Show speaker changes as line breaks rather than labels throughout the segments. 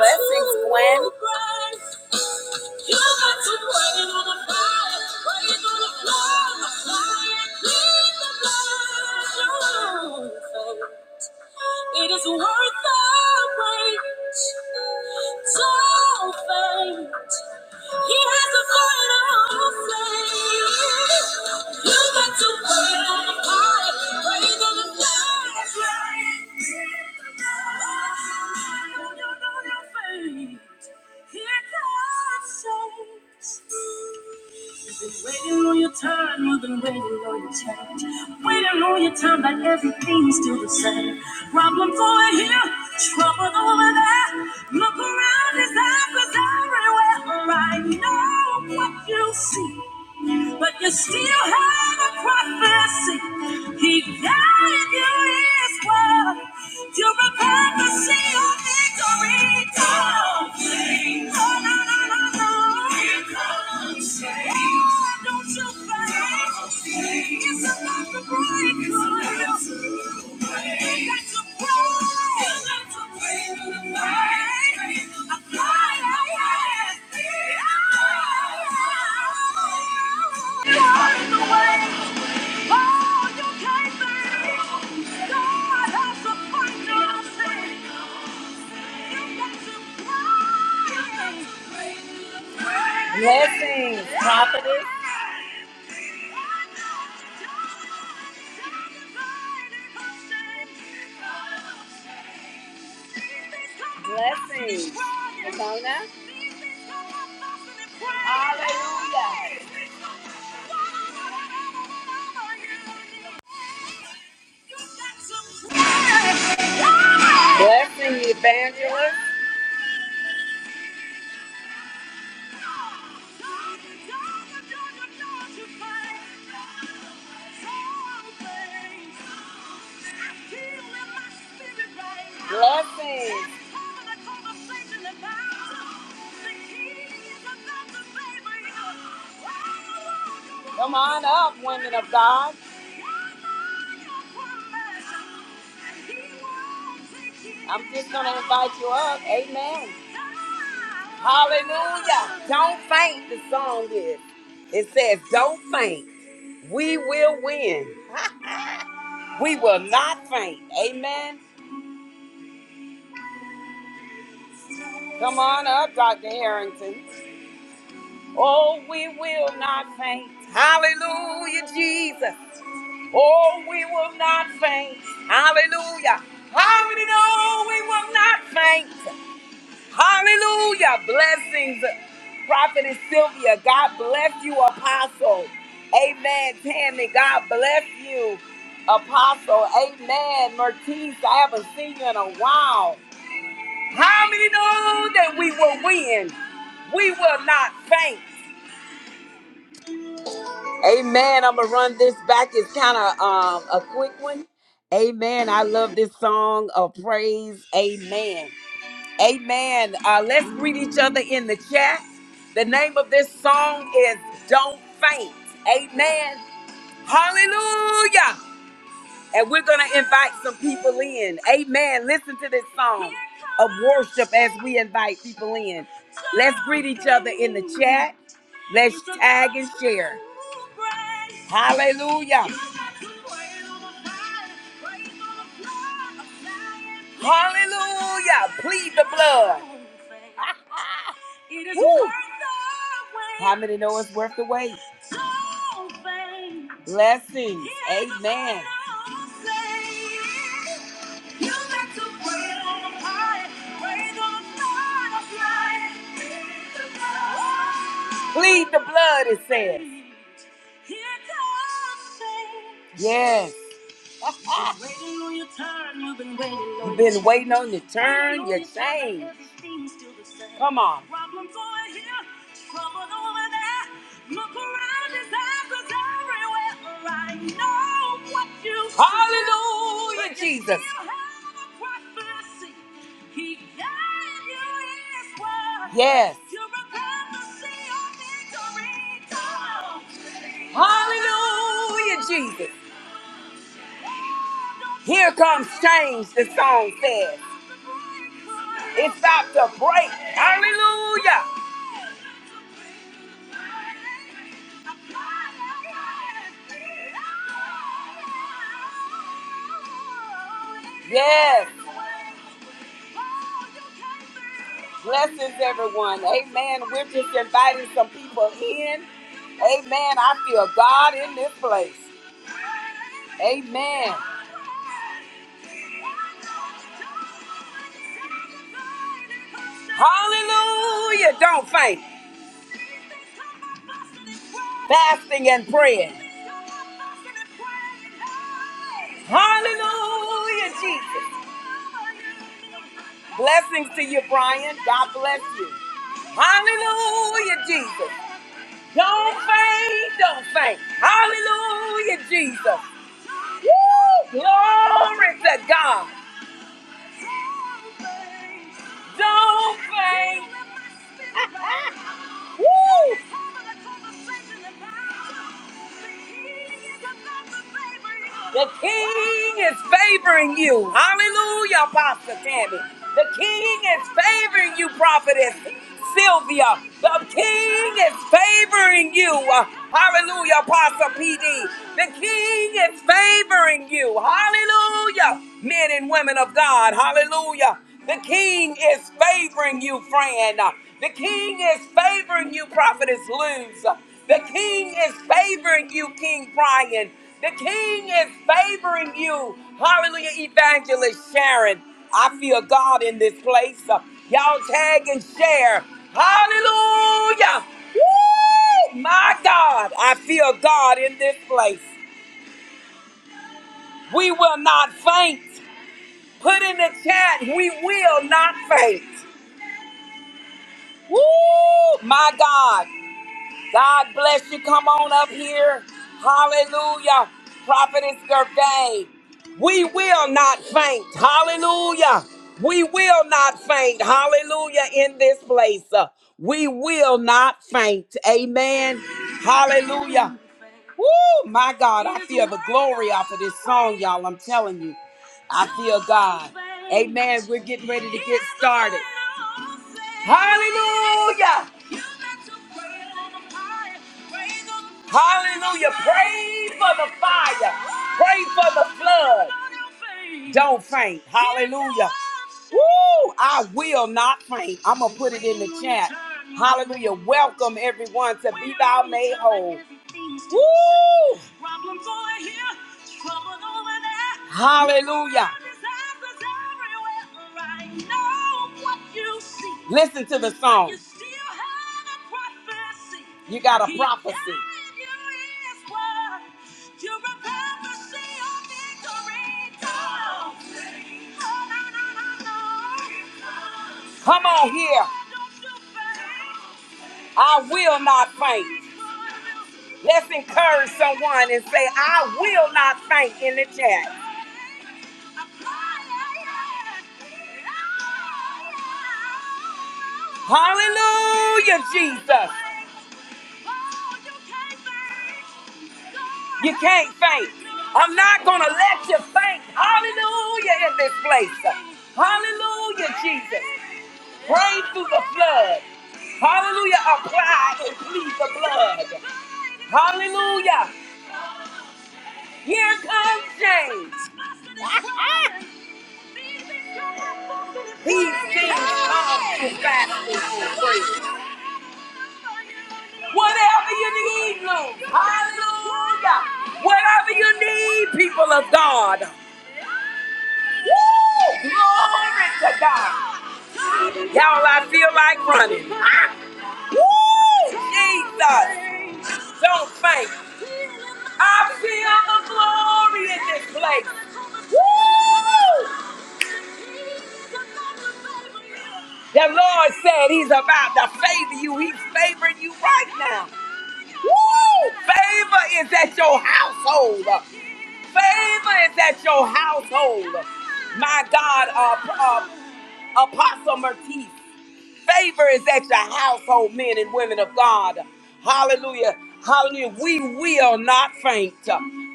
Blessings, Gwen. You got It is worth the wait. Don't faint. He has the final say. You got to wait on the fire, wait on the flashlight. When You know your fate. Here comes change. You've been waiting on your time, you've been waiting on your change. Waiting on your time, but everything's still the same. Problems over here, trouble over there. Look around, there's apples everywhere. But I know what you see but you still have a prophecy. He guided you his word to prepare to see your victory. Don't faint. Oh, no, no, no, no. Here comes faith. Oh, don't you faint. It's about to break. It's about to break. That's a break. A Blessing, Mona. Blessing, evangelist. Blessing. Come on up, women of God. I'm just going to invite you up. Amen. Hallelujah. Don't faint, the song is. It says, Don't faint. We will win. We will not faint. Amen. Come on up, Dr. Harrington. Oh, we will not faint. Hallelujah, Jesus. Oh, we will not faint. Hallelujah. Hallelujah. We will not faint. Hallelujah. Blessings, Prophetess Sylvia. God bless you, Apostle. Amen, Tammy. God bless you, Apostle. Amen, Mertice. I haven't seen you in a while. How many know that we will win? We will not faint. Amen. I'm going to run this back. It's kind of um, a quick one. Amen. I love this song of praise. Amen. Amen. Uh, let's greet each other in the chat. The name of this song is Don't Faint. Amen. Hallelujah. And we're going to invite some people in. Amen. Listen to this song of worship as we invite people in. Let's greet each other in the chat. Let's tag and share. Hallelujah. Hallelujah. Plead the blood. Woo! How many know it's worth the wait? So Blessings. Amen. Plead the blood, it says. Yes. You've been waiting on your turn, your change. Come on. Hallelujah, Jesus. Yes. Hallelujah, Jesus. Here comes change, the song says. It's about to break. Hallelujah. Yes. Blessings, everyone. Amen. We're just inviting some people in. Amen. I feel God in this place. Amen. Hallelujah. Don't faint. Fasting and praying. Hallelujah, Jesus. Blessings to you, Brian. God bless you. Hallelujah, Jesus. Don't faint. Don't faint. Hallelujah, Jesus. Woo! Glory to God. Don't faint. Woo! The king is favoring you. Hallelujah, Pastor Tammy. The king is favoring you, prophetess Sylvia. The king is favoring you. Hallelujah, Apostle PD. The king is favoring you. Hallelujah, men and women of God. Hallelujah. The king is favoring you, friend. The king is favoring you, prophetess Luz. The king is favoring you, King Brian. The king is favoring you. Hallelujah, evangelist Sharon. I feel God in this place. Uh, Y'all tag and share. Hallelujah. Woo! My God, I feel God in this place. We will not faint. Put in the chat, we will not faint. Woo! My God. God bless you. Come on up here. Hallelujah. Prophetess Gervais. We will not faint. Hallelujah. We will not faint. Hallelujah. In this place. Uh, we will not faint. Amen. Hallelujah. Woo, my God. I feel the glory off of this song, y'all. I'm telling you. I feel God. Amen. We're getting ready to get started. Hallelujah. Hallelujah. Pray for the fire. Pray for the flood. Don't faint. Hallelujah. Woo! I will not faint. I'm going to put it in the chat. Hallelujah. Welcome everyone to Be Thou Made Whole. Woo! Hallelujah. Listen to the song. You got a prophecy. Come on here. I will not faint. Let's encourage someone and say, I will not faint in the chat. Hallelujah, Jesus. You can't faint. I'm not going to let you faint. Hallelujah in this place. Hallelujah, Jesus. Pray through the flood. Hallelujah. Apply and plead the blood. Hallelujah. Here comes James. These things come to pass. Whatever you need, Lord. Hallelujah. Whatever you need, people of God. Woo! Glory to God. Y'all, I feel like running. Ah! Woo! Jesus! Don't faint. I feel the glory in this place. Woo! The Lord said He's about to favor you. He's favoring you right now. Woo! Favor is at your household. Favor is at your household. My God, uh, uh, Apostle Mertiz, favor is at your household, men and women of God. Hallelujah. Hallelujah. We will not faint.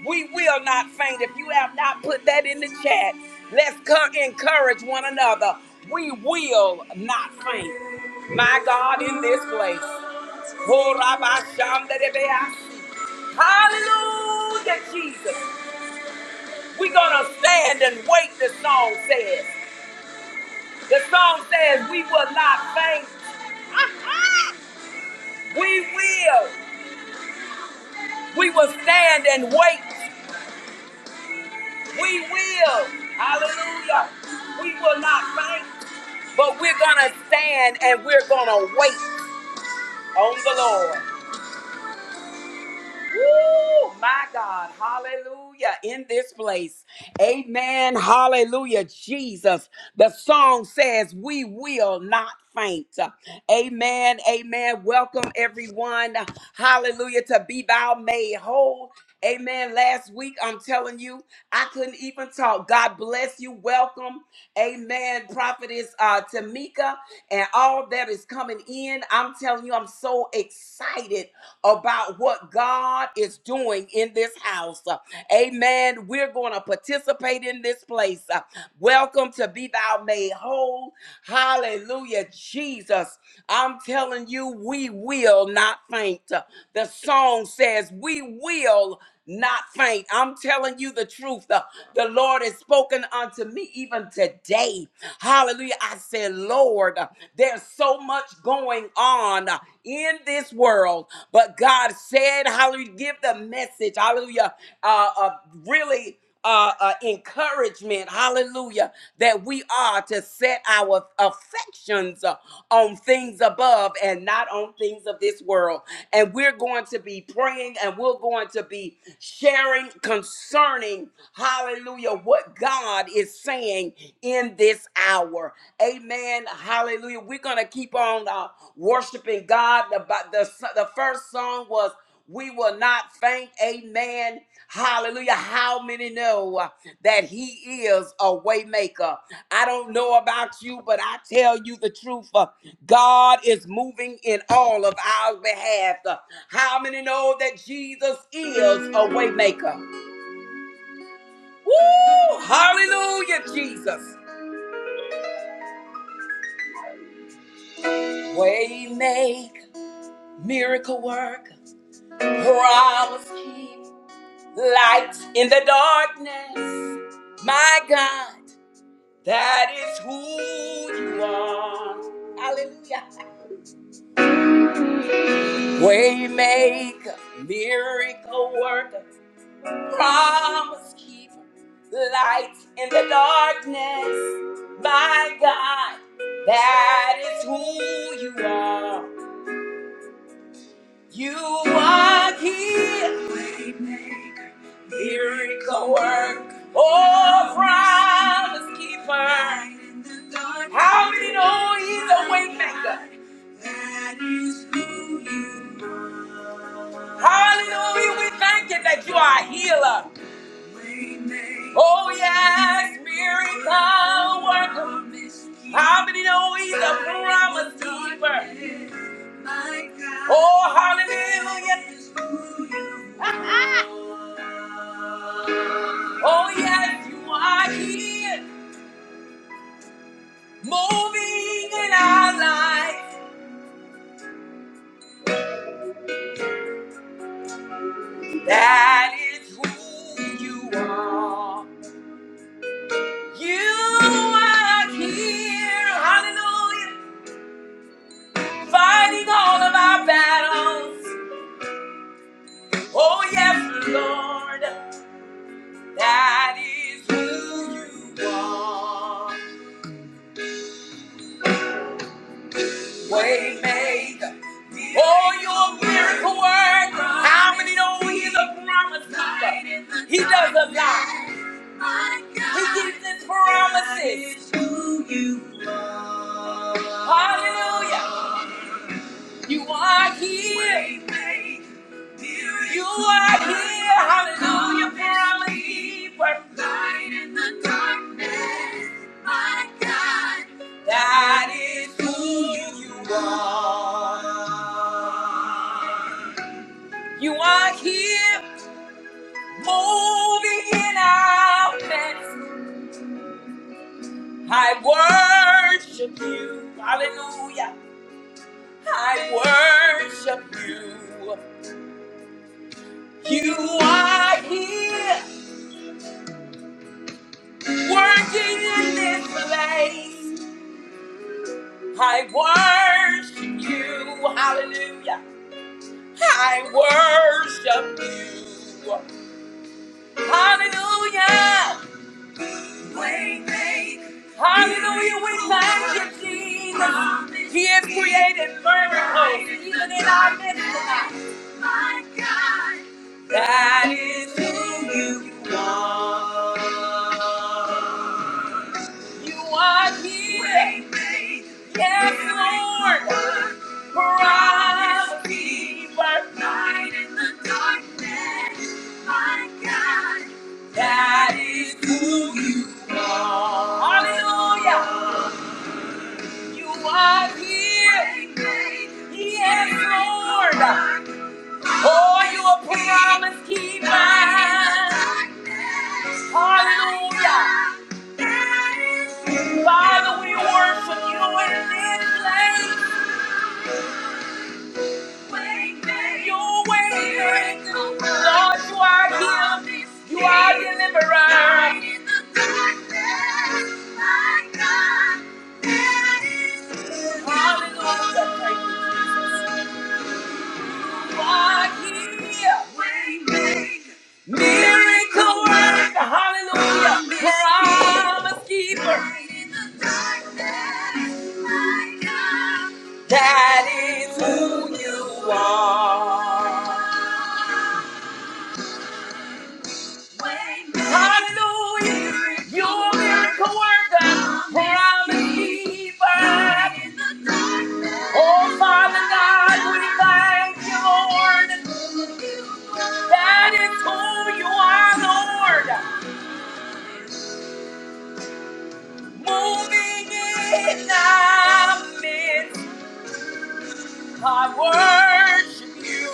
We will not faint. If you have not put that in the chat, let's co- encourage one another. We will not faint. My God, in this place. Hallelujah, Jesus. We're going to stand and wait, the song says. The song says, We will not faint. We will. We will stand and wait. We will. Hallelujah. We will not faint, but we're going to stand and we're going to wait on the Lord. Woo! My God. Hallelujah. In this place. Amen. Hallelujah. Jesus. The song says, We will not faint. Amen. Amen. Welcome, everyone. Hallelujah. To be thou made whole. Amen. Last week, I'm telling you, I couldn't even talk. God bless you. Welcome. Amen. Prophetess uh, Tamika and all that is coming in. I'm telling you, I'm so excited about what God is doing in this house. Uh, Amen. We're going to participate in this place. Uh, Welcome to Be Thou Made Whole. Hallelujah, Jesus. I'm telling you, we will not faint. Uh, The song says, We will not faint. I'm telling you the truth. The, the Lord has spoken unto me even today. Hallelujah. I said, Lord, there's so much going on in this world, but God said, Hallelujah, give the message. Hallelujah. Uh, uh, really uh, uh, encouragement, hallelujah, that we are to set our affections uh, on things above and not on things of this world. And we're going to be praying and we're going to be sharing concerning, hallelujah, what God is saying in this hour. Amen. Hallelujah. We're going to keep on uh, worshiping God. The, the, the first song was. We will not faint. Amen. Hallelujah. How many know uh, that he is a waymaker? I don't know about you, but I tell you the truth. uh, God is moving in all of our behalf. Uh, How many know that Jesus is a waymaker? Woo! Hallelujah, Jesus. Waymaker, miracle work, promise keeps light in the darkness. My God. That is who you are. Hallelujah. Waymaker, miracle worker, promise keeper, light in the darkness. My God, that is who you are. You are here, miracle worker, oh promise keeper. Hallelujah, we thank you that you are a healer. Oh yeah, how many know Oh, yes, you are here, moving in our life. That is who you are. You are here, hallelujah, fighting all of our battles. Oh, yes, Lord, that is who you are. Waymaker, oh, you're a miracle worker. How many know he's a promise keeper? He does a lot. You are here. You are here. That is who you are. You are here. Moving in our midst. I worship you. Hallelujah. I worship you. You are here. Working in this place. I worship you. Hallelujah. I worship you. Hallelujah. Hallelujah. He is created first. That is who you are. He is forever. That is who you are. Hallelujah. You are here. He is. Oh, you are promise keeper. Hallelujah. Father, we worship you in this place. Oh, wait, Lord, you are deliverer. Hallelujah. you. are here. Miracle worker. Hallelujah. Promise keeper. That is who you are. Hallelujah. You're a miracle worker. Promise keeper. Oh, Father God, we thank you, Lord. That is who you are, Lord. Moving in our midst, I worship you.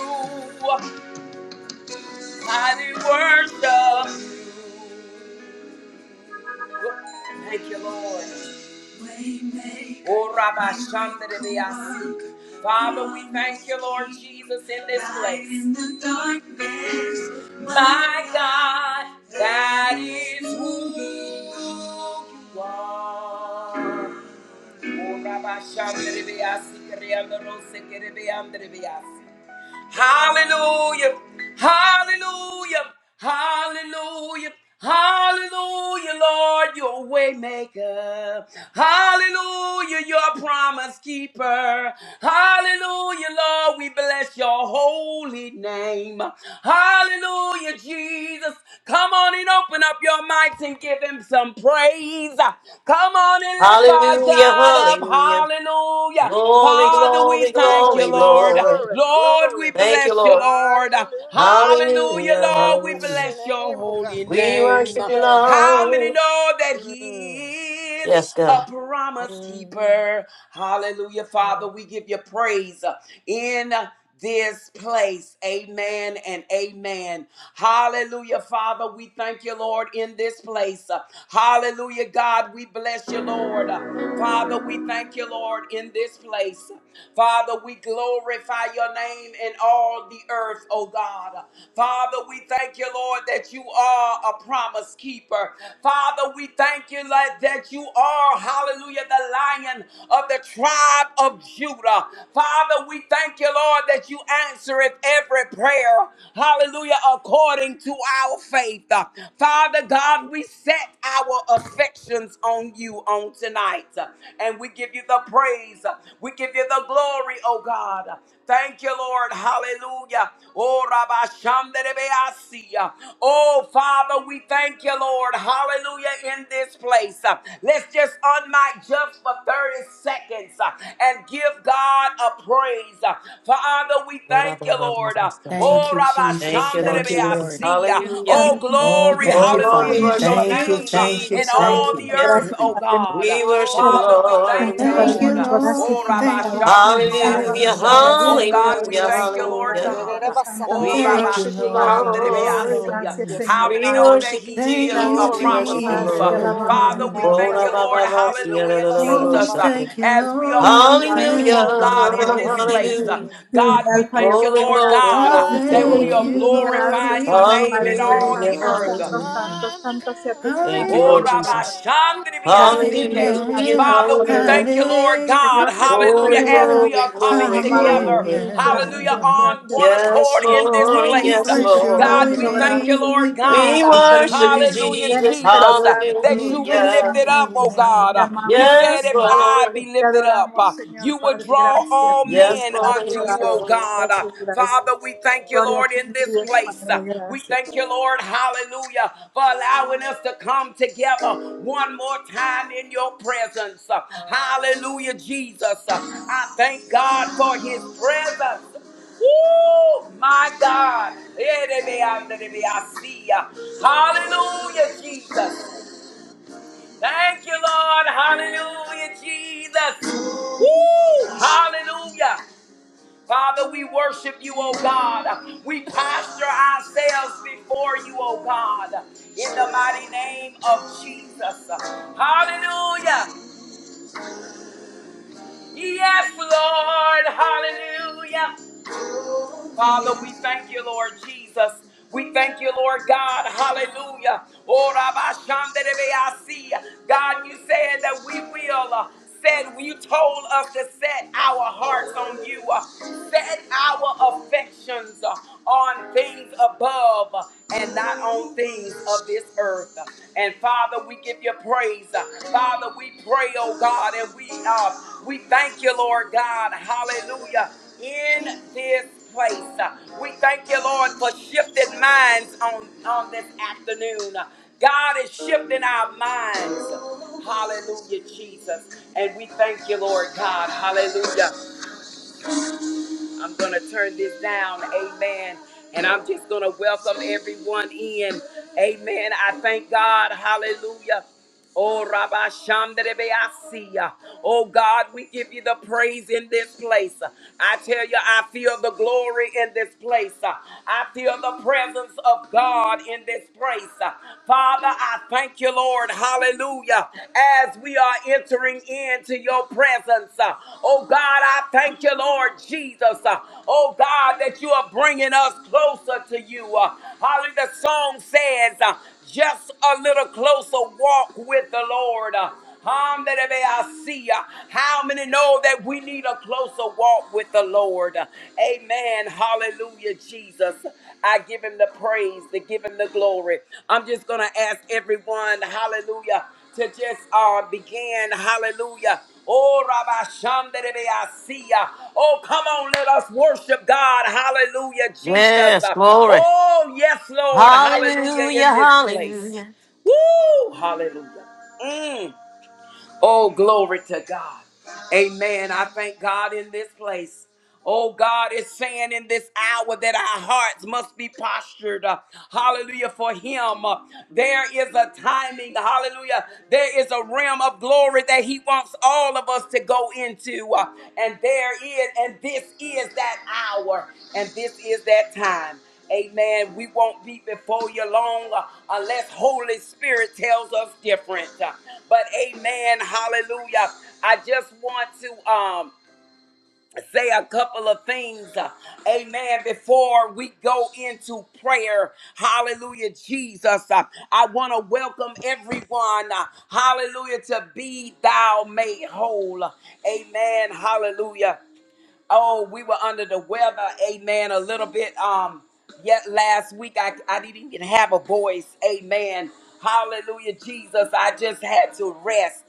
I do worship you. Thank you, Lord. Oh, Rabbi Shandere Father, we thank you, Lord Jesus, in this place. In the darkness, My God, that is who you are. Hallelujah. Hallelujah. Hallelujah. Hallelujah, Lord, your way maker. Hallelujah, your promise keeper. Hallelujah, Lord, we bless your holy name. Hallelujah, Jesus. Come on and open up your mics and give him some praise. Come on and lift our
Hallelujah,
God up.
hallelujah.
Hallelujah.
Glory,
Father, we
glory,
thank you,
glory,
Glory,
Lord.
glory.
glory,
Lord, we
glory.
Thank you,
bless you,
Lord.
Lord.
Hallelujah.
Hallelujah,
Hallelujah,
Oh,
Lord. We
bless
hallelujah.
your
bless your
name, oh God.
holy
We
name.
worship you,
Yes.
How many
Lord.
know that He
Mm,
is
Yes,
a
God.
promise
mm,
keeper? Hallelujah, Father.
mm.
We give you praise in this place. Amen and amen. Hallelujah, Father. We thank you, Lord, in this place. Hallelujah, God. We bless you, Lord. Father, we thank you, Lord, in this place. Father, we glorify your name in all the earth, oh God. Father, we thank you, Lord, that you are a promise keeper. Father, we thank you, Lord, that you you are, hallelujah, the lion of the tribe of Judah. Father, we thank you, Lord, that you answereth every prayer, hallelujah, according to our faith. Father God, we set our affections on you on tonight, and we give you the praise, we give you the glory, oh God. Thank you, Lord. Hallelujah. Oh, Rabba Shanderebeasia. Oh, Father, we thank you, Lord. Hallelujah. In this place, Uh, let's just unmic just for 30 seconds uh, and give God a praise. Uh, Father, we thank you, Lord. Uh,
Thank
Oh,
you,
Rabba
Jesus.
Thank you, Lord
Thank you,
Jesus.
Lord.
Yes,
Shanderebeasia.
Hallelujah.
Father,
Oh,
thank you,
Oh,
Father.
glory.
thank
Oh,
you,
Lord,
Hallelujah
we
Father.
Thank
is
you,
worship
your
Father.
Thank you,
you,
name uh,
thank you,
in
Jesus.
thank
all
you.
the
Hallelujah.
earth,
Gracias,
oh
Padre.
God.
We
Uh,
Te
worship
Oh,
you,
Father,
mama,
we
mama,
Lord.
kanda,
thank
We
alabamos, Señor
you,
da,
Padre
Thank
worship
da,
you,
Lord.
da,
mío,
you,
bo,
Jesus.
gracias,
Oh,
say,
Lord.
Señor
Rabba
mama,
Thank you,
Padre.
mama,
Jesus.
mama.
Alabado
Hallelujah,
Shandarebeasia.
sea,
Yes,
Oh,
Señor
God,
Lord.
Padre
we
hallelujah,
Yes,
Dios,
thank you,
Lord.
Lord
Da,
alabado
da,
hallelujah.
sea
da,
God.
da,
tu
ba, sa,
santo
ba.
Oh,
We
nombre,
Thank
Rabba
you,
worship
Señor
you,
Padre.
Yes,
Lord.
Lord.
Shikandarebeasia.
Gracias,
Lord.
Yes,
Señor
How
Lord.
many
We
know
Padre.
that
worship you,
He
Thank
is a
Jesus.
you,
Gracias,
We
Glory,
Señor
worship
promise
you,
glory,
Padre.
Jesus.
keeper?
Te
Lord.
alabamos,
glory.
Father,
mi
we
Dios,
Have
Oh,
thank
your
la,
you,
Padre
way,
ba,
Lord.
ba,
God.
ba,
Da,
Todopoderoso,
si,
da,
ya,
da,
la,
da,
Hallelujah,
la,
ba,
la, la,
sa,
Oh,
Creador
bo,
ba,
we
del
ba,
si,
Jesus. Uh,
cielo
ba.
ya.
thank
y de la
you,
As we
tierra,
are
Lord.
Señor
We
worshiping
Padre.
you,
Hallelujah.
oh
thank
Mm.
you,
God,
mm.
in
Todo lo
this
visible
place,
y
uh,
Lord.
Hallelujah.
invisible,
God, we
Alfa y
thank you,
Glory,
Lord
Omega.
glory,
God,
We
uh,
glory,
that
Visible
we
thank
glory.
y
are
you,
sin
Hallelujah.
Lord.
gracias,
glorifying
We
your
Señor
thank
name
you,
in
Padre.
all
Hallelujah.
the
Santo,
earth.
santo,
Hallelujah.
Lord.
santo, santo sea tu
Hallelujah.
Thank you,
santo
Oh,
Lord
Hallelujah,
nombre,
Rabbi
Jesus.
Padre. Gracias, mi
Shandribiasike.
Dios Padre
Hallelujah.
Father, we
Hallelujah.
thank you,
Todopoderoso.
Lord God.
Señor
Hallelujah.
Glory,
As
hallelujah,
Jesucristo,
we
glory,
are coming
glory,
amado
together,
glory.
Jesús,
hallelujah,
gracias,
hallelujah.
on one
gracias,
Yes,
accord
gracias.
in this
Oh,
Lord.
we
place.
Yes,
bless
Espíritu
your
God,
Lord.
holy
we
Santo,
thank you,
name.
gracias,
Lord
We
gracias
We
bless
por
God.
your
estar
holy
worship you,
aquí.
name.
Y
Hallelujah,
en
Jesus.
este
Jesus,
lugar, y
that
en
We
you
este
be
bless
Hallelujah.
your
lugar,
lifted up,
holy
Espíritu
oh
Santo, te
name.
God. You
amamos,
said,
Yes,
Señor
if
Padre.
I
Lord.
be
Te
lifted up,
adoramos, Señor
you will
Padre,
draw
gracias,
all
mi Dios
Yes,
men
Lord.
Padre,
unto you
Yes,
you, oh
gracias,
Lord.
God. Uh,
gracias, gracias.
Father, we thank you,
Gloria a
Lord,
ti,
in
mi
this
Dios
place. Uh,
Padre,
We
gracias.
thank you, Lord, hallelujah, for allowing us to come together one more time in your presence. Uh, Hallelujah, Jesus. Uh, I thank God for his presence. Woo! My God. Erebeanderebeasia. Hallelujah, Jesus. Thank you, Lord. Hallelujah, Jesus. Woo! Hallelujah. Father, we worship you, O God. We posture ourselves before you, O God, in the mighty name of Jesus. Hallelujah. Yes, Lord. Hallelujah. Father, we thank you, Lord Jesus. We thank you, Lord God. Hallelujah. Oh, Rabba Shanderebeasi. God, you said that we will. uh, Said you told us to set our hearts on you, uh, set our affections uh, on things above uh, and not on things of this earth. And Father, we give you praise. Father, we pray, oh God, and we uh, we thank you, Lord God. Hallelujah in this place. Uh, We thank you, Lord, for shifted minds on, on this afternoon. Uh, God is shifting our minds. Hallelujah, Jesus. And we thank you, Lord God. Hallelujah. I'm gonna turn this down, amen. And I'm just gonna welcome everyone in. Amen. I thank God. Hallelujah. Oh, Rabbi Shamdarebeasia. Oh, God, we give you the praise in this place. I tell you, I feel the glory in this place. I feel the presence of God in this place. Father, I thank you, Lord. Lord. Hallelujah. As we are entering into your presence, uh, oh God, I thank you, Lord Jesus. Uh, oh God, that you are bringing us closer to you. Uh, hallelujah. The song says, uh, just a little closer walk with the Lord. Hum, that may I see uh, how many know that we need a closer walk with the Lord. Amen. Hallelujah, Jesus. I give him the praise, to give him the glory. I'm just gonna ask everyone, hallelujah, to just uh begin, hallelujah. Oh, Rabbi Shem, that may I see ya. Oh, come on, let us worship God. Hallelujah, Jesus.
Yes,
Uh,
glory.
Oh, yes, Lord. Hallelujah,
Hallelujah,
in this place.
hallelujah.
Woo! Hallelujah. Mm. Oh, glory to God. Amen. I thank God in this place. Oh, God is saying in this hour that our hearts must be postured. uh, hallelujah. For Him. Uh, there is a timing. Hallelujah. There is a realm of glory that He wants all of us to go into. uh, and there is, and this is that hour. And this is that time. Amen. We won't be before you long uh, unless Holy Spirit tells us different. Uh, But amen. Hallelujah. I just want to um say a couple of things. uh, Amen. Before we go into prayer. Hallelujah, Jesus. Uh, I want to welcome everyone. uh, Hallelujah to be thou made whole. Amen. Hallelujah. Oh, we were under the weather, amen, a little bit. Um, yet last week I, I didn't even have a voice, amen. Hallelujah, Jesus. I just had to rest,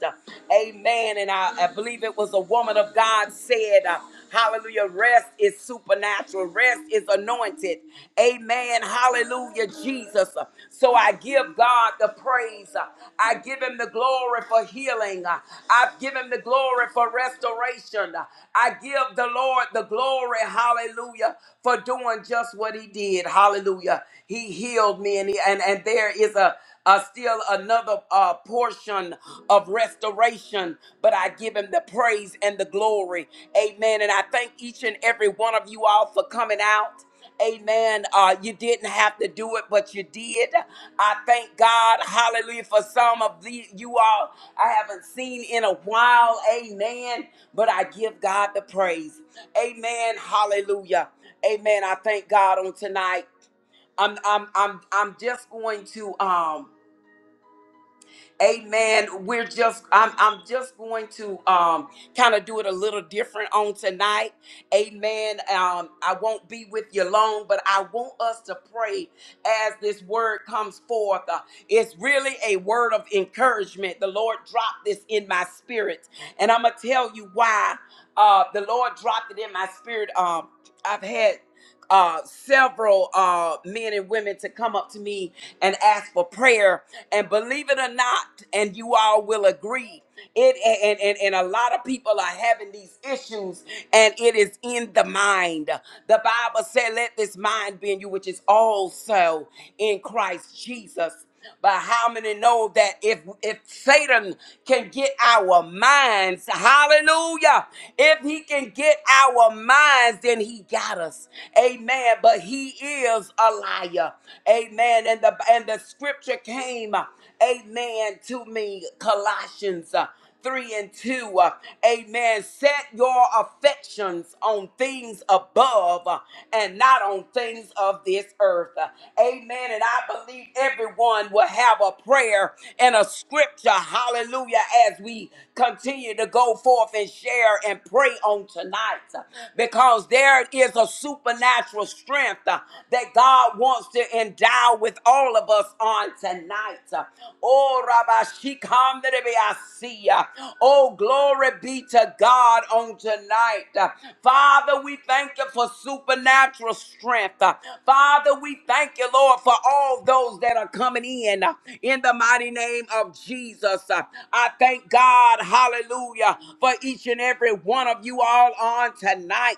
amen. And I, I believe it was a woman of God said, uh, Hallelujah, rest is supernatural, rest is anointed, amen. Hallelujah, Jesus. So I give God the praise, I give Him the glory for healing, I give Him the glory for restoration. I give the Lord. Lord the glory. Hallelujah. For doing just what he did. Hallelujah. He healed me. And, he, and, and there is a, a still another uh, portion of restoration. But I give him the praise and the glory. Amen. And I thank each and every one of you all for coming out. Amen. Uh, you didn't have to do it, but you did. I thank God, hallelujah, for some of the you all I haven't seen in a while. Amen. But I give God the praise. Amen. Hallelujah. Amen. I thank God on tonight. I'm I'm I'm I'm just going to um Amen. We're just I'm I'm just going to um kind of do it a little different on tonight. Amen. Um I won't be with you long, but I want us to pray as this word comes forth. Uh, It's really a word of encouragement. The Lord dropped this in my spirit, and I'm gonna tell you why uh, the Lord dropped it in my spirit. Um, I've had uh, several uh, men and women to come up to me and ask for prayer. And believe it or not, and you all will agree, it and, and, and a lot of people are having these issues, and it is in the mind. The Bible said, Let this mind." mind being you, which is also in Christ Jesus. But how many know that if if Satan can get our minds, hallelujah, if he can get our minds, then he got us. Amen. But he is a liar. Amen. And the and the scripture came, amen, to me, Colossians. 3 and 2. uh, Amen. Set your affections on things above uh, and not on things of this earth. Uh, Amen. And I believe everyone will have a prayer and a scripture. Hallelujah. As we continue to go forth and share and pray on tonight, uh, because there is a supernatural strength. uh, that God wants to endow with all of us on tonight. Oh, Rabbi Shikam, that it Oh, glory be to God on tonight. Father, we thank you for supernatural strength. Father, we thank you, Lord, for all those that are coming in in the mighty name of Jesus. I thank God, hallelujah, for each and every one of you all on tonight.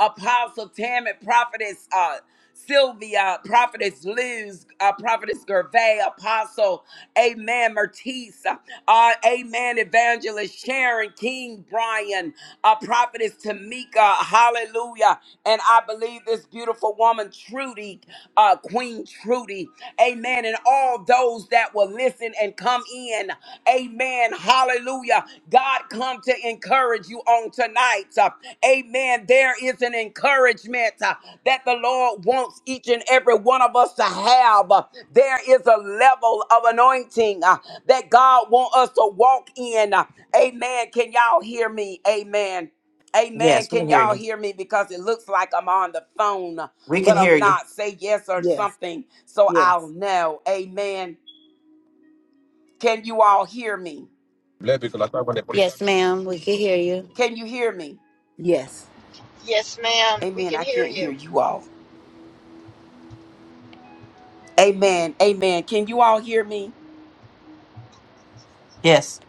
Apostle Tammy, prophetess, uh, Sylvia, Prophetess Liz, uh, Prophetess Gervais, Apostle, Amen, Mertice, uh, Amen, Evangelist Sharon, King Brian, uh, Prophetess Tamika, Hallelujah, and I believe this beautiful woman, Trudy, uh, Queen Trudy, Amen, and all those those that will listen and come in. Amen. Hallelujah. God come to encourage you on tonight. Uh, Amen. There is an encouragement uh, that the Lord wants each and every one of us to have. Uh, There is a level of anointing uh, that God wants us to walk in. Uh, Amen. Can y'all hear me? Amen. Amen.
Yes, we
Can
can hear
y'all
you.
hear me? Because it looks like I'm on the phone,
We can
but
hear
I'm
you.
not. Say yes or
Yes,
something so
yes,
I'll know. Amen. Can you all hear me?
Let people attack when they put- it- Yes, ma'am. We can hear you.
Can you hear me?
yes,
Yes, ma'am. We
Amen.
can
I
hear
can't hear
you.
you all. Amen. Amen. Can you all hear me?
Yes.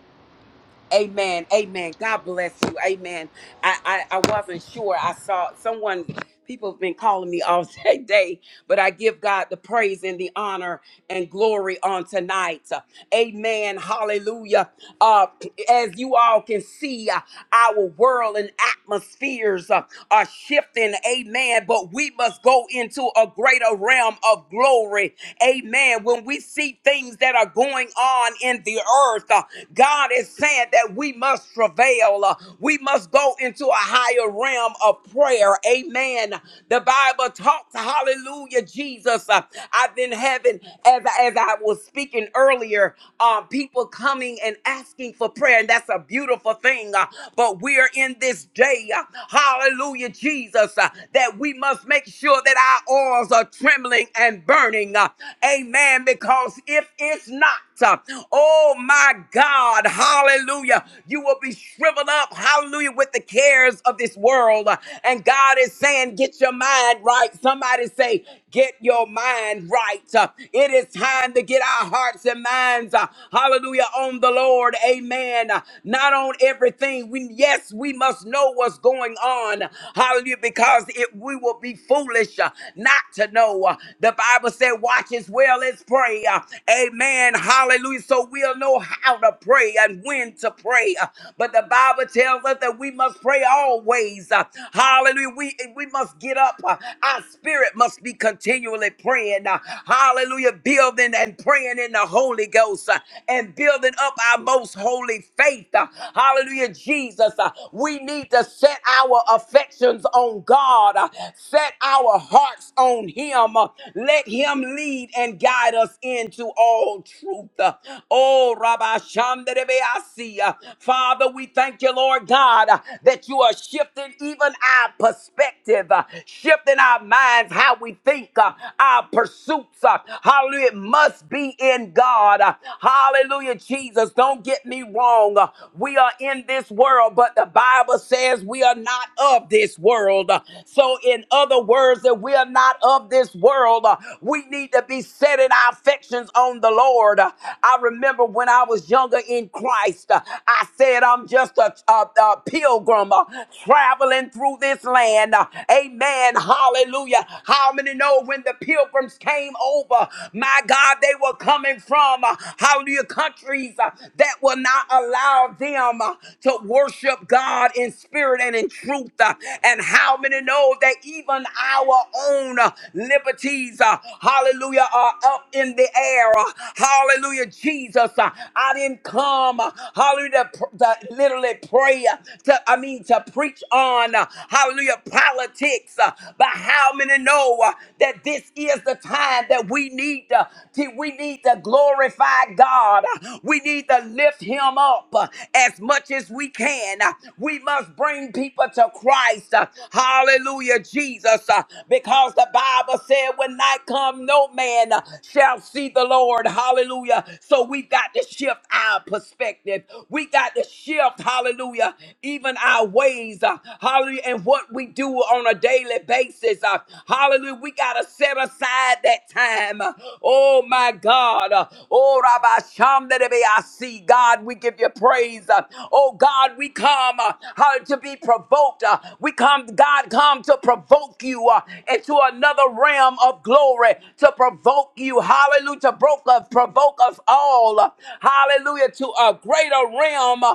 Amen. Amen. God bless you. Amen. I, I, I wasn't sure. I saw someone, people have been calling me all day, day, but I give God the praise and the honor and glory on tonight. Amen. Hallelujah. Uh, as you all can see, uh, our world and atmospheres. uh, are shifting, amen. But we must go into a greater realm of glory, amen. When we see things that are going on in the earth, uh, God is saying that we must travail, uh, we must go into a higher realm of prayer, amen. The Bible talks, hallelujah, Jesus. Uh, I've been having, as, as I was speaking earlier, um, people coming and asking for prayer, and that's a beautiful thing. Uh, but we're in this this day. uh, Hallelujah, Jesus, uh, that we must make sure that our oils are trembling and burning. uh, Amen. Because if it's not, uh, oh my God, hallelujah, you will be shriveled up, hallelujah, with the cares of this world. Uh, And God is saying, get your mind right. Somebody say, Get your mind right. Uh, It is time to get our hearts and minds, uh, hallelujah, on the Lord. Amen. Uh, Not on everything. We, yes, we must know what's going on. Hallelujah, because it, we will be foolish uh, not to know. Uh, The Bible said, watch as well as pray. Uh, Amen. Hallelujah. So we'll know how to pray and when to pray. Uh, But the Bible tells us that we must pray always. Uh, Hallelujah. We, we must get up. Uh, Our spirit spirit must be continually praying. uh, Hallelujah. Building and praying in the Holy Ghost uh, and building up our most holy faith. uh, Hallelujah, Jesus. uh, We need to set our affections on God, uh, set our hearts on Him. uh, Let Him lead and guide us into all truth. uh, Oh, Rabbi Shamderebeasi. uh, Father, we thank you, Lord God, uh, that you are shifting even our perspective, uh, shifting our our minds, how we think, uh, our pursuits. Uh, hallelujah. It must be in God. Uh, hallelujah, Jesus. Don't get me wrong. Uh, we are in this world, but the Bible says we are not of this world. Uh, so, in other words, that we are not of this world, uh, we need to be setting our affections on the Lord. Uh, I remember when I was younger in Christ, uh, I said, I'm just a, a, a pilgrim uh, traveling through this land. Uh, Amen. Amen. Hallelujah. How many know when the pilgrims came over? My God, they were coming from uh, hallelujah countries uh, that will not allow them uh, to worship God in spirit and in truth. uh, And how many know that even our own uh, liberties, uh, hallelujah, are up in the air. uh, Hallelujah, Jesus. uh, I didn't come, uh, hallelujah, to, pr- to literally pray, uh, to, I mean, to preach on, uh, hallelujah, politics, uh, but how many know uh, that this is the time that we need to, to- we need to glorify God. Uh, We need to lift him up uh, as much as we can. Uh, We must bring people to Christ. Uh, Hallelujah, Jesus, Uh, because the Bible said when night come no man uh, shall see the Lord. Hallelujah. So we've got to shift our perspective. We got to shift, hallelujah, even our ways. Uh, Hallelujah. And and what we do on a daily basis. Uh, hallelujah. We got to set aside that time. Uh, oh, my God. Uh, oh, Rabbi Sham, that it be I see. God, we give you praise. Uh, oh, God, we come uh, how to be provoked. Uh, we come, God, come to provoke you uh, into another realm of glory, to provoke you. Hallelujah. To provoke us, provoke us all. Uh, hallelujah. To a greater realm uh,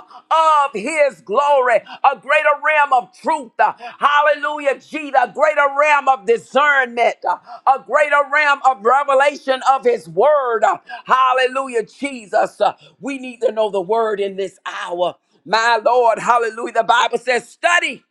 of his glory, a greater realm of truth. Uh, Hallelujah, Jesus. A greater realm of discernment, uh, a greater realm of revelation of his word. Uh, Hallelujah, Jesus. Uh, We need to know the word in this hour. My Lord, hallelujah. The Bible says, study.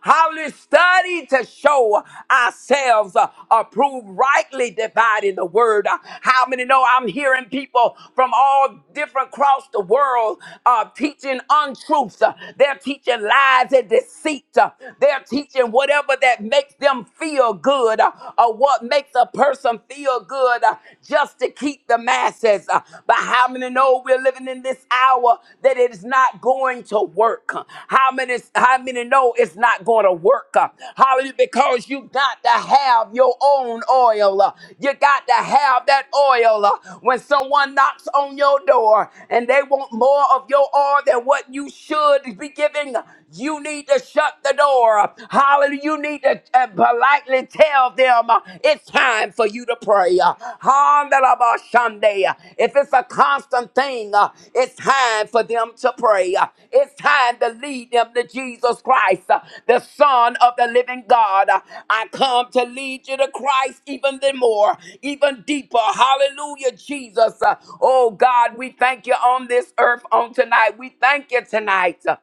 How we study to show ourselves uh, approved, rightly dividing the word. Uh, How many know I'm hearing people from all different across the world uh, teaching untruths? Uh, They're teaching lies and deceit. Uh, They're teaching whatever that makes them feel good uh, or what makes a person feel good uh, just to keep the masses. Uh, But how many know? though we're living in this hour that it is not going to work. How many how many know it's not going to work? Hallelujah, because you got to have your own oil. You got to have that oil. When someone knocks on your door and they want more of your oil than what you should be giving, you need to shut the door. Hallelujah, you need to uh, politely tell them them, uh, it's time for you to pray. Uh, Handelabashande. Uh, If it's a constant thing, uh, it's time for them to pray. Uh, It's time to lead them to Jesus Christ, uh, the Son of the living God. Uh, I come to lead you to Christ even the more, even deeper. Hallelujah, Jesus. Uh, Oh God, we thank you on this earth on tonight. We thank you tonight. Uh,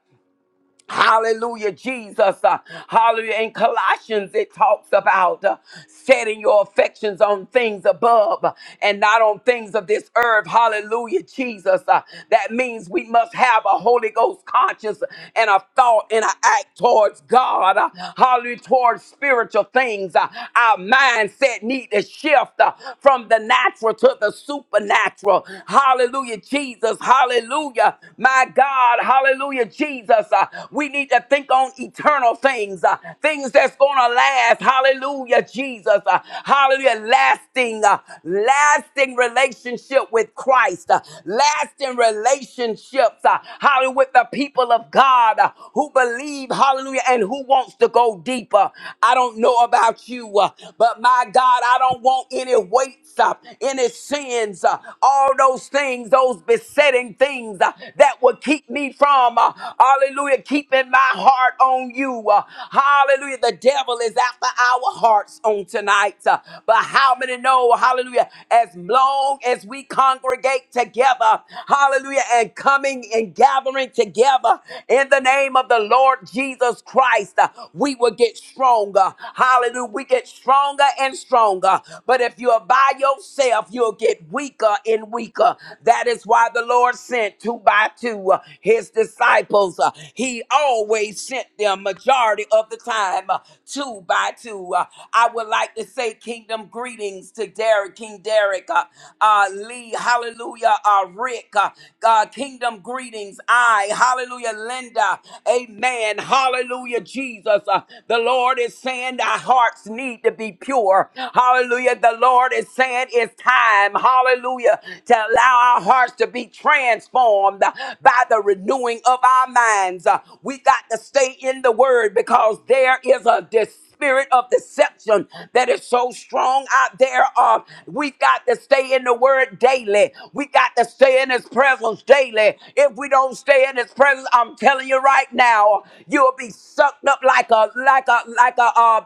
Hallelujah, Jesus. Uh, hallelujah. In Colossians, it talks about uh, setting your affections on things above uh, and not on things of this earth. Hallelujah, Jesus. Uh, that means we must have a Holy Ghost conscience and a thought and an act towards God. Uh, hallelujah, towards spiritual things. Uh, our mindset need to shift uh, from the natural to the supernatural. Hallelujah, Jesus. Hallelujah. My God. God. Hallelujah, Jesus. Uh, we need to think on eternal things, uh, things that's going to last. Hallelujah, Jesus. Uh, hallelujah, lasting, uh, lasting relationship with Christ, uh, lasting relationships. Uh, hallelujah, with the people of God uh, who believe. Hallelujah, and who wants to go deeper. I don't know about you, uh, but my God, I don't want any weights, uh, any sins, uh, all those things, those besetting certain things uh, that would keep me from, uh, hallelujah, keeping my heart on you. Uh, hallelujah. The devil is after our hearts on tonight. Uh, but how many know, hallelujah, as long as we congregate together, hallelujah, and coming and gathering together in the name of the Lord Jesus Christ, uh, we will get stronger. Hallelujah. We get stronger and stronger. But if you are by yourself, you'll get weaker in getting weaker. That is why the Lord sent two by two uh, his disciples. Uh, He always sent them majority of the time, uh, two by two. Uh, I would like to say kingdom greetings to Derek, King Derek, uh, uh, Lee, hallelujah, uh, Rick, uh, uh, kingdom greetings. I, hallelujah, Linda, amen, hallelujah, Jesus. Uh, the Lord is saying our hearts need to be pure. Hallelujah. The Lord is saying is time, hallelujah, to allow our hearts to be transformed by the renewing of our minds. Uh, We got to stay in the word because there is a dis- spirit of deception that is so strong out there. Uh, we've got to stay in the word daily. We got to stay in his presence daily. If we don't stay in his presence, I'm telling you right now, you'll be sucked up like a like a like a uh,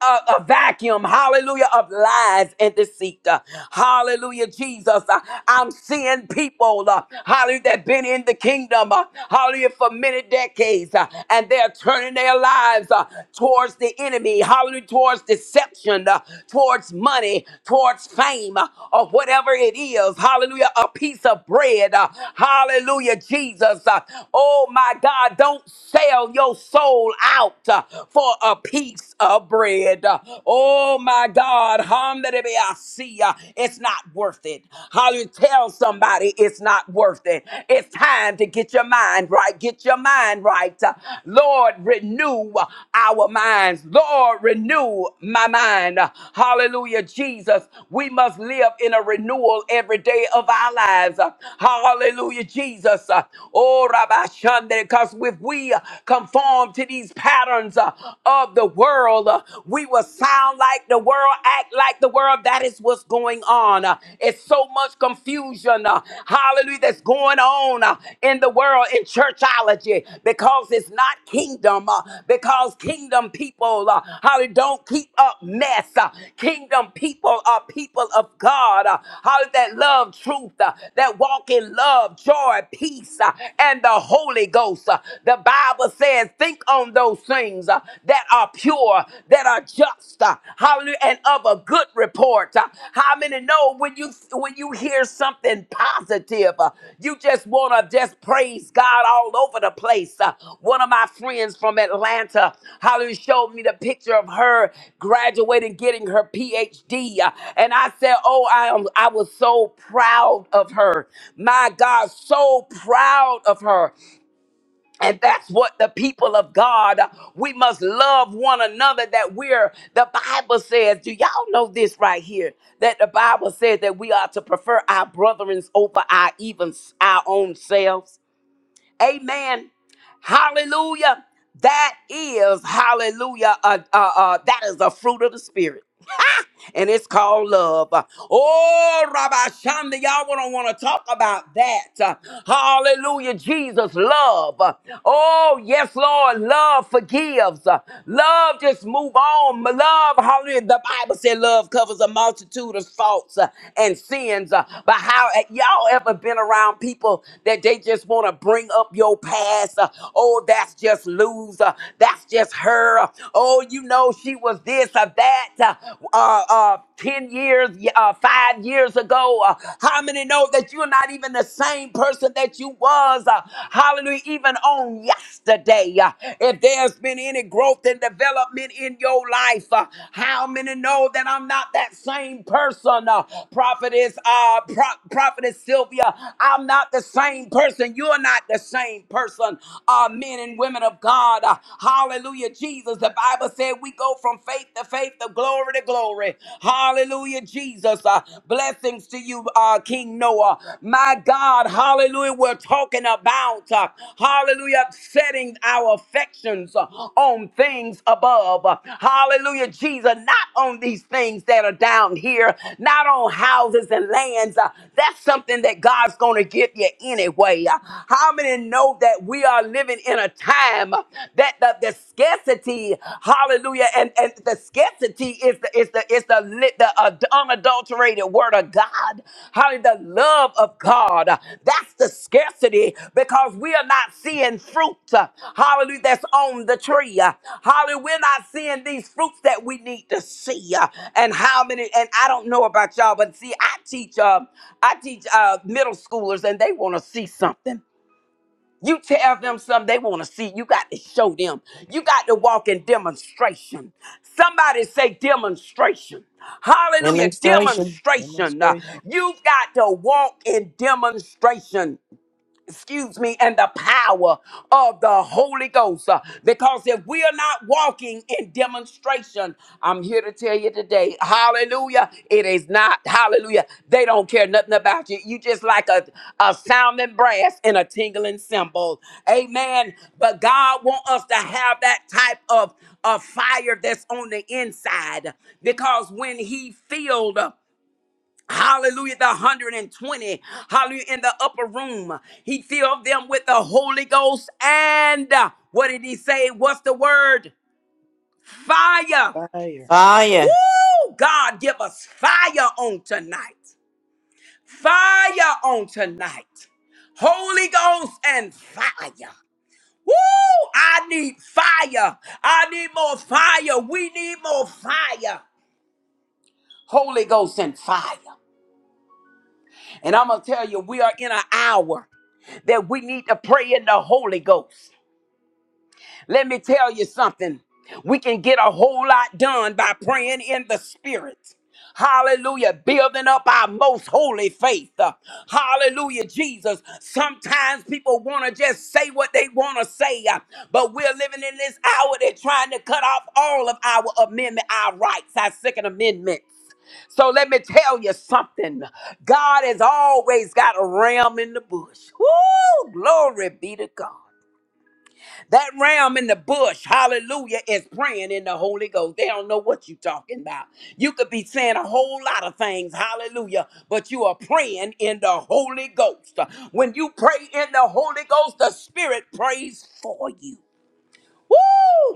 a, a, a vacuum. Hallelujah hallelujah, of lies and deceit. Uh, Hallelujah, Jesus. Uh, I'm seeing people, uh, hallelujah, that been in the kingdom, uh, hallelujah, for many decades, uh, and they're turning their lives uh, towards the enemy, hallelujah, towards deception, uh, towards money, towards fame, uh, or whatever it is. Hallelujah, a piece of bread. uh, Hallelujah, Jesus. Uh, Oh my God, don't sell your soul out uh, for a piece piece of bread. Oh my God, Hamdarebeasia, it's not worth it. Hallelujah. Tell somebody it's not worth it. It's time to get your mind right. Get your mind right. Lord, renew our minds. Lord, renew my mind. Hallelujah, Jesus. We must live in a renewal every day of our lives. Hallelujah, Jesus. Oh, Rabbi Shandre, because if we conform to these patterns, patterns uh, of the world. Uh, we will sound like the world, act like the world. That is what's going on. Uh, it's so much confusion, uh, hallelujah, that's going on uh, in the world in churchology because it's not kingdom, uh, because kingdom people, uh, hallelujah, don't keep up mess. Uh, kingdom people are people of God, uh, hallelujah, that love truth, uh, that walk in love, joy, peace, uh, and the Holy Ghost. Uh, the Bible. Bible says, think on those things uh, that are pure, that are just, uh, hallelujah, and of a good report. Uh, how many know when you when you hear something positive, uh, you just wanna just praise God all over the place. Uh, one of my friends from Atlanta, hallelujah, showed me the picture of her graduating, getting her PhD, uh, and I said, oh, I am, I was so proud of her. My God, so proud of her. And that's what the people of God, uh, we must love one another. That we're, the Bible says, do y'all know this right here? That the Bible says that we are to prefer our brethrens over our even s- our own selves. Amen. Hallelujah. That is, hallelujah, uh, uh, uh, that is a fruit of the Spirit and it's called love. Oh, Rabbi Shanda, y'all don't want to talk about that. Hallelujah, Jesus, love. Oh, yes, Lord, love forgives. Love just move on. Love, hallelujah. The Bible said love covers a multitude of faults uh, and sins. Uh, But how y'all ever been around people that they just want to bring up your past? Uh, Oh, that's just loser. That's just her. Oh, you know she was was this or that uh, uh, uh, 10 years, uh, five years ago. Uh, how many know that you're not even the same person that you was? Uh, hallelujah, even on yesterday. Uh, if there's been any growth and development in your life, uh, how many know that I'm not that same person? Uh, prophetess, uh, pro- prophetess Sylvia, I'm not the same person. You're not the same person, uh, men and women of God. Uh, hallelujah. Hallelujah, Jesus. The Bible said we go from faith to faith, to glory to glory. Hallelujah, Jesus. Uh, blessings to you, uh, King Noah. My God, hallelujah. We're talking about, uh, hallelujah, setting our affections uh, on things above. Uh, hallelujah, Jesus. Not on these things that are down here, not on houses and lands. Uh, that's something that God's going to give you anyway. Uh, how many know that we are living? living in a time that the, the scarcity, hallelujah, and, and the scarcity is the is the is the lit the uh, unadulterated word of God. Hallelujah, the love of God. That's the scarcity because we are not seeing fruit, hallelujah, that's on the tree. Hallelujah, we're not seeing these fruits that we need to see. And how many, and I don't know about y'all, but see, I teach uh I teach uh middle schoolers and they want to see something. You tell them something they want to see. You got to show them. You got to walk in demonstration. Somebody say demonstration. Hallelujah.
Demonstration.
Demonstration. Uh,
Demonstration.
You've got to walk in demonstration excuse me, and the power of the Holy Ghost. Uh, Because if we are not walking in demonstration, I'm here to tell you today, hallelujah, it is not, hallelujah. They don't care nothing about you. You just like a, a sounding brass and a tingling cymbal. Amen. But God wants us to have that type of, of fire that's on the inside because when he filled uh, Hallelujah, the 120. Hallelujah, in the upper room. He filled them with the Holy Ghost. And uh, what did he say? What's the word? Fire.
Fire.
Fire.
Woo! God, give us fire on tonight. Fire on tonight. Holy Ghost and fire. Woo! I need fire. I need more fire. We need more fire. Holy Ghost and fire. And I'm going to tell you, we are in an hour that we need to pray in the Holy Ghost. Let me tell you something. We can get a whole lot done by praying in the spirit. Hallelujah. Building up our most holy faith. Uh, Hallelujah, Jesus. Sometimes people want to just say what they want to say, uh, but we're living in this hour. They're trying to cut off all of our amendment, our rights, our second amendments. So let me tell you something. God has always got a ram in the bush. Woo! Glory be to God. That ram in the bush, hallelujah, is praying in the Holy Ghost. They don't know what you're talking about. You could be saying a whole lot of things, hallelujah, but you are praying in the Holy Ghost. When you pray in the Holy Ghost, the Spirit prays for you. Woo!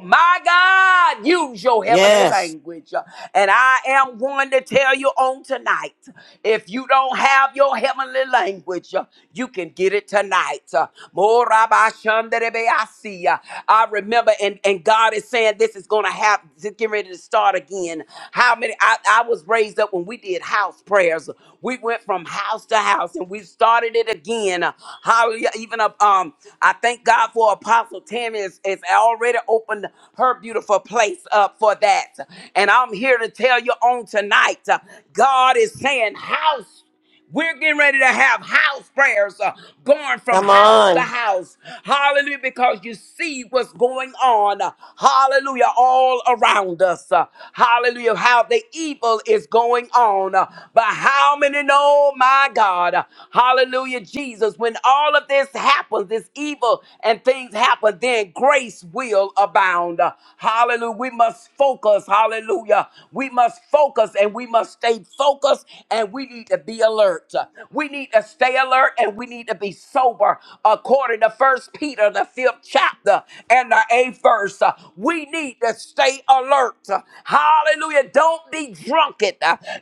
My God, use your heavenly
Yes.
language. And I am going to tell you on tonight if you don't have your heavenly language, you can get it tonight. Morabashandarebeasia. I remember, and, and God is saying this is going to happen. Get ready to start again. How many? I, I was raised up when we did house prayers. We went from house to house and we started it again. Hallelujah. Even uh, um, I thank God for Apostle Tammy is, is already opened her beautiful place up for that. And I'm here to tell you on tonight, uh, God is saying house. We're getting ready to have house prayers uh, going from
Come
house to
on.
house. Hallelujah, because you see what's going on. uh, Hallelujah, all around us. uh, Hallelujah, how the evil is going on. uh, But how many know, my God? uh, Hallelujah, Jesus. When all of this happens, this evil and things happen, then grace will abound. Uh, Hallelujah, we must focus. Hallelujah, We. We must focus and we must stay focused and we need to be alert. We need to stay alert and we need to be sober according to First Peter, the fifth chapter and the eighth verse. We need to stay alert. Hallelujah. Don't be drunken.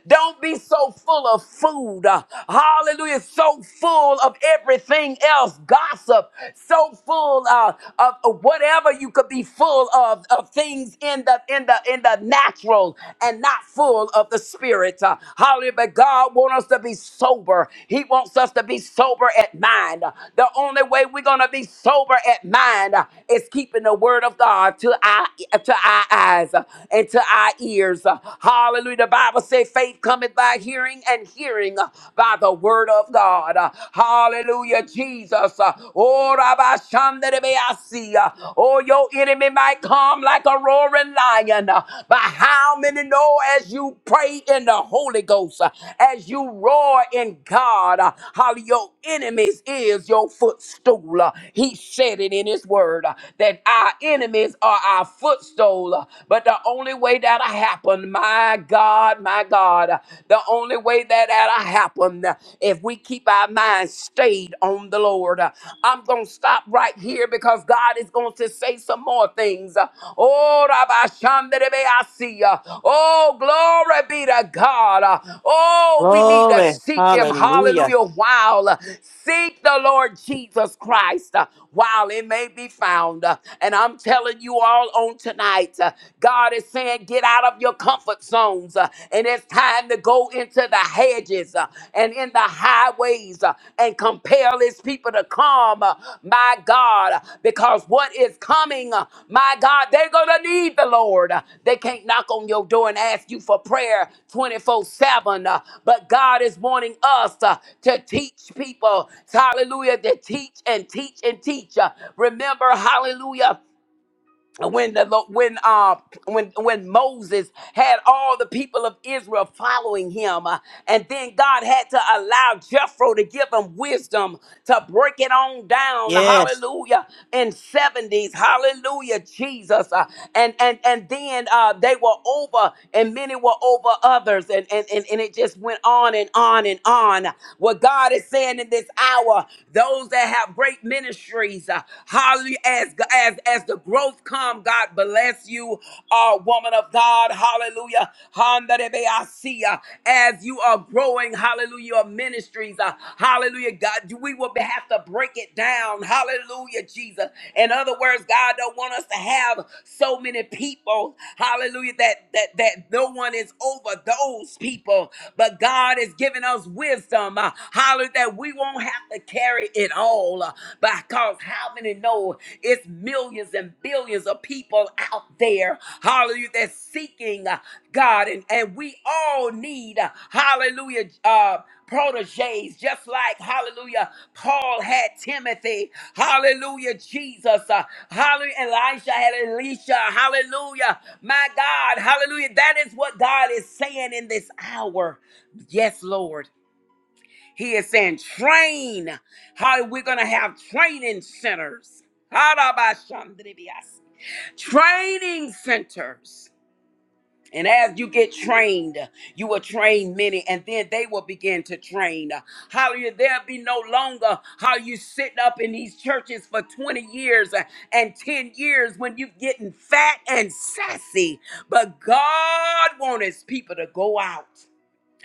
Don't be so full of food. Hallelujah. So full of everything else. Gossip. So full uh, of whatever you could be be full of, of things in the in the in the natural and not full of the spirit. Uh, hallelujah. But God wants us to be sober. He wants us to be sober at mind. The only way we're gonna be sober at mind uh, is keeping the word of God to our to our eyes uh, and to our ears. Uh, Hallelujah. The Bible says faith cometh by hearing and hearing uh, by the word of God. Uh, Hallelujah, Jesus us. Oh, Rabba Shandarebeasia. Oh, your enemy might come like a roaring lion. But how many know as you pray in the Holy Ghost, uh, as you roar in God, uh, how your enemies is your footstool? Uh, He said it in His word uh, that our enemies are our footstool. Uh, But the only way that'll happen, my God, my God, uh, the only way that that'll I happen uh, if we keep our minds stayed on the Lord. Uh, I'm going to stop right here because God is going to say some more things. Uh, Oh, Rabbi Shandarebe, I see ya. Oh, glory be to God. Uh, Oh, we need to
Glory.
seek Him.
Hallelujah.
Hallelujah. While uh, seek the Lord Jesus Christ uh, while it may be found. Uh, And I'm telling you all on tonight, uh, God is saying, get out of your of your comfort zones, uh, and it's time to go into the hedges uh, and in the highways uh, and compel his people to come, uh, my God, because what is coming, uh, my God, they're going to need the Lord. Uh, They can't knock on your door and ask you for prayer 24 7, uh, but God is wanting us uh, to teach people, hallelujah, to teach and teach and teach. Uh, Remember, hallelujah when the Lo- when uh when when Moses had all the people of Israel following him uh, and then God had to allow Jethro to give him wisdom to break it on down
Yes.
hallelujah in 70s hallelujah Jesus uh, and and and then uh they were over and many were over others and and and, and it just went on and on and on what God is saying in this hour those that have great ministry increase. Uh, hallelujah. As, as, as the growth come, God bless you, uh, woman of God. Hallelujah. Handarebeasia. As you are growing, hallelujah, your ministries. Uh, hallelujah. God, we will have to break it down. Hallelujah, Jesus. In other words, God don't want us to have so many people. Hallelujah. That that that no one is over those people. But God has given us wisdom. Uh, hallelujah that that we won't have to carry it all. uh, Because how many know it's millions and billions of people out there, hallelujah, that's seeking uh, God. And, and we all need, uh, hallelujah, uh, proteges, just like, hallelujah, Paul had Timothy, hallelujah, Jesus, uh, hallelujah, Elisha had Elisha, hallelujah, my God, hallelujah. That is what God is saying in this hour. Yes, Lord. He is saying, train. How we're going to have training centers. Harabashandribias. Training centers. And as you get trained, you will train many, and then they will begin to train. Hallelujah. There'll be no longer how you sitting up in these churches for 20 years uh, and 10 years when you getting fat and sassy. But God wants his people to go out.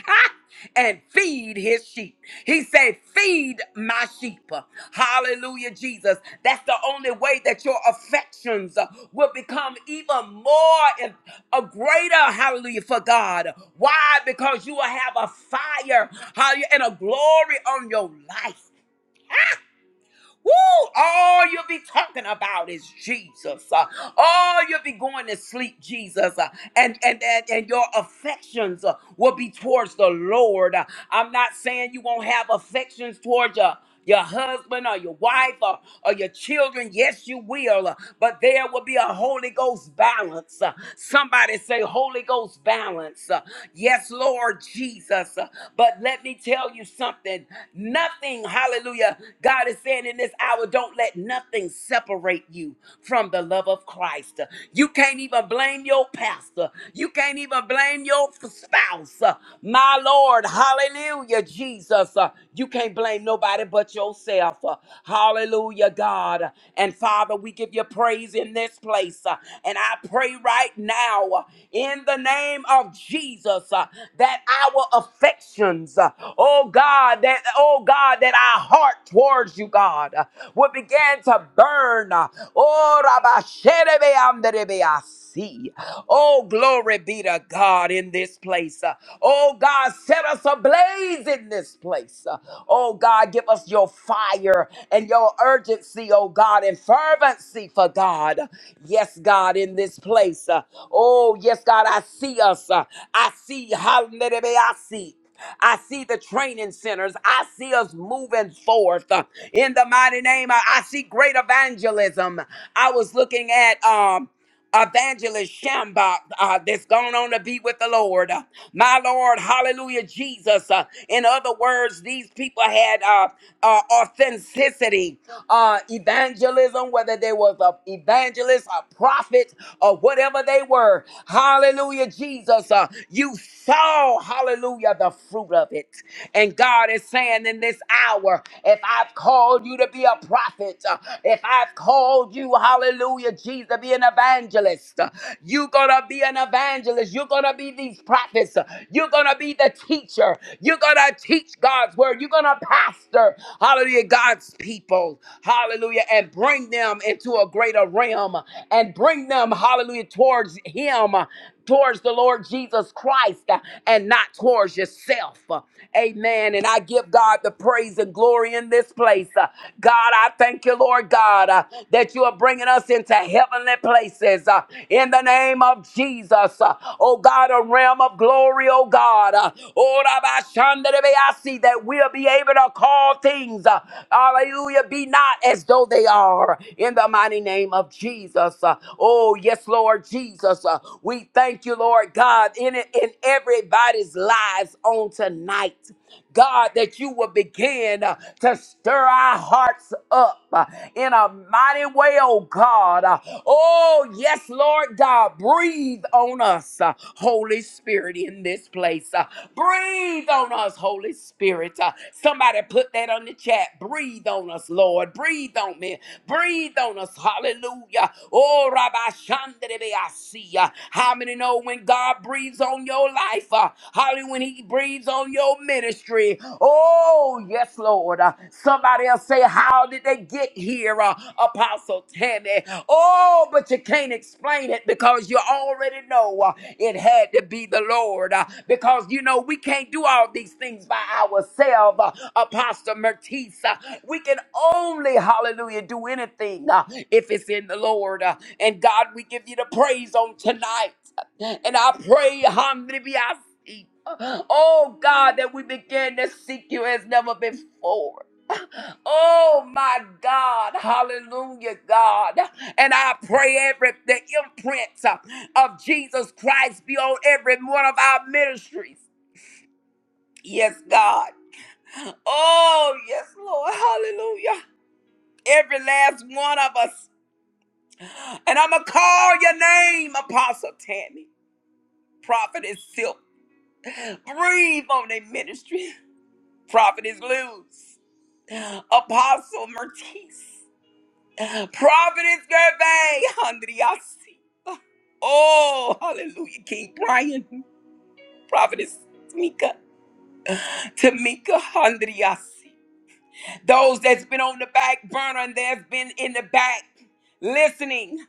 and feed his sheep. He said, Feed my sheep. Hallelujah, Jesus. That's the only way that your affections uh, will become even more and a greater, hallelujah, for God. Why? Because you will have a fire, hallelujah, and a glory on your life. Woo! All you'll be talking about is Jesus. Uh, all you'll be going to sleep, Jesus. Uh, and, and, and, and your affections uh, will be towards the Lord. Uh, I'm not saying you won't have affections towards your, your husband or your wife or, or your children. Yes, you will. Uh, But there will be a Holy Ghost balance. Uh, Somebody say, Holy Ghost balance. Uh, Yes, Lord Jesus. But let me tell you something. Nothing, hallelujah. God is saying in this hour, don't let nothing separate you from the love of Christ. You can't even blame your pastor. You can't even blame your spouse. My Lord, hallelujah, Jesus. Uh, You can't blame nobody but yourself. Uh, Hallelujah, God. And Father, Father, we give you praise in this place. Uh, And I pray right now uh, in the name of Jesus uh, that our affections, uh, oh God, that oh God, that our heart towards you, God, uh, will begin to burn. uh, Oh, Rabba Sherebe Anderebe Asi. Oh, glory be to God in this place. Uh, Oh God, set us ablaze blaze in this place. Uh, Oh God, give us your fire and your urgency, oh God, and fervency for God. Yes, God, in this place. Uh, Oh, yes, God, I see us. Uh, I see how I see. I see the training centers. I see us moving forth uh, in the mighty name. I I see great evangelism. I was looking at. um Evangelist Shambach uh, that's gone on to be with the Lord. Uh, my Lord, hallelujah, Jesus. Uh, in other words, these people had uh, uh, authenticity uh, evangelism, whether they was a evangelist, a prophet, or whatever they were. Hallelujah, Jesus. Uh, you saw, hallelujah, the fruit of it. And God is saying in this hour, if I've called you to be a prophet, uh, if I've called you, hallelujah, Jesus, to be an evangelist, uh, you're going to be an evangelist. You're going to be these prophets. uh, You're going to be the teacher teacher. You're going to teach God's word. You're going to pastor, hallelujah, God's people, hallelujah, and bring them into a greater realm and bring them, hallelujah, towards Him, towards the Lord Jesus Christ, and not towards yourself. Amen. And I give God the praise and glory in this place. Uh, God, I thank you, Lord God, uh, that you are bringing us into heavenly places. Uh, uh, in the name of Jesus. Uh, oh God, a realm of glory, oh God. Uh, oh, Rabbi Shandarebe, I see that we'll be able to call things, uh, hallelujah, be not as though they are in the mighty name of Jesus. Uh, oh, yes, Lord Jesus. Uh, we thank you, Lord God, in, it, in everybody's lives on tonight. God, that you will begin uh, to stir our hearts up uh, in a mighty way, oh God. Uh, Oh, yes, Lord God, breathe on us, uh, Holy Spirit, in this place. Uh, Breathe on us, Holy Spirit. Uh, Somebody put that on the chat. Breathe on us, Lord. Breathe on me. Breathe on us. Hallelujah. Oh, Rabbi Shandrebe, I see. uh, How many know when God breathes on your life? uh, Hallelujah! when he breathes on your ministry. Oh, yes, Lord. Uh, Somebody else say, How did they get here, uh, Apostle Tammy? Oh, but you can't explain it because you already know uh, it had to be the Lord. uh, Because, you know, we can't do all these things by ourselves, uh, Apostle Mertisa. We can only, hallelujah, do anything uh, if it's in the Lord. uh, And God, we give you the praise on tonight. And I pray, hallelujah eat. Oh God, that we begin to seek you as never before. Oh my God, hallelujah, God. And I pray every the imprint uh, of Jesus Christ be on every one of our ministries. Yes, God. Oh, yes, Lord, hallelujah. Every last one of us. And I'm going to call your name, Apostle Tammy. Prophet is silk. Breathe on their ministry. Prophet is loose. Apostle Mertice, Providence Gervais, Andriasi. Oh, hallelujah, King Brian, Providence Tamika, Tamika Andriasi. Those that's been on the back burner and that's been in the back listening.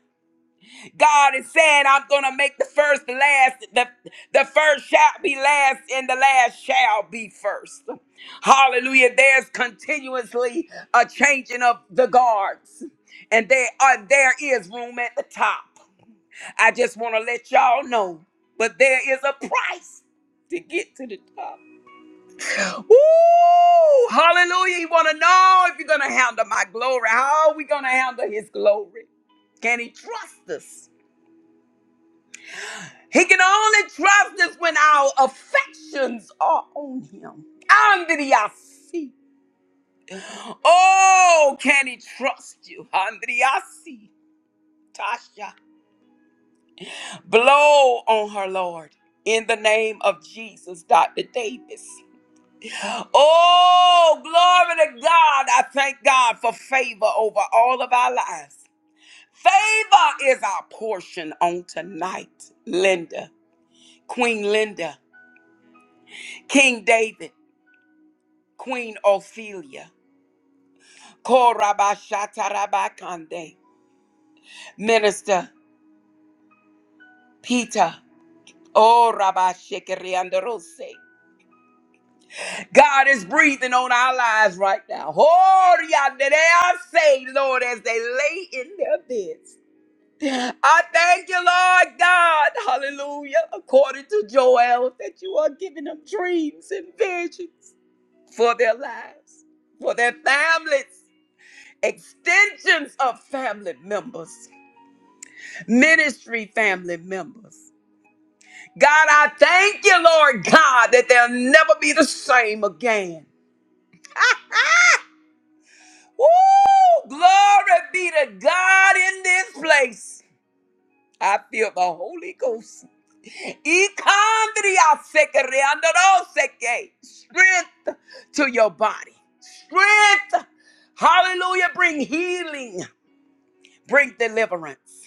God is saying, I'm gonna make the first the last. The, the first shall be last, and the last shall be first. Hallelujah. There's continuously a changing of the guards, and there are there is room at the top. I just want to let y'all know, but there is a price to get to the top. Woo! Hallelujah. You want to know if you're gonna handle my glory. How are we gonna handle his glory? Can he trust us? He can only trust us when our affections are on him. Andriasi. Oh, can he trust you? Andriasi. Tasha. Blow on her, Lord. In the name of Jesus, Dr. Davis. Oh, glory to God. I thank God for favor over all of our lives. Favor is our portion on tonight. Linda, Queen Linda, King David, Queen Ophelia. Korabashatarabakande. Minister Peter. Oh, Rabbi Rose. God is breathing on our lives right now. Oh, yeah, they are saved, Lord, as they lay in their beds. I thank you, Lord God, hallelujah, according to Joel, that you are giving them dreams and visions for their lives, for their families, extensions of family members. ministry family members. God, I thank you, Lord God, that they'll never be the same again. Woo! Glory be to God in this place. I feel the Holy Ghost. Ikandriasekereandoroseke. Strength to your body. Strength. Hallelujah. Bring healing. Bring deliverance.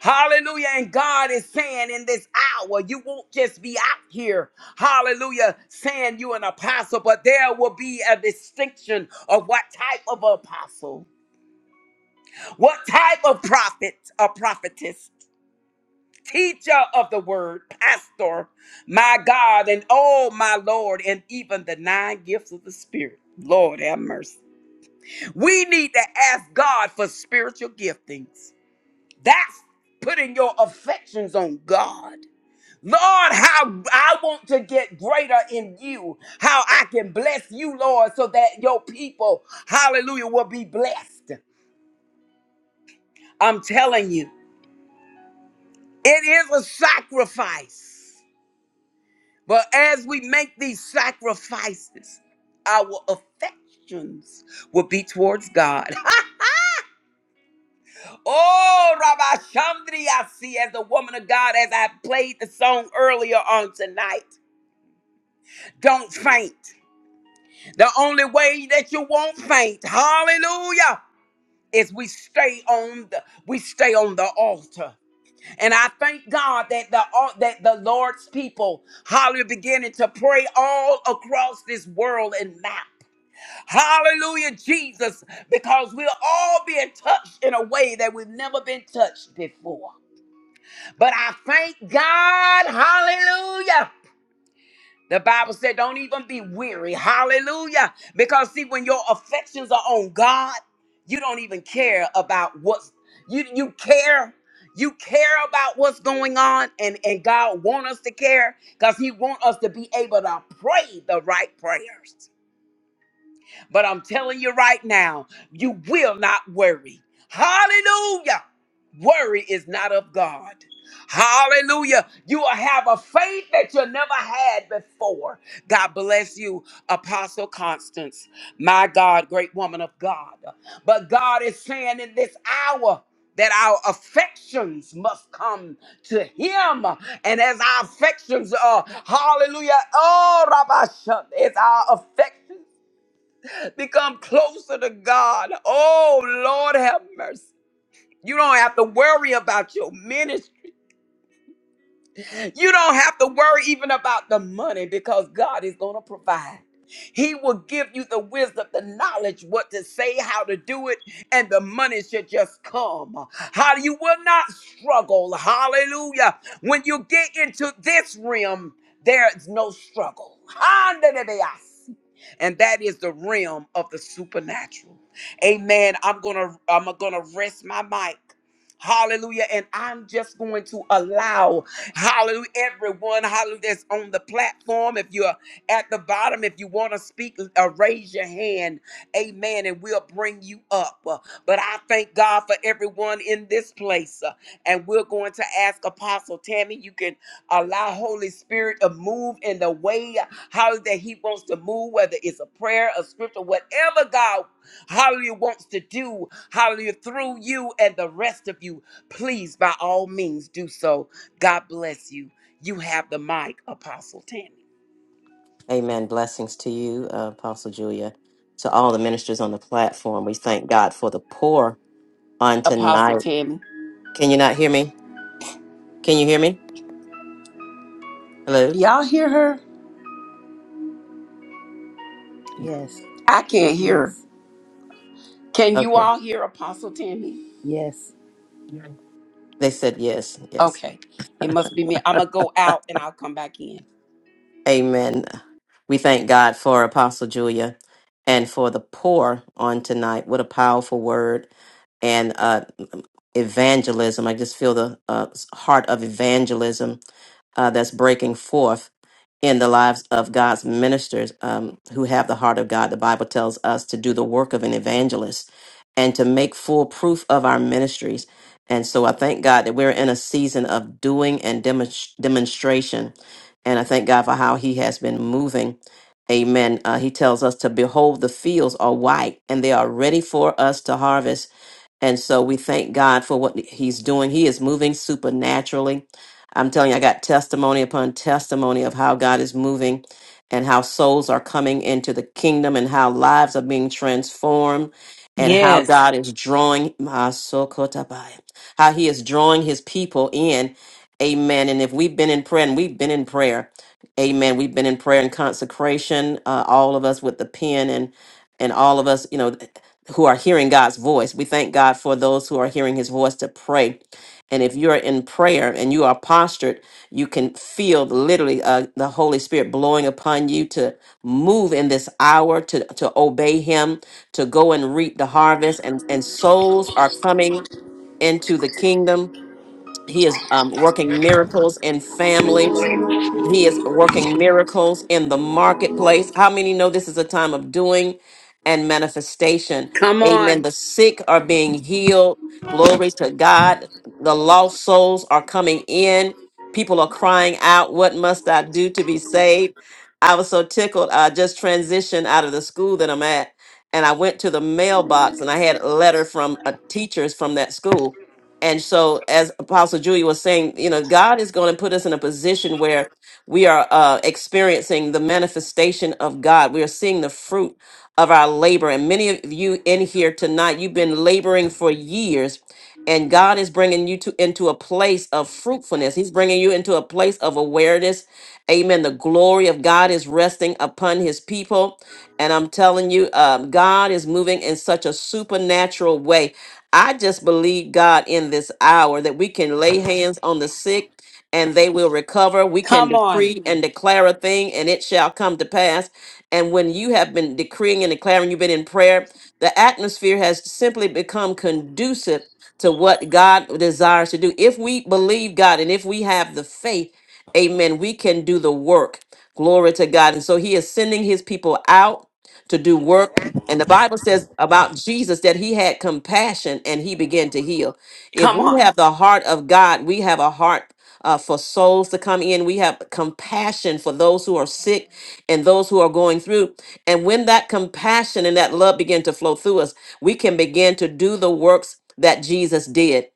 Hallelujah. And God is saying in this hour, you won't just be out here, hallelujah, saying you an apostle, but there will be a distinction of what type of apostle, what type of prophet a prophetess, teacher of the word, pastor, my God, and oh my Lord, and even the nine gifts of the Spirit. Lord have mercy. We need to ask God for spiritual giftings. That's putting your affections on God. Lord, how I want to get greater in you, how I can bless you, Lord, so that your people, hallelujah, will be blessed. I'm telling you, it is a sacrifice. But as we make these sacrifices, our affections will be towards God. oh, Rabbi Chandri, I see as a woman of God, as I played the song earlier on tonight, don't faint. The only way that you won't faint, hallelujah, is we stay on the we stay on the altar. And I thank God that the al- that the Lord's people, hallelujah, beginning to pray all across this world and map. Hallelujah, Jesus, because we're all being touched in a way that we've never been touched before. But I thank God, hallelujah. The Bible said, don't even be weary. Hallelujah. Because see, when your affections are on God, you don't even care about what's you you care. You care about what's going on, and, and God want us to care because He want us to be able to pray the right prayers. But I'm telling you right now, you will not worry. Hallelujah. Worry is not of God. Hallelujah. You will have a faith that you never had before. God bless you, Apostle Constance. My God, great woman of God. But God is saying in this hour that our affections must come to Him. And as our affections are, hallelujah, oh, Rabbi Shem, our affections. Become closer to God. Oh, Lord have mercy. You don't have to worry about your ministry. You don't have to worry even about the money because God is going to provide. He will give you the wisdom, the knowledge, what to say, how to do it, and the money should just come. How you will not struggle. Hallelujah. When you get into this realm, there is no struggle. Handelebeyasi. And that is the realm of the supernatural. Amen. I'm gonna I'm gonna rest my mic. Hallelujah. And I'm just going to allow. Hallelujah. Everyone, hallelujah, that's on the platform. If you're at the bottom, if you want to speak, uh, raise your hand. Amen. And we'll bring you up. Uh, But I thank God for everyone in this place. Uh, And we're going to ask Apostle Tammy, you can allow Holy Spirit to move in the way uh, how that He wants to move, whether it's a prayer, a scripture, whatever God, hallelujah, wants to do, hallelujah, through you and the rest of you. Please, by all means, do so. God bless you. You have the mic, Apostle Tammy.
Amen. Blessings to you, uh, Apostle Julia, to all the ministers on the platform. We thank God for the pour on
Apostle
tonight.
Tammy.
Can you not hear me? Can you hear me? Hello?
Y'all hear her?
yes,
I can't hear her.
yes,
Can you
Okay.
all hear Apostle Tammy?
yes.
They said yes, yes.
Okay. It must be me. I'm going to go out and I'll come back in.
Amen. We thank God for Apostle Julia and for the pour on tonight. What a powerful word. and. uh, evangelism. I just feel the uh, heart of evangelism uh, that's breaking forth in the lives of God's ministers um, who have the heart of God. The Bible tells us to do the work of an evangelist and to make full proof of our ministries. And so I thank God that we're in a season of doing and demonst- demonstration. And I thank God for how He has been moving. Amen. Uh, he tells us to behold the fields are white and they are ready for us to harvest and so we thank God for what he's doing. He is moving supernaturally. I'm telling you, I got testimony upon testimony of how God is moving and how souls are coming into the kingdom and how lives are being transformed and how
Yes.
God is drawing my sokotabai, how he is drawing his people in. Amen. And if we've been in prayer and we've been in prayer, amen. We've been in prayer and consecration, uh, all of us with the pen and and all of us, you know, who are hearing God's voice. We thank God for those who are hearing his voice to pray. And if you're in prayer and you are postured, you can feel literally uh, the Holy Spirit blowing upon you to move in this hour, to, to obey him, to go and reap the harvest. And, and souls are coming into the kingdom. He is um, working miracles in families he is working miracles in the marketplace. How many know this is a time of doing and manifestation?
Come
Amen.
on.
The sick are being healed. Glory to God. The lost souls are coming in. People are crying out, What must I do to be saved? I was so tickled. I just transitioned out of the school that I'm at, and I went to the mailbox and I had a letter from uh teachers from that school. And so, as Apostle Julia was saying, you know, God is going to put us in a position where we are uh, experiencing the manifestation of God. We are seeing the fruit of our labor. And many of you in here tonight, you've been laboring for years, and God is bringing you to into a place of fruitfulness. He's bringing you into a place of awareness. Amen. The glory of God is resting upon His people. And I'm telling you, um, God is moving in such a supernatural way. I just believe God in this hour that we can lay hands on the sick and they will recover. We can
Come on.
decree and declare a thing, and it shall come to pass. And when you have been decreeing and declaring, you've been in prayer, the atmosphere has simply become conducive to what God desires to do. If we believe God and if we have the faith, amen, we can do the work. Glory to God. And so he is sending his people out to do work. And the Bible says about Jesus that he had compassion and he began to heal. If
Come
we
on.
have the heart of God, we have a heart uh, for souls to come in. We have compassion for those who are sick and those who are going through. And when that compassion and that love begin to flow through us, we can begin to do the works that Jesus did.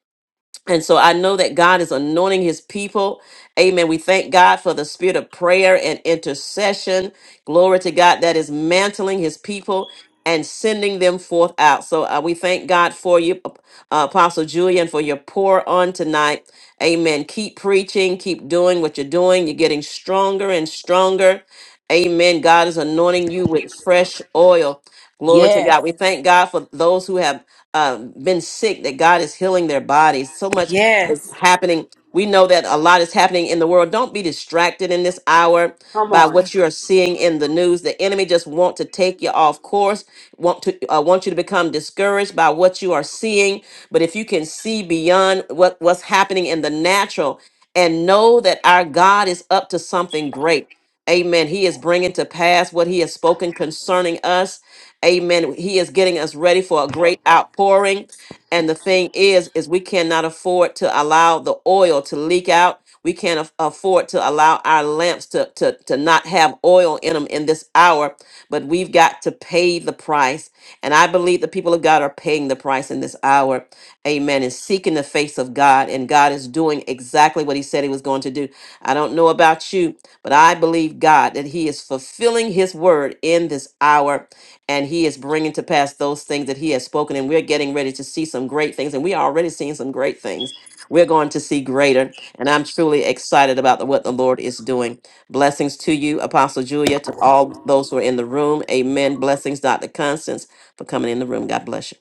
And so I know that God is anointing his people. Amen. We thank God for the spirit of prayer and intercession. Glory to God that is mantling his people and sending them forth out. So uh, we thank God for you, uh, Apostle Julian, for your pour on tonight. Amen. Keep preaching, keep doing what you're doing. You're getting stronger and stronger. Amen. God is anointing you with fresh oil. Glory to
Yes.
God. We thank God for those who have um, been sick that God is healing their bodies. So much is
Yes.
happening. We know that a lot is happening in the world. Don't be distracted in this hour
Come
by
on.
what you are seeing in the news. The enemy just want to take you off course, want to uh, want you to become discouraged by what you are seeing. But if you can see beyond what, what's happening in the natural and know that our God is up to something great. Amen. He is bringing to pass what he has spoken concerning us Amen. He is getting us ready for a great outpouring. And the thing is, is we cannot afford to allow the oil to leak out. We can't af- afford to allow our lamps to, to, to not have oil in them in this hour, but we've got to pay the price. And I believe the people of God are paying the price in this hour. Amen. And seeking the face of God. And God is doing exactly what He said He was going to do. I don't know about you, but I believe God that He is fulfilling His word in this hour and he is bringing to pass those things that he has spoken and we're getting ready to see some great things and we are already seeing some great things we're going to see greater and i'm truly excited about the, what the lord is doing blessings to you apostle julia to all those who are in the room amen blessings dr constance for coming in the room god bless you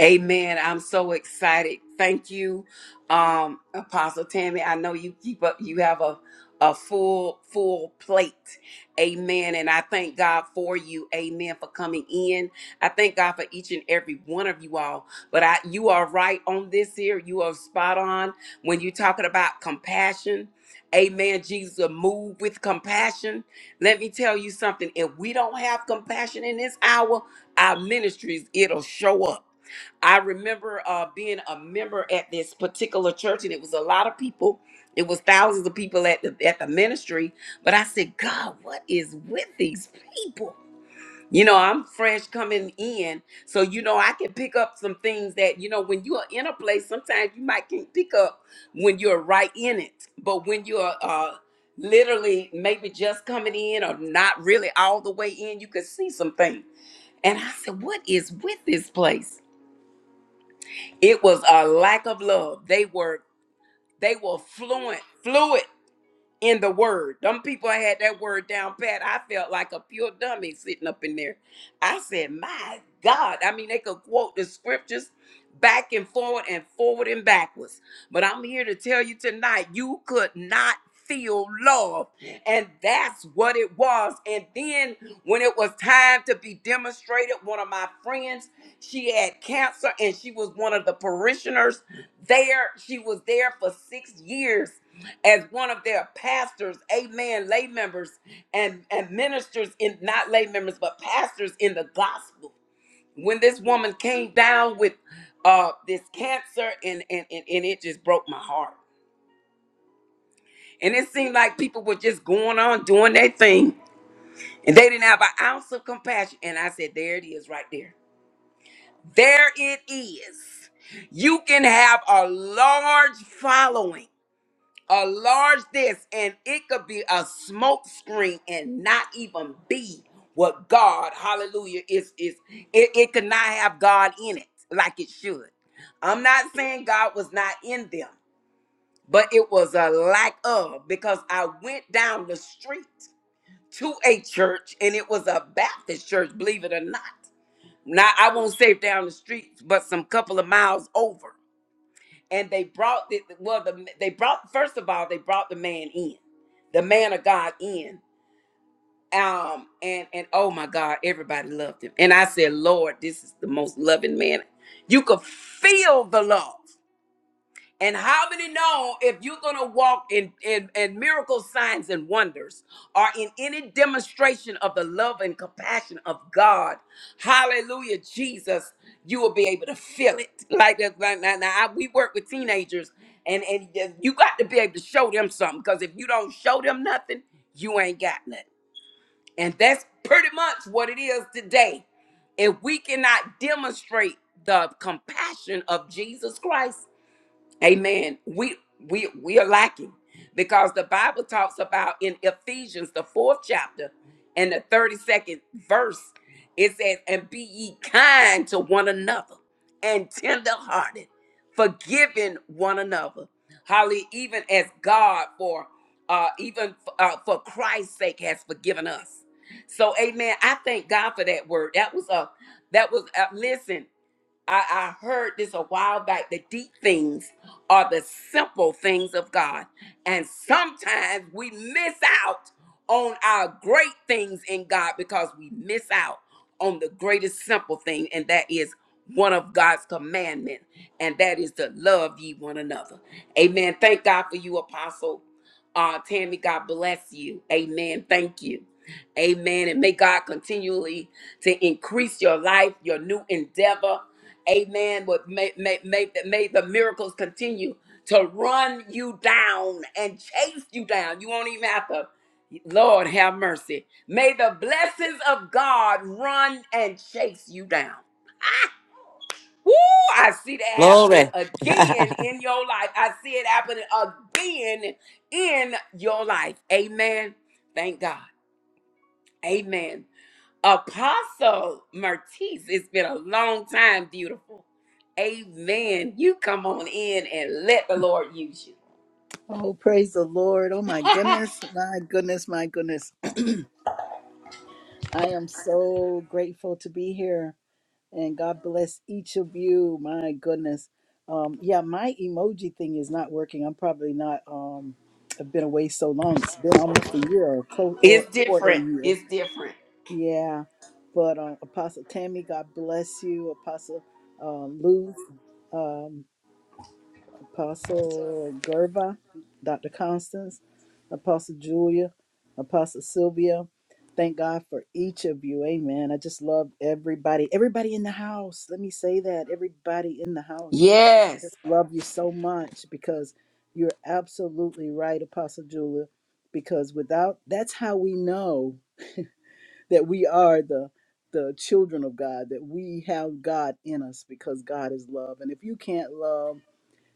Amen. I'm so excited. Thank you, um, Apostle Tammy. I know you keep up. You have a a full full plate. Amen. And I thank God for you. Amen. For coming in. I thank God for each and every one of you all. But I, you are right on this here. You are spot on when you're talking about compassion. Amen. Jesus will move with compassion. Let me tell you something. If we don't have compassion in this hour, our ministries it'll show up. I remember uh, being a member at this particular church, and it was a lot of people. It was thousands of people at the at the ministry. But I said, God, what is with these people? You know, I'm fresh coming in, so you know I can pick up some things that you know when you are in a place. Sometimes you might can pick up when you're right in it, but when you're uh, literally maybe just coming in or not really all the way in, you can see some things. And I said, what is with this place? It was a lack of love. They were they were fluent, fluid in the word. Them people had that word down pat. I felt like a pure dummy sitting up in there. I said, "My God!" I mean, they could quote the scriptures back and forward and forward and backwards. But I'm here to tell you tonight, you could not feel love. And that's what it was. And then when it was time to be demonstrated, one of my friends, she had cancer and she was one of the parishioners there. She was there for six years as one of their pastors, amen, lay members and, and ministers in not lay members, but pastors in the gospel when this woman came down with uh this cancer and and and, and it just broke my heart and it seemed like people were just going on doing their thing and they didn't have an ounce of compassion and i said there it is right there there it is you can have a large following a large this and it could be a smoke screen and not even be what god hallelujah is is it, it could not have god in it like it should i'm not saying god was not in them but it was a lack of because i went down the street to a church and it was a baptist church believe it or not now i won't say down the street but some couple of miles over and they brought the well the they brought first of all they brought the man in the man of god in um and and oh my god everybody loved him and i said lord this is the most loving man you could feel the love and how many know if you're going to walk in, in, in miracle signs and wonders or in any demonstration of the love and compassion of God, hallelujah, Jesus, you will be able to feel it. Like that. Right now, now I, we work with teenagers, and, and you got to be able to show them something because if you don't show them nothing, you ain't got nothing. And that's pretty much what it is today. If we cannot demonstrate the compassion of Jesus Christ, Amen. We we we are lacking because the Bible talks about in Ephesians the fourth chapter and the thirty second verse. It says, "And be ye kind to one another, and tenderhearted, forgiving one another." Holly, even as God for uh, even uh, for Christ's sake has forgiven us. So, Amen. I thank God for that word. That was a that was a, listen. I, I heard this a while back. The deep things are the simple things of God. And sometimes we miss out on our great things in God because we miss out on the greatest simple thing, and that is one of God's commandments, and that is to love ye one another. Amen. Thank God for you, Apostle uh, Tammy. God bless you. Amen. Thank you. Amen. And may God continually to increase your life, your new endeavor amen, would make, make, make, make the miracles continue to run you down and chase you down. You won't even have to. Lord have mercy. May the blessings of God run and chase you down. Woo! I see that happening
glory
again in your life. I see it happening again in your life. Amen. Thank God. Amen. Apostle Mertice, it's been a long time, beautiful. Amen. You come on in and let the Lord use you.
Oh, praise the Lord. Oh, my goodness, my goodness, my goodness. I am so grateful to be here and God bless each of you. My goodness. Um, yeah, my emoji thing is not working. I'm probably not, um, I've been away so long. It's been almost a year or close or,
It's
or a
different.
year.
It's different.
Yeah. But um, Apostle Tammy, God bless you. Apostle um, Luz, um, Apostle Gerva, Dr. Constance, Apostle Julia, Apostle Sylvia. Thank God for each of you. Amen. I just love everybody. Everybody in the house. Let me say that. Everybody in the house.
Yes.
Just love you so much because you're absolutely right, Apostle Julia. Because without that's how we know that we are the the children of God, that we have God in us because God is love. And if you can't love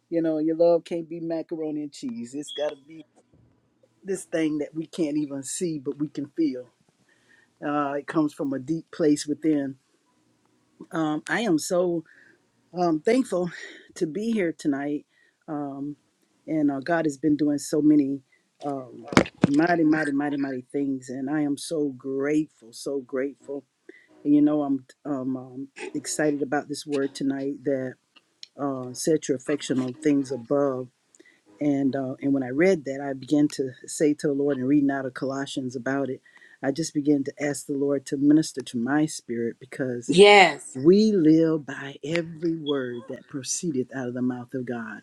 you know, your love can't be macaroni and cheese. It's got to be this thing that we can't even see, but we can feel. Uh, it comes from a deep place within. Um, I am so um, thankful to be here tonight. Um, and uh, God has been doing so many um, mighty, mighty, mighty, mighty things. And I am so grateful, so grateful. And you know, I'm um, um, excited about this word tonight that uh, set your affection on things above And uh, and when I read that, I began to say to the Lord and reading out of Colossians about it, I just began to ask the Lord to minister to my spirit because
Yes.
we live by every word that proceedeth out of the mouth of God.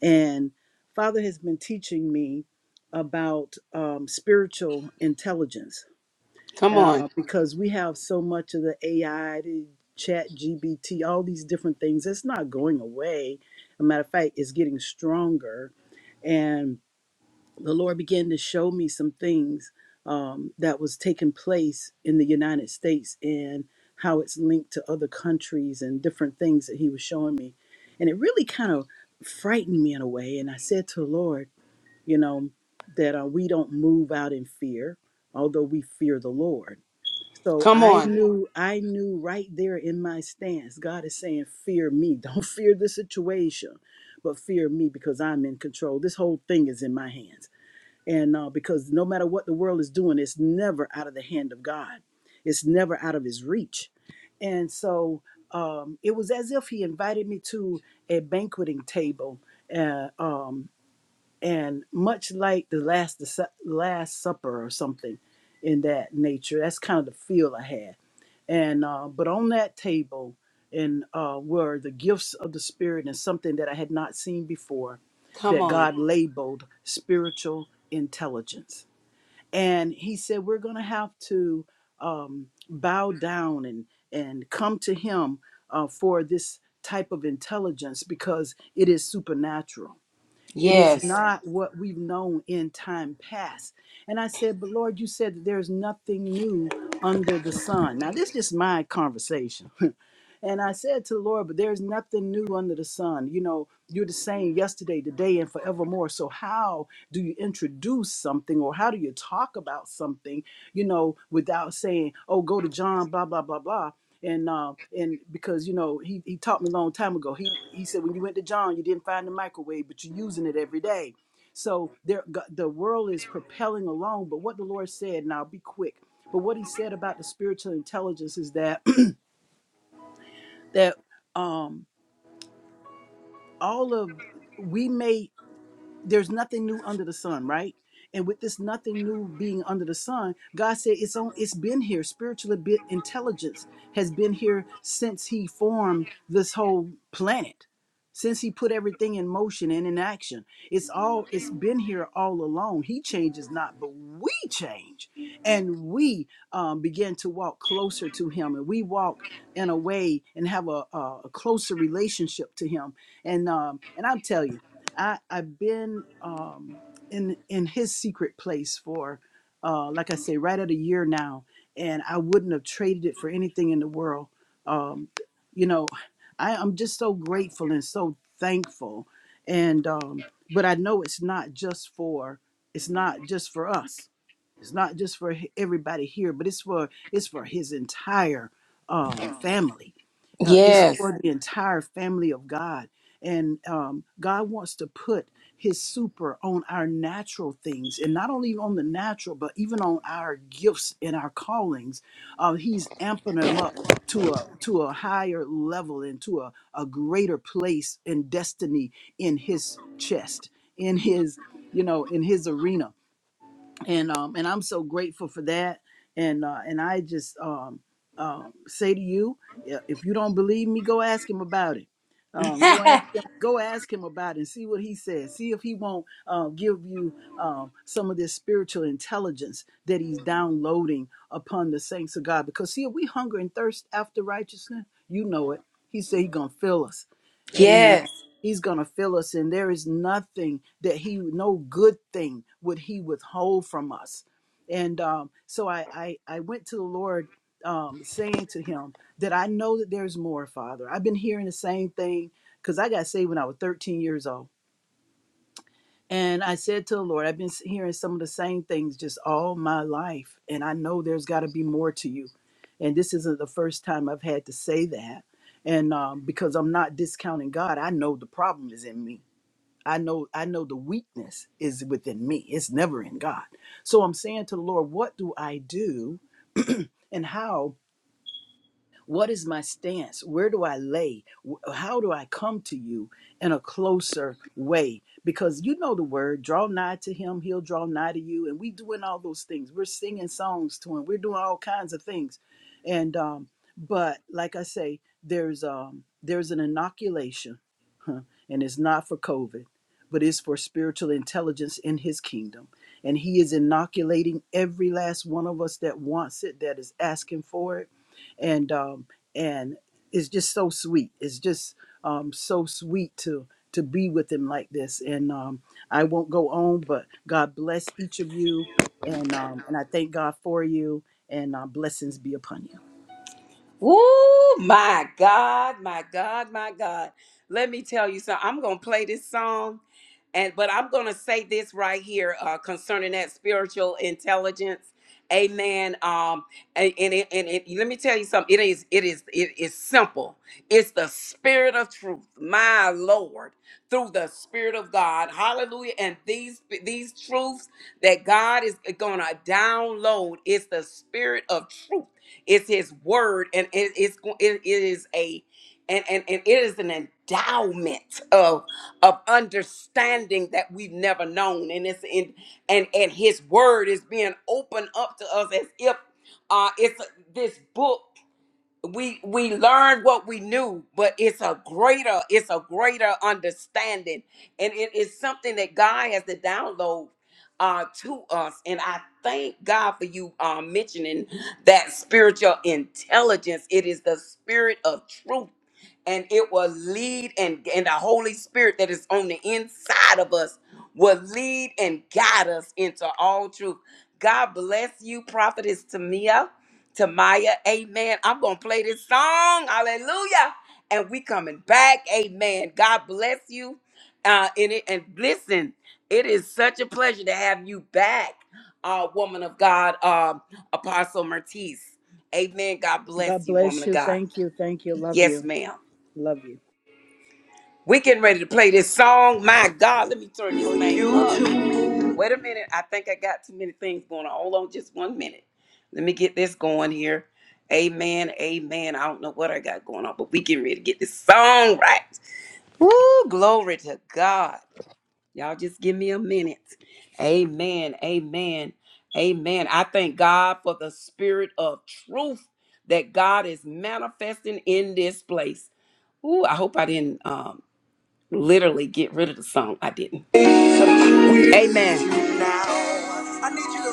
And Father has been teaching me about um, spiritual intelligence
Come on.
uh, because we have so much of the AI, the chat, GBT, all these different things. It's not going away. As a matter of fact, it's getting stronger. And the Lord began to show me some things um, that was taking place in the United States and how it's linked to other countries and different things that He was showing me. And it really kind of frightened me in a way. And I said to the Lord, you know, that uh, we don't move out in fear, although we fear the Lord. So
Come
I
on.
knew, I knew right there in my stance, God is saying, fear me. Don't fear the situation, but fear me because I'm in control. This whole thing is in my hands and uh, because no matter what the world is doing it's never out of the hand of god it's never out of his reach and so um, it was as if he invited me to a banqueting table uh, um, and much like the last the Su- last supper or something in that nature that's kind of the feel i had and uh, but on that table and uh, were the gifts of the spirit and something that i had not seen before
Come
that
on.
god Mm. labeled spiritual intelligence and he said we're going to have to um, bow down and and come to him uh, for this type of intelligence because it is supernatural it is Yeah.
Yes.
not what we've known in time past. And I said, But Lord, you said that there's nothing new under the sun. Now, this is just my conversation and I said to the Lord, but there's nothing new under the sun. You know, you're the same yesterday, today, and forevermore. So, how do you introduce something or how do you talk about something, you know, without saying, oh, go to John, blah, blah, blah, blah? And um and because you know he, he taught me a long time ago. He he said when you went to John, you didn't find the microwave, but you're using it every day. So there go- the world is propelling along. But what the Lord said, and I'll be quick. But what He said about the spiritual intelligence is that that um all of we may there's nothing new under the sun, right? And with this nothing new being under the sun, God said it's on it's been here. Spiritual abi- intelligence has been here since he formed this whole planet. Since he put everything in motion and in action. It's all it's been here all along. He changes not, but we change. And we um, begin to walk closer to him and we walk in a way and have a, a a closer relationship to him. And um, and I'll tell you. I I've been um, in in his secret place for uh, like I say, right at a year now, and I wouldn't have traded it for anything in the world. Um, you know, I, I'm just so grateful and so thankful, and um, but I know it's not just for it's not just for us. It's not just for h- everybody here, but it's for it's for his entire um, family. Uh, it's
Yes.
for the entire family of God and um, God wants to put His super on our natural things, and not only on the natural, but even on our gifts and our callings. Uh, he's amping them up to a to a higher level and to a, a greater place and destiny in His chest, in His you know, in His arena and um and I'm so grateful for that and uh and I just um um say to you i- if you don't believe me go ask him about it um go ask him, go ask him about it and see what he says see if he won't uh, give you um some of this spiritual intelligence that he's downloading upon the saints of God because see if we hunger and thirst after righteousness you know it he said he going to fill us amen
yes.
He's going to fill us in. There is nothing that he, no good thing would he withhold from us. And um, so I, I, I went to the Lord um, saying to him that I know that there's more, Father. I've been hearing the same thing because I got saved when I was 13 years old. And I said to the Lord, I've been hearing some of the same things just all my life. And I know there's got to be more to you. And this isn't the first time I've had to say that. And um, because I'm not discounting God, I know the problem is in me I know I know the weakness is within me. It's never in God. So I'm saying to the Lord, what do I do and how what is my stance? Where do I lay? Wh- How do I come to you in a closer way? Because you know the word, draw nigh to him, he'll draw nigh to you. And we doing all those things. We're singing songs to him. We're doing all kinds of things. And um, but like I say, there's um there's an inoculation, huh, and it's not for COVID, but it's for spiritual intelligence in his kingdom. And he is inoculating every last one of us that wants it, that is asking for it and um, and it's just so sweet. It's just um, so sweet to to be with him like this. And um, I won't go on, but God bless each of you, and um, and I thank God for you, and uh, blessings be upon you.
Ooh, my God, my God, my God. Let me tell you something. I'm gonna play this song, and but I'm gonna say this right here uh, concerning that spiritual intelligence. Amen. Um, and, and, it, and it, let me tell you something. It is, it is, it is simple. It's the spirit of truth, my Lord, through the spirit of God. Hallelujah. And these these truths that God is gonna download, it's the spirit of truth it's His word, and it is it it is a and, and, and it is an endowment of of understanding that we've never known, and it's in and and His word is being opened up to us as if uh, it's this book we we learned what we knew but it's a greater it's a greater understanding and it is something that god has to download uh to us and i thank god for you uh mentioning that spiritual intelligence it is the spirit of truth and it will lead and and the holy spirit that is on the inside of us will lead and guide us into all truth god bless you prophetess tamia to Maya. Amen. I'm going to play this song. Hallelujah. And we coming back. Amen. God bless you. Uh, and, it, and listen, it is such a pleasure to have you back, uh, woman of God, uh, Apostle Mertiz. Amen. God bless
God
you, woman
bless
of
you.
God.
Thank you. Thank you. Love
Yes,
you.
ma'am.
Love you.
We getting ready to play this song. My God, let me turn this thing up. Wait a minute. I think I got too many things going on. Hold on just one minute. Let me get this going here. Amen. Amen. I don't know what I got going on, but we getting ready to get this song right. Woo! Glory to God. Y'all just give me a minute. Amen. Amen. Amen. I thank God for the spirit of truth that God is manifesting in this place. Ooh, I hope I didn't um literally get rid of the song. I didn't. Amen.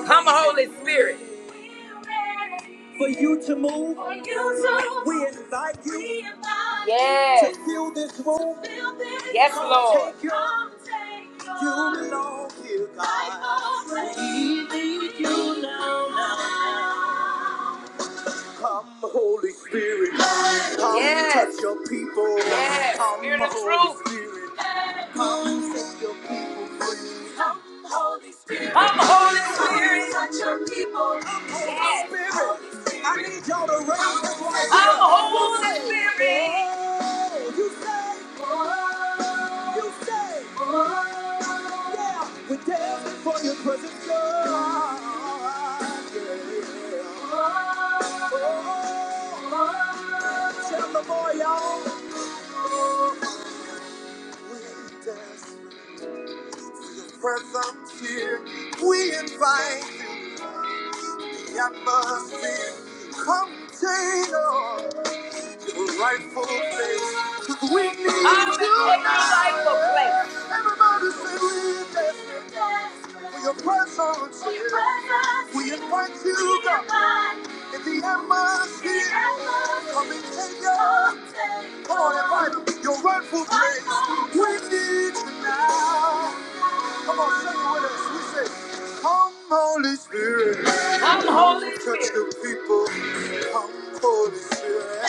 Come, Holy Spirit. For you to move, For you to- we move. invite you We invite Yes. to fill this room. To fill this Yes, room. Lord. take your, Come take your- you belong here, God. I belong to you. We you now, Come, Holy Spirit, come Yes. touch your people. Yes. Come, Spirit of Holy truth. Spirit, Holy Spirit. Holy Spirit. I need y'all to raise right I'm Holy Spirit. Oh, you say. Oh, you say. Yeah, we're for your presence, God. Yeah. Oh, tell the boy, y'all. We dance. presence here. We invite the atmosphere. Come take on the rightful place. 'Cause we need you. Everybody say we need your presence. We invite you in the atmosphere. Your rightful place, we need you now. Come on, sing it with us. We say, Come, Holy Spirit. Holy Touch Spirit. the people. Come, Holy Spirit.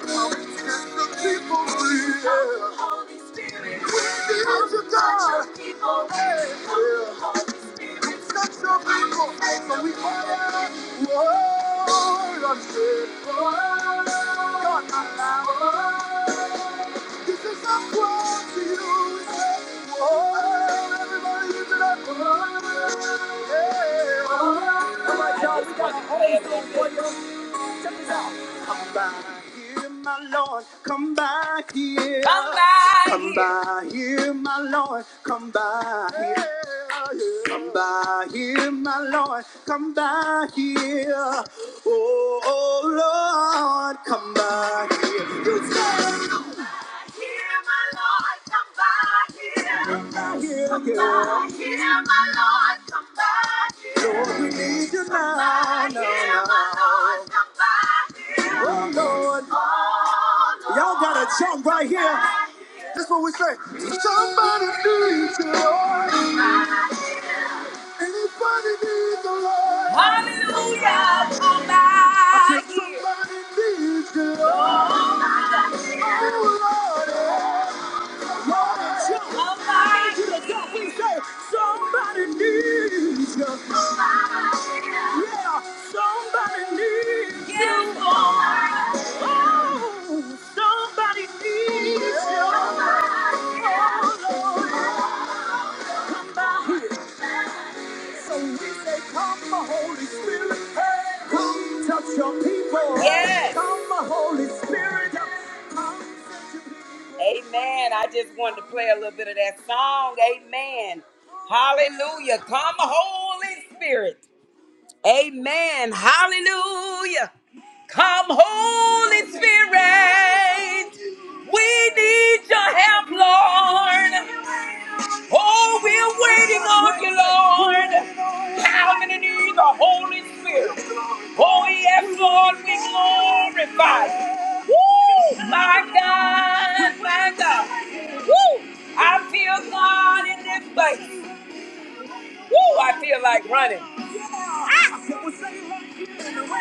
This is not what you say. Oh, everybody use it up. Oh, yeah. Oh, my God, we got a whole song Come by here, my Lord, come by here. Come by Come here. by here, here, my Lord, come by here. Yeah. Come by here, my Lord, come by here. Oh, oh Lord, come by here. You said, come by here, yeah. Lord, we need you now. Oh Lord, y'all gotta jump right here. That's what we say. Somebody needs the Lord. Anybody needs the Lord. Somebody needs you, Oh, Lord, Lord, it's your heart to the God we say. Somebody needs you. Yeah, somebody needs you. Oh Lord. So we say, Come, Holy Spirit, hey, come touch your people. Yes. Come, Holy Spirit, come touch your people. Amen. I just wanted to play a little bit of that song. Amen. Hallelujah. Come, Holy Spirit. Amen. Hallelujah. Come, Holy Spirit. We need your help, Lord. Oh, we're waiting on you, Lord. How many need the Holy Spirit? Oh, yes, Lord, we glorify you. Woo! My God, my God. Woo! I feel God in this place. Woo! I feel like running. Ah!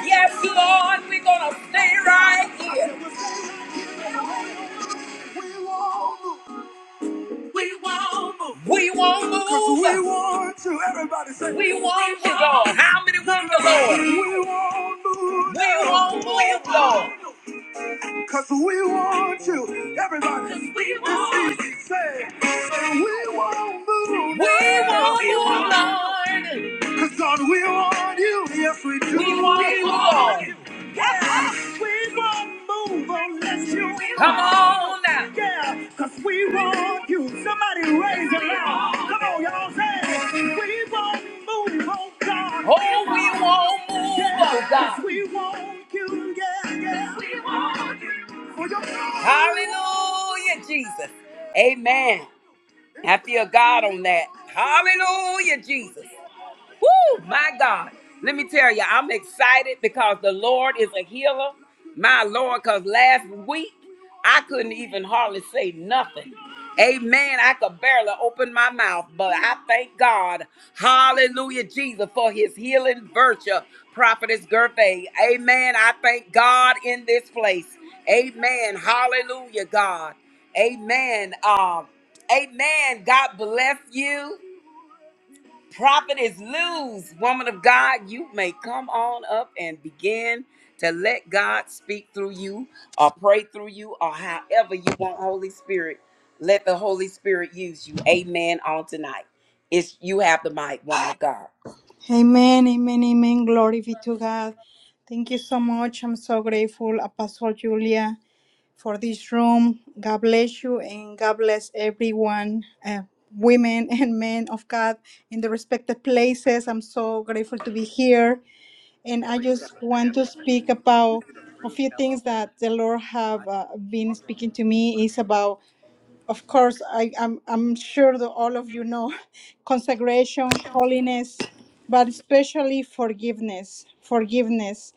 Yes, Lord, we're gonna stay right here. We won't move. we want you. Everybody say, We want you, Lord. How many want the Lord? We want move. We now. won't move, Lord. Because we want you. Everybody, 'Cause we it's want It's easy. Say, say we want move. We now. want you, Lord. Because God, we want you. Yes, we do. We want We you, want Lord. you. Come on now. Yeah, because we want you. Somebody raise your hand. We Oh, we won't move, oh God. Hallelujah, Jesus. Amen. I feel God on that. Hallelujah, Jesus. Woo, my God. Let me tell you, I'm excited because the Lord is a healer. My Lord, because last week I couldn't even hardly say nothing. Amen. I could barely open my mouth, but I thank God. Hallelujah, Jesus, for his healing virtue. Prophetess Gervais. Amen. I thank God in this place. Amen. Hallelujah, God. Amen. Um, amen. God bless you. Prophet is loose. Woman of God, you may come on up and begin to let God speak through you or pray through you or however you want Holy Spirit. Let the Holy Spirit use you. Amen on tonight. It's you have the mic, woman of God.
Amen, amen, amen. Glory be to God. Thank you so much. I'm so grateful, Apostle Julia, for this room. God bless you and God bless everyone, uh, women and men of God in the respective places. I'm so grateful to be here. And I just want to speak about a few things that the Lord have uh, been speaking to me is about of course, I, I'm, I'm sure that all of you know consecration, holiness, but especially forgiveness, forgiveness,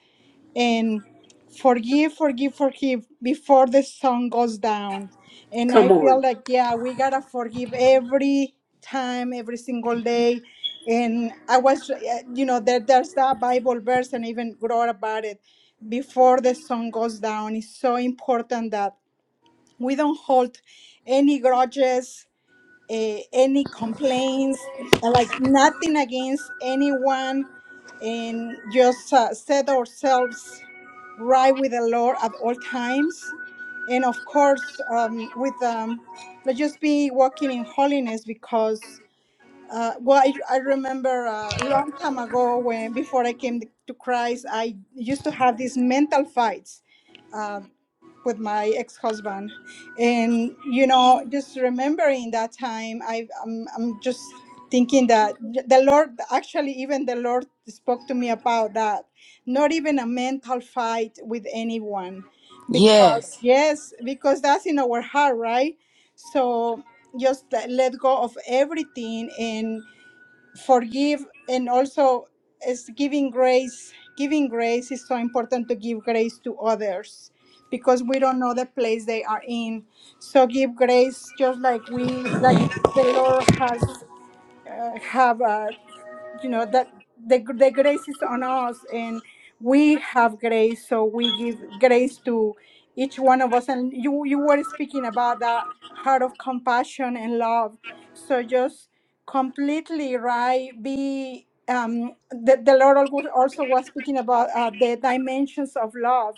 and forgive, forgive, forgive before the sun goes down. And I
Come on.
feel like, yeah, we gotta forgive every time, every single day. And I was, uh, you know, there, there's that Bible verse, and I even wrote about it before the sun goes down. It's so important that we don't hold any grudges, eh, any complaints, like nothing against anyone, and just uh, set ourselves right with the Lord at all times. And of course, um, with um, let's just be walking in holiness because. Uh, well, I, I remember a long time ago when before I came to Christ, I used to have these mental fights uh, with my ex-husband and you know just remembering that time i i'm, I'm just thinking that the lord actually even the lord spoke to me about that not even a mental fight with anyone because
Yes.
yes because that's in our heart right so just let let go of everything and forgive and also is giving grace giving grace is so important to give grace to others because we don't know the place they are in so give grace just like we like the lord has uh, have a you know that the, gr- the grace is on us and we have grace so we give grace to each one of us and you you were speaking about that heart of compassion and love so just completely right be um the, the lord algo- also was speaking about uh, the dimensions of love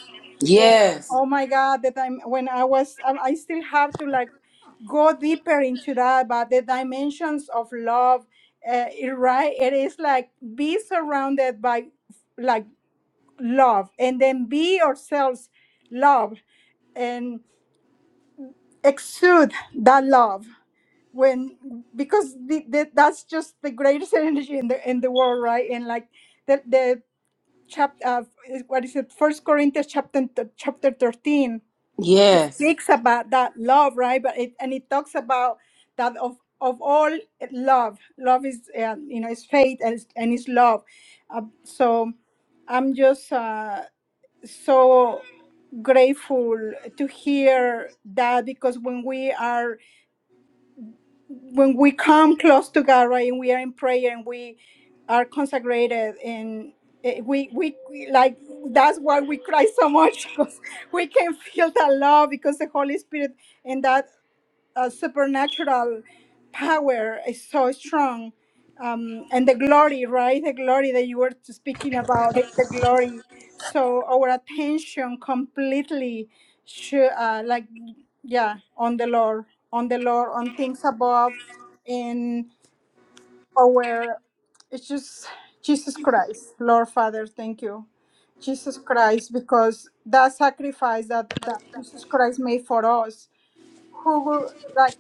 and
Yes.
oh my God, The time when I was, I, I still have to like go deeper into that. But the dimensions of love, uh, it- right? It is like be surrounded by like love, and then be yourselves love and exude that love when because the, the, that's just the greatest energy in the in the world right and like the the chapter uh, what is it first corinthians chapter chapter 13 it
Yes.
speaks about that love, right? But it and it talks about that of of all eh, love. Love is uh, you know is faith and it's, and it's love. Uh, so I'm just uh, so grateful to hear that because when we are when we come close to God, right, and we are in prayer and we are consecrated and eh, we we we- like that's why we cry so much because we can feel that love because the Holy Spirit and that uh, supernatural power is so strong um, and the glory right the glory that you were speaking about the, the glory so our attention completely should uh, like yeah on the lord on the lord on things above and our it's just jesus christ lord father thank you jesus christ because that sacrifice that that jesus christ made for us who were like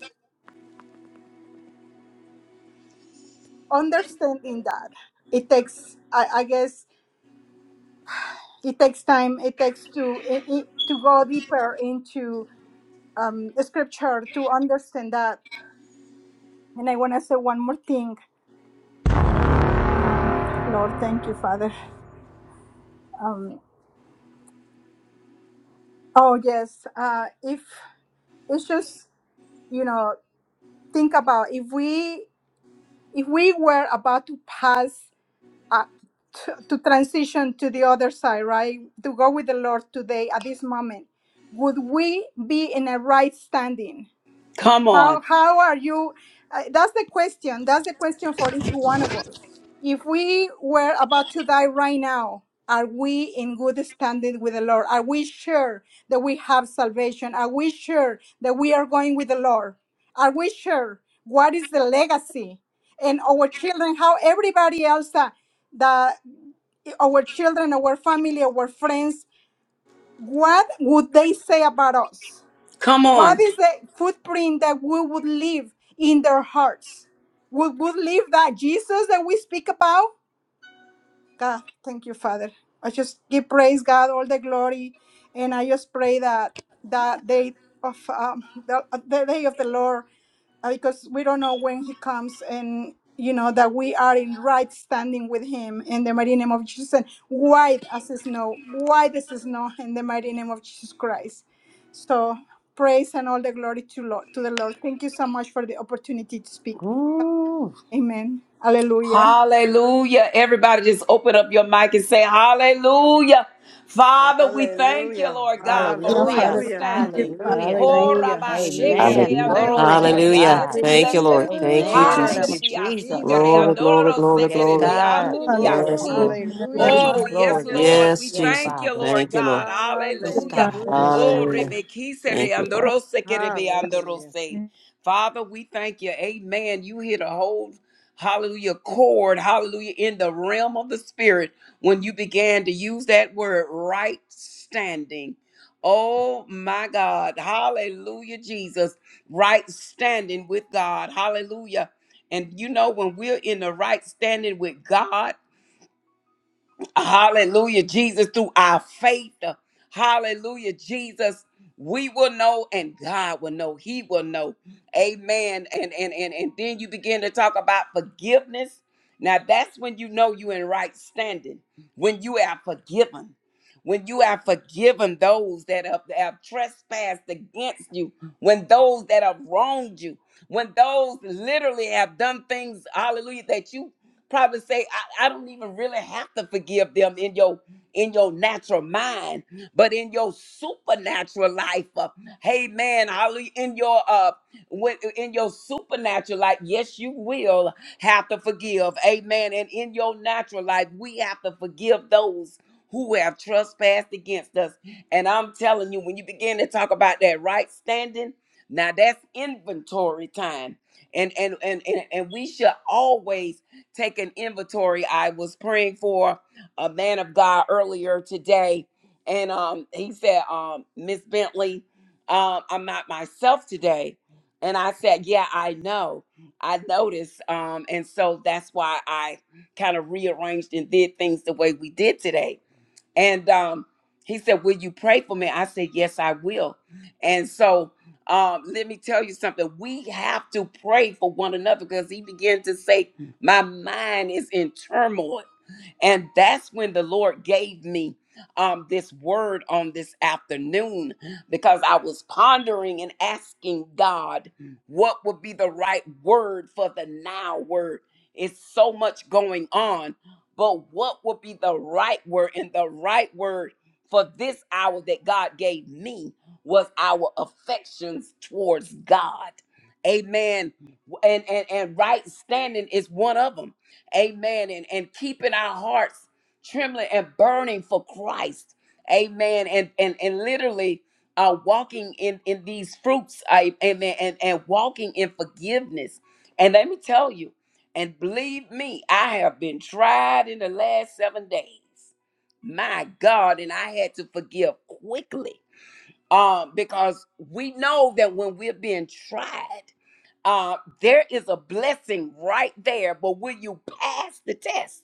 understanding that it takes I, I guess it takes time it takes to it, it- to go deeper into um, scripture to understand that and i want to say one more thing um, lord thank you father um, oh yes uh, if it's just you know think about if we if we were about to pass uh, to, to transition to the other side, right? To go with the Lord today at this moment, would we be in a right standing?
Come on.
How how are you? Uh, that's the question. That's the question for each one of us. If we were about to die right now, are we in good standing with the Lord? Are we sure that we have salvation? Are we sure that we are going with the Lord? Are we sure? What is the legacy? And our children, how everybody else that, that our children, our family, our friends, what would they say about us?
Come
What
on.
is the footprint that we would leave in their hearts? We would leave that Jesus that we speak about? God, thank you, Father. I just give praise God all the glory, and I just pray that that day of um, the, the day of the Lord, uh, because we don't know when He comes, and you know that we are in right standing with Him in the mighty name of Jesus, and white as snow, white as snow, in the mighty name of Jesus Christ. So praise and all the glory to Lord to the Lord. Thank you so much for the opportunity to speak.
Ooh,
Amen. Hallelujah.
Hallelujah. Everybody just open up your mic and say, Hallelujah. Father, we thank you,
Hallelujah.
Lord God, for
Yeah,
right
Father.
Hallelujah.
Hallelujah.
Thank you,
standing.
Father.
Hallelujah.
Hallelujah.
Thank you,
Hallelujah.
Jesus.
Hallelujah.
Korabashekere
Amen.
Hallelujah.
Father
Thank
Glory
you,
Glory.
to
God,
andorosekere.
Thank
hallelujah
Let's,
God.
thank
Jesus.
you
let's just
lord thank you
Amen.
Hallelujah.
Thank
you,
you,
jesus
Ererabasi,
Jesus.
Hamdribiasikere
Mama.
glory
Lord,
glory glory
Yes,
andorosekere
glory
Glory,
God.
glory.
yes
amdribiasi.
lord
hallelujah, Lord,
Hallelujah.
it is
Oh,
Mm,
God,
yes,
glory
Hallelujah.
to
Lord.
God.
yes
We
Hallelujah.
Yes,
jesus
thank you,
Father.
Lord
thank you lord
God.
the
Yes,
Hallelujah.
God.
Father,
Hallelujah.
Yes,
Oh,
God.
hallelujah
Hallelujah.
rebekisere
Thank you, Father.
andorosekere
Hallelujah.
andorose.
yes,
Father, we thank you. Amen. You hit a hold hallelujah, cord, hallelujah, in the realm of the spirit when you began to use that word right standing. Oh my God, hallelujah, Jesus, right standing with God, hallelujah. And you know, when we're in the right standing with God, Hallelujah, Jesus, through our faith. Hallelujah, Jesus. We will know and God will know. He will know. Amen. And and and, and then you begin to talk about forgiveness. Now that's when you know you in right standing. When you are forgiven. When you are forgiven those that have, have trespassed against you, when those that have wronged you, when those literally have done things, hallelujah, that you Probably say, I, I don't even really have to forgive them in your in your natural mind, but in your supernatural life, uh, hey man, hallelujah, in your uh when, in your supernatural life, yes, you will have to forgive. Amen. And in your natural life, we have to forgive those who have trespassed against us. And I'm telling you, when you begin to talk about that right standing, now that's inventory time. And and and and, and we should always take an inventory. I was praying for a man of God earlier today, and um, he said, um, Miss Bentley, um, I'm not myself today. And I said, Yeah, I know. I noticed. Um, and so that's why I kind of rearranged and did things the way we did today. And um, he said, Will you pray for me? I said, Yes, I will. And so um, let me tell you something. We have to pray for one another because he began to say, My mind is in turmoil. And that's when the Lord gave me um, this word on this afternoon because I was pondering and asking God what would be the right word for the now word. It's so much going on but what would be the right word? And the right word for this hour that God gave me was our affections towards God. Amen. And and, and right standing is one of them. Amen. And and keeping our hearts trembling and burning for Christ. Amen. And and and literally uh walking in in these fruits. I amen. And and walking in forgiveness. And let me tell you. And believe me, I have been tried in the last seven days. My God, and I had to forgive quickly. Um, because we know that when we're being tried, uh, there is a blessing right there, but will you pass the test?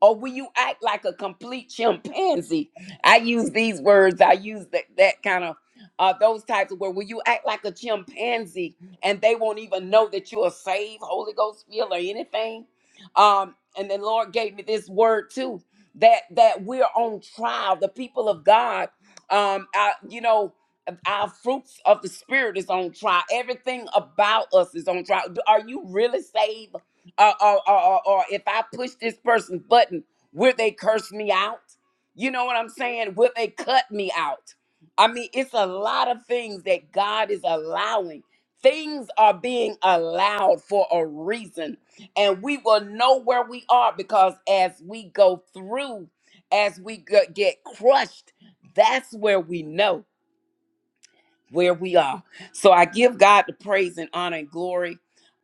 or will you act like a complete chimpanzee? I use these words. I use that that kind of uh, those types of words. Will you act like a chimpanzee and they won't even know that you're a saved Holy Ghost filled or anything? Um, and the Lord gave me this word too that that we're on trial. The people of God, um, I, you know. Our fruits of the spirit is on trial. Everything about us is on trial. Are you really saved? or, or, or, or if I push this person's button, will they curse me out? You know what I'm saying? Will they cut me out? I mean, it's a lot of things that God is allowing. Things are being allowed for a reason, and we will know where we are because as we go through, as we go- get crushed, that's where we know where we are. So I give God the praise and honor and glory.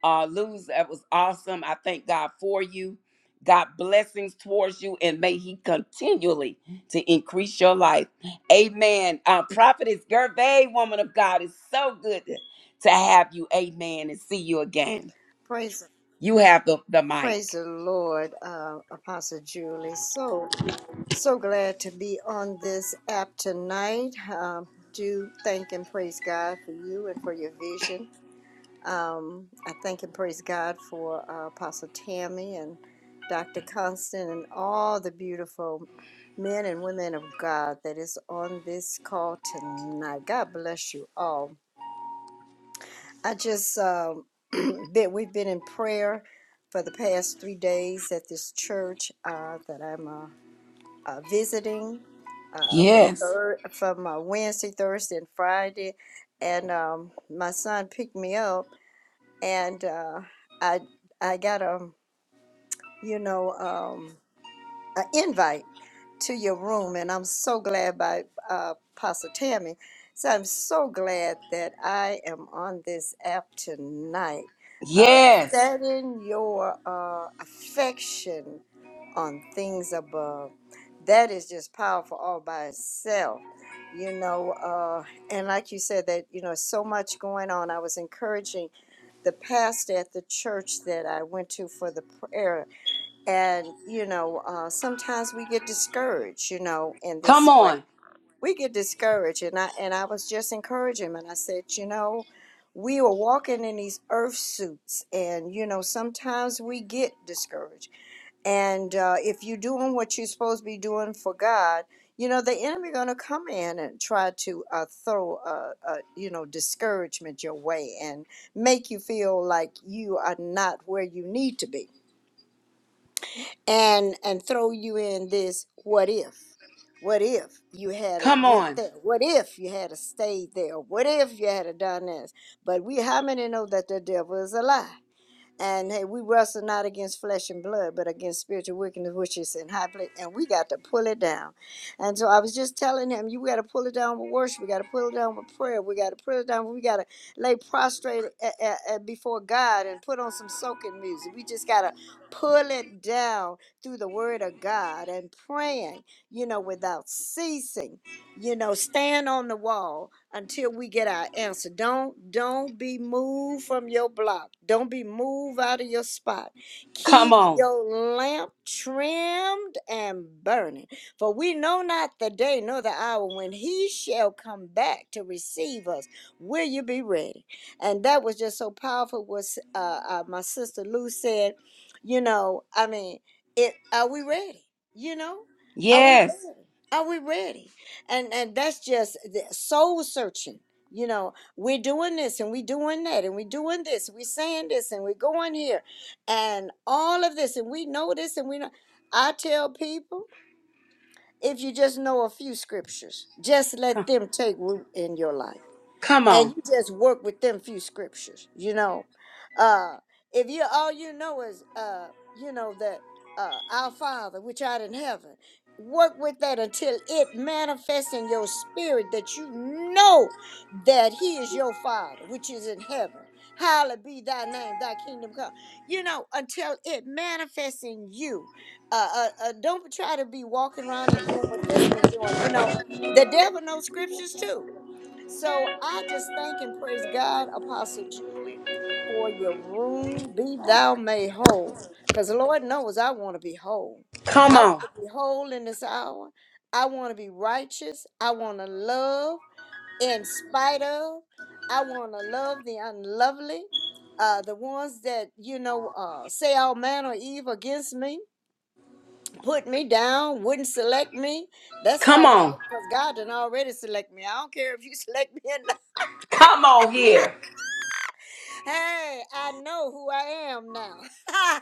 Uh, Luz, that was awesome. I thank God for you. God blessings towards you, and may He continually to increase your life. Amen. Uh, Prophetess Gervais, woman of God, it's so good to, to have you. Amen. And see you again.
Praise
You have the, the mic.
praise the Lord, uh, Apostle Julie. So So glad to be on this app tonight. Um, do thank and praise God for you and for your vision. Um, I thank and praise God for uh, Apostle Tammy and Dr. Constant and all the beautiful men and women of God that is on this call tonight. God bless you all. I just um, been, we've been in prayer for the past three days at this church uh, that I'm a uh, visiting uh, from
Yes.
third from uh, Wednesday, Thursday, and Friday, and um, my son picked me up, and uh, I I got a you know. Um, an invite to your room, and I'm so glad by uh, Pastor Tammy. So I'm so glad that I am on this app tonight, uh,
Yes.
setting your uh, affection on things above. That is just powerful all by itself, you know. Uh, and like you said, that you know, so much going on. I was encouraging the pastor at the church that I went to for the prayer and you know uh, sometimes we get discouraged you know in
Come
this way
on.
we get discouraged and i and i was just encouraging him and i said you know we are walking in these earth suits and you know sometimes we get discouraged and uh, if you're doing what you're supposed to be doing for god you know the enemy going to come in and try to uh, throw uh, uh, you know discouragement your way and make you feel like you are not where you need to be and and throw you in this what if what if you had it
Come
went
on.
there what if you had a stayed there what if you had a done this but we how many know that the devil is a lie and hey, we wrestle not against flesh and blood, but against spiritual wickedness, which is in high place. And we got to pull it down. And so I was just telling him, you got to pull it down with worship. We got to pull it down with prayer. We got to pull it down. We got to lay prostrate a- a- a- before God and put on some soaking music. We just got to pull it down through the word of God and praying, you know, without ceasing you know stand on the wall until we get our answer don't don't be moved from your block don't be moved out of your spot
Come
keep
on.
your lamp trimmed and burning for we know not the day nor the hour when he shall come back to receive us will you be ready and that was just so powerful What uh, uh my sister lou said you know i mean it are we ready you know are we
Yes.
ready are we ready and and that's just the soul searching you know we're doing this and we're doing that and we're doing this we're saying this and we're going here and all of this and we know this and we know i tell people if you just know a few scriptures just let them take root in your life
Come on.
and you just work with them few scriptures you know uh if you all you know is uh you know that uh our father which art in heaven work with that until it manifests in your spirit that you know that he is your father which is in heaven hallowed be thy name thy kingdom come you know until it manifests in you uh, uh, uh don't try to be walking around and doing what this one's doing you know the devil knows scriptures too so I just thank and praise God, Apostle Julie, for your room. Be thou made whole. Because Lord knows I want to be whole.
Come
I
on.
want to be whole in this hour. I want to be righteous. I want to love in spite of. I want to love the unlovely. Uh, the ones that, you know, uh, say all manner of evil against me, put me down, wouldn't select me. That's
Come
all right,
on.
because God done already select me. I don't care if you select me or not.
Come on here.
hey, I know who I am now.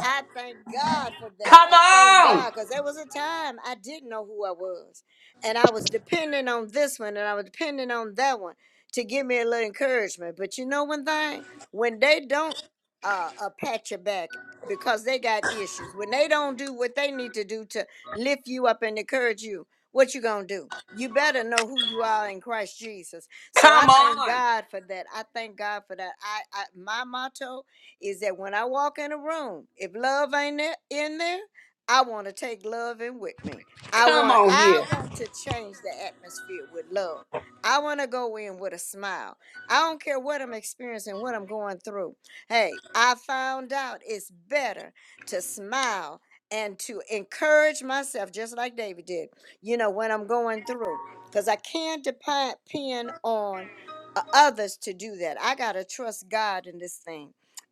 I thank God for that.
Come
I thank
on.
God because there was a time I didn't know who I was. And I was depending on this one and I was depending on that one to give me a little encouragement. But you know one thing? When they don't uh, uh pat your back because they got issues, when they don't do what they need to do to lift you up and encourage you, what you gonna do? You better know who you are in Christ Jesus. So I
Come
thank
on.
God for that. I thank God for that. I, I my motto is that when I walk in a room, if love ain't there, in there, I want to take love in with me. I
Come
want
on
I
here.
want to change the atmosphere with love. I want to go in with a smile. I don't care what I'm experiencing, what I'm going through. Hey, I found out it's better to smile and to encourage myself just like David did. You know, when I'm going through cuz I can't depend on uh, others to do that. I got to trust God in this thing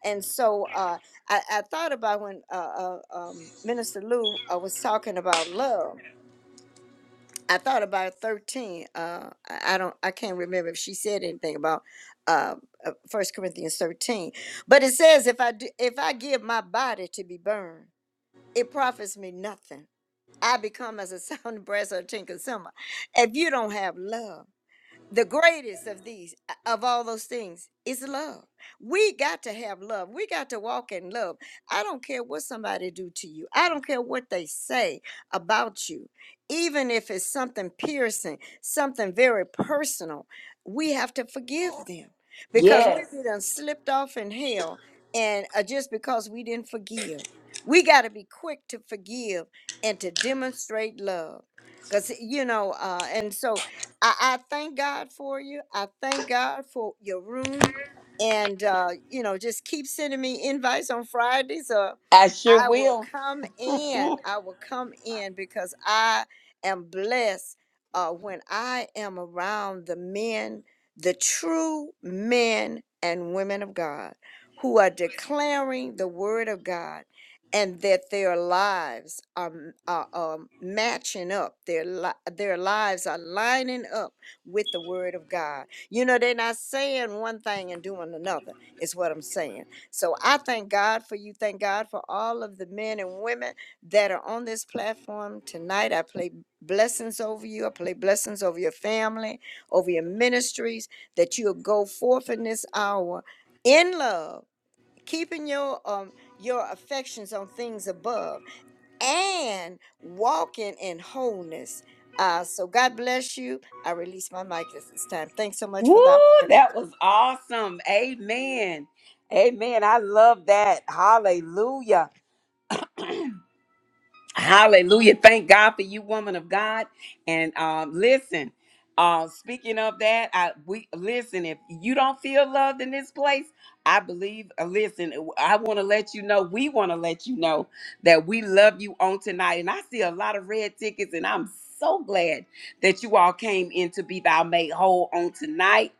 and so uh, I, I thought about when uh, uh, um, Minister Lou uh, was talking about love. I thought about thirteen. Uh, I, I don't. I can't remember if she said anything about First uh, uh, 1 Corinthians thirteen, but it says, "If I do, if I give my body to be burned, it profits me nothing. I become as a sound brass or a tin consumer. If you don't have love." the greatest of these uh, of all those things is love we got to have love we got to walk in love i don't care what somebody do to you i don't care what they say about you even if it's something piercing something very personal we have to forgive them because
Yes,
we've been done slipped off in hell and uh, just because we didn't forgive we got to be quick to forgive and to demonstrate love because you know uh and so I, I thank God for you. I thank God for your room. And, uh, you know, just keep sending me invites on Fridays. Uh,
I sure
I will
will.
come in. I will come in because I am blessed uh, when I am around the men, the true men and women of God who are declaring the word of God and that their lives are, m- are, um, matching up. Their li- their lives are lining up with the Word of God. You know, they're not saying one thing and doing another. Is what I'm saying. So I thank God for you. Thank God for all of the men and women that are on this platform tonight. I play blessings over you. I play blessings over your family, over your ministries. That you'll go forth in this hour in love keeping your um your affections on things above and walking in wholeness uh so god bless you i release my mic at this time thanks so much for
Woo,
the opportunity
that was awesome. Amen. Amen. I love that. Hallelujah. Hallelujah. Thank God for you, woman of God. And um, listen, uh, speaking of that, I we listen, if you don't feel loved in this place, I believe, uh, listen, I want to let you know, we want to let you know that we love you on tonight. And I see a lot of red tickets, and I'm so glad that you all came in to be thou made whole on tonight.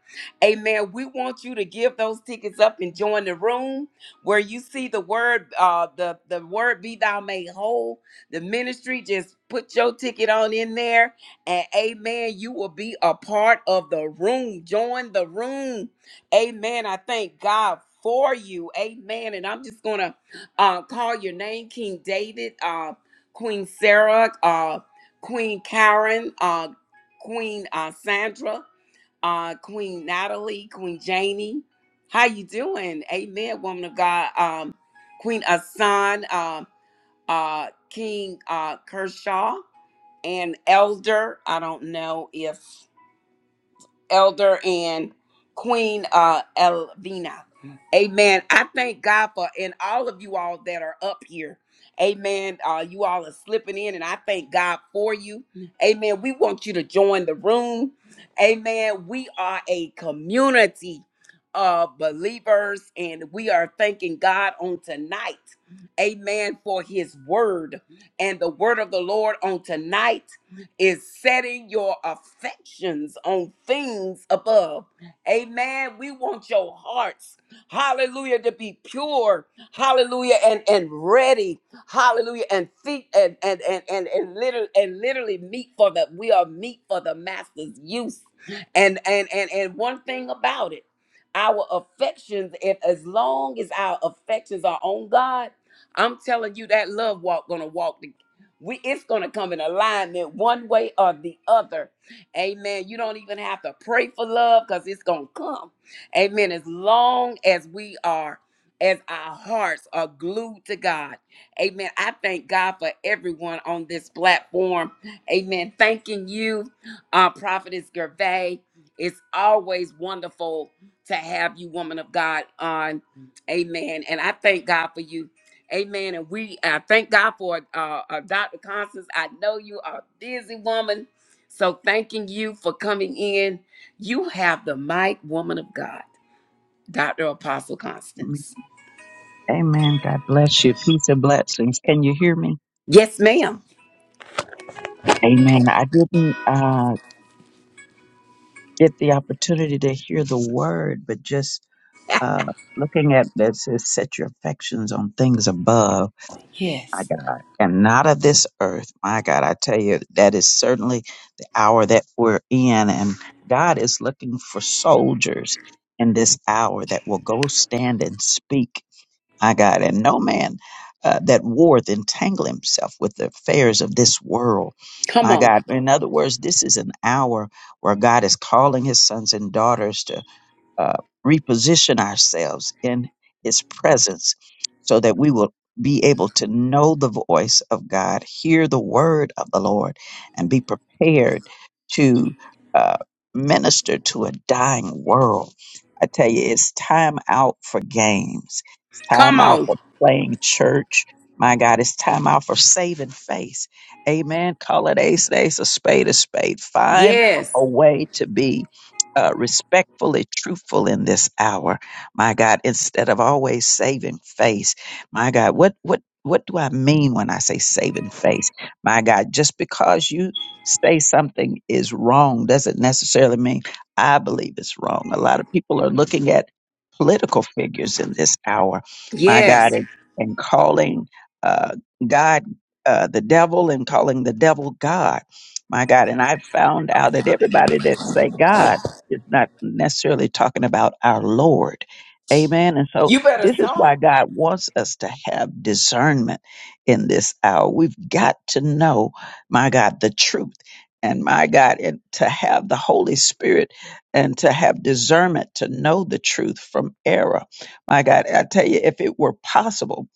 Amen. We want you to give those tickets up and join the room where you see the word, uh, the, the word be thou made whole the ministry just put your ticket on in there, and amen. You will be a part of the room. Join the room, amen. I thank God for you, amen. And I'm just gonna uh, call your name, King David, uh, Queen Sarah, uh, Queen Karen, uh, Queen uh, Sandra, uh, Queen Natalie, Queen Janie. How you doing, amen, woman of God? Um, Queen Asan. uh, uh, King uh, Kershaw, an elder. I don't know if Elder and Queen uh, Elvina. Amen. I thank God for and all of you all that are up here. Amen. Uh, you all are slipping in, and I thank God for you. Amen. We want you to join the room. Amen. We are a community of believers, and we are thanking God on tonight. Amen. For his word and the word of the Lord on tonight is setting your affections on things above. Amen. We want your hearts, hallelujah, to be pure, hallelujah, and, and ready, hallelujah, and feet and and and and, and literally and literally meat for the we are meat for the master's use. And and and and one thing about it, our affections, if as long as our affections are on God, I'm telling you that love walk gonna walk we it's gonna come in alignment one way or the other. Amen. You don't even have to pray for love because it's gonna come. Amen. As long as we are, as our hearts are glued to God. Amen. I thank God for everyone on this platform. Amen. Thanking you, uh, Prophetess Gervais. It's always wonderful to have you, woman of God, on. Amen. And I thank God for you Amen. And we uh, thank God for uh, uh, Dr. Constance. I know you are a busy woman. So thanking you for coming in. You have the mic, woman of God, Dr. Apostle
Jesus.
Constance.
Amen. God bless you. Peace and blessings. Can you hear me?
Yes, ma'am.
Amen. I didn't uh, get the opportunity to hear the word, but just uh, looking at this, it says, set your affections on things above, my
Yes.
God, and not of this earth. My God, I tell you, that is certainly the hour that we're in, and God is looking for soldiers in this hour that will go stand and speak. my God, and no man uh, that warreth entangle himself with the affairs of this world.
Come
My
on.
God, in other words, this is an hour where God is calling his sons and daughters to uh, reposition ourselves in His presence so that we will be able to know the voice of God, hear the word of the Lord, and be prepared to uh, minister to a dying world. I tell you, it's time out for games, it's time
Come
out
on.
for playing church. My God, it's time out for saving face. Amen. Call it ace, an ace, a spade, a spade. Find
Yes.
a way to be uh, respectfully truthful in this hour, my God, instead of always saving face, my God, what what what do I mean when I say saving face? My God, just because you say something is wrong doesn't necessarily mean I believe it's wrong. A lot of people are looking at political figures in this hour, my God,
Yes.
and, and calling uh, God uh, the devil and calling the devil God, my God. And I found out that everybody that say God it's not necessarily talking about our Lord. Amen. And so
You better
this is why
talk.
God wants us to have discernment in this hour. We've got to know, my God, the truth. And my God, and to have the Holy Spirit and to have discernment to know the truth from error. My God, I tell you, if it were possible,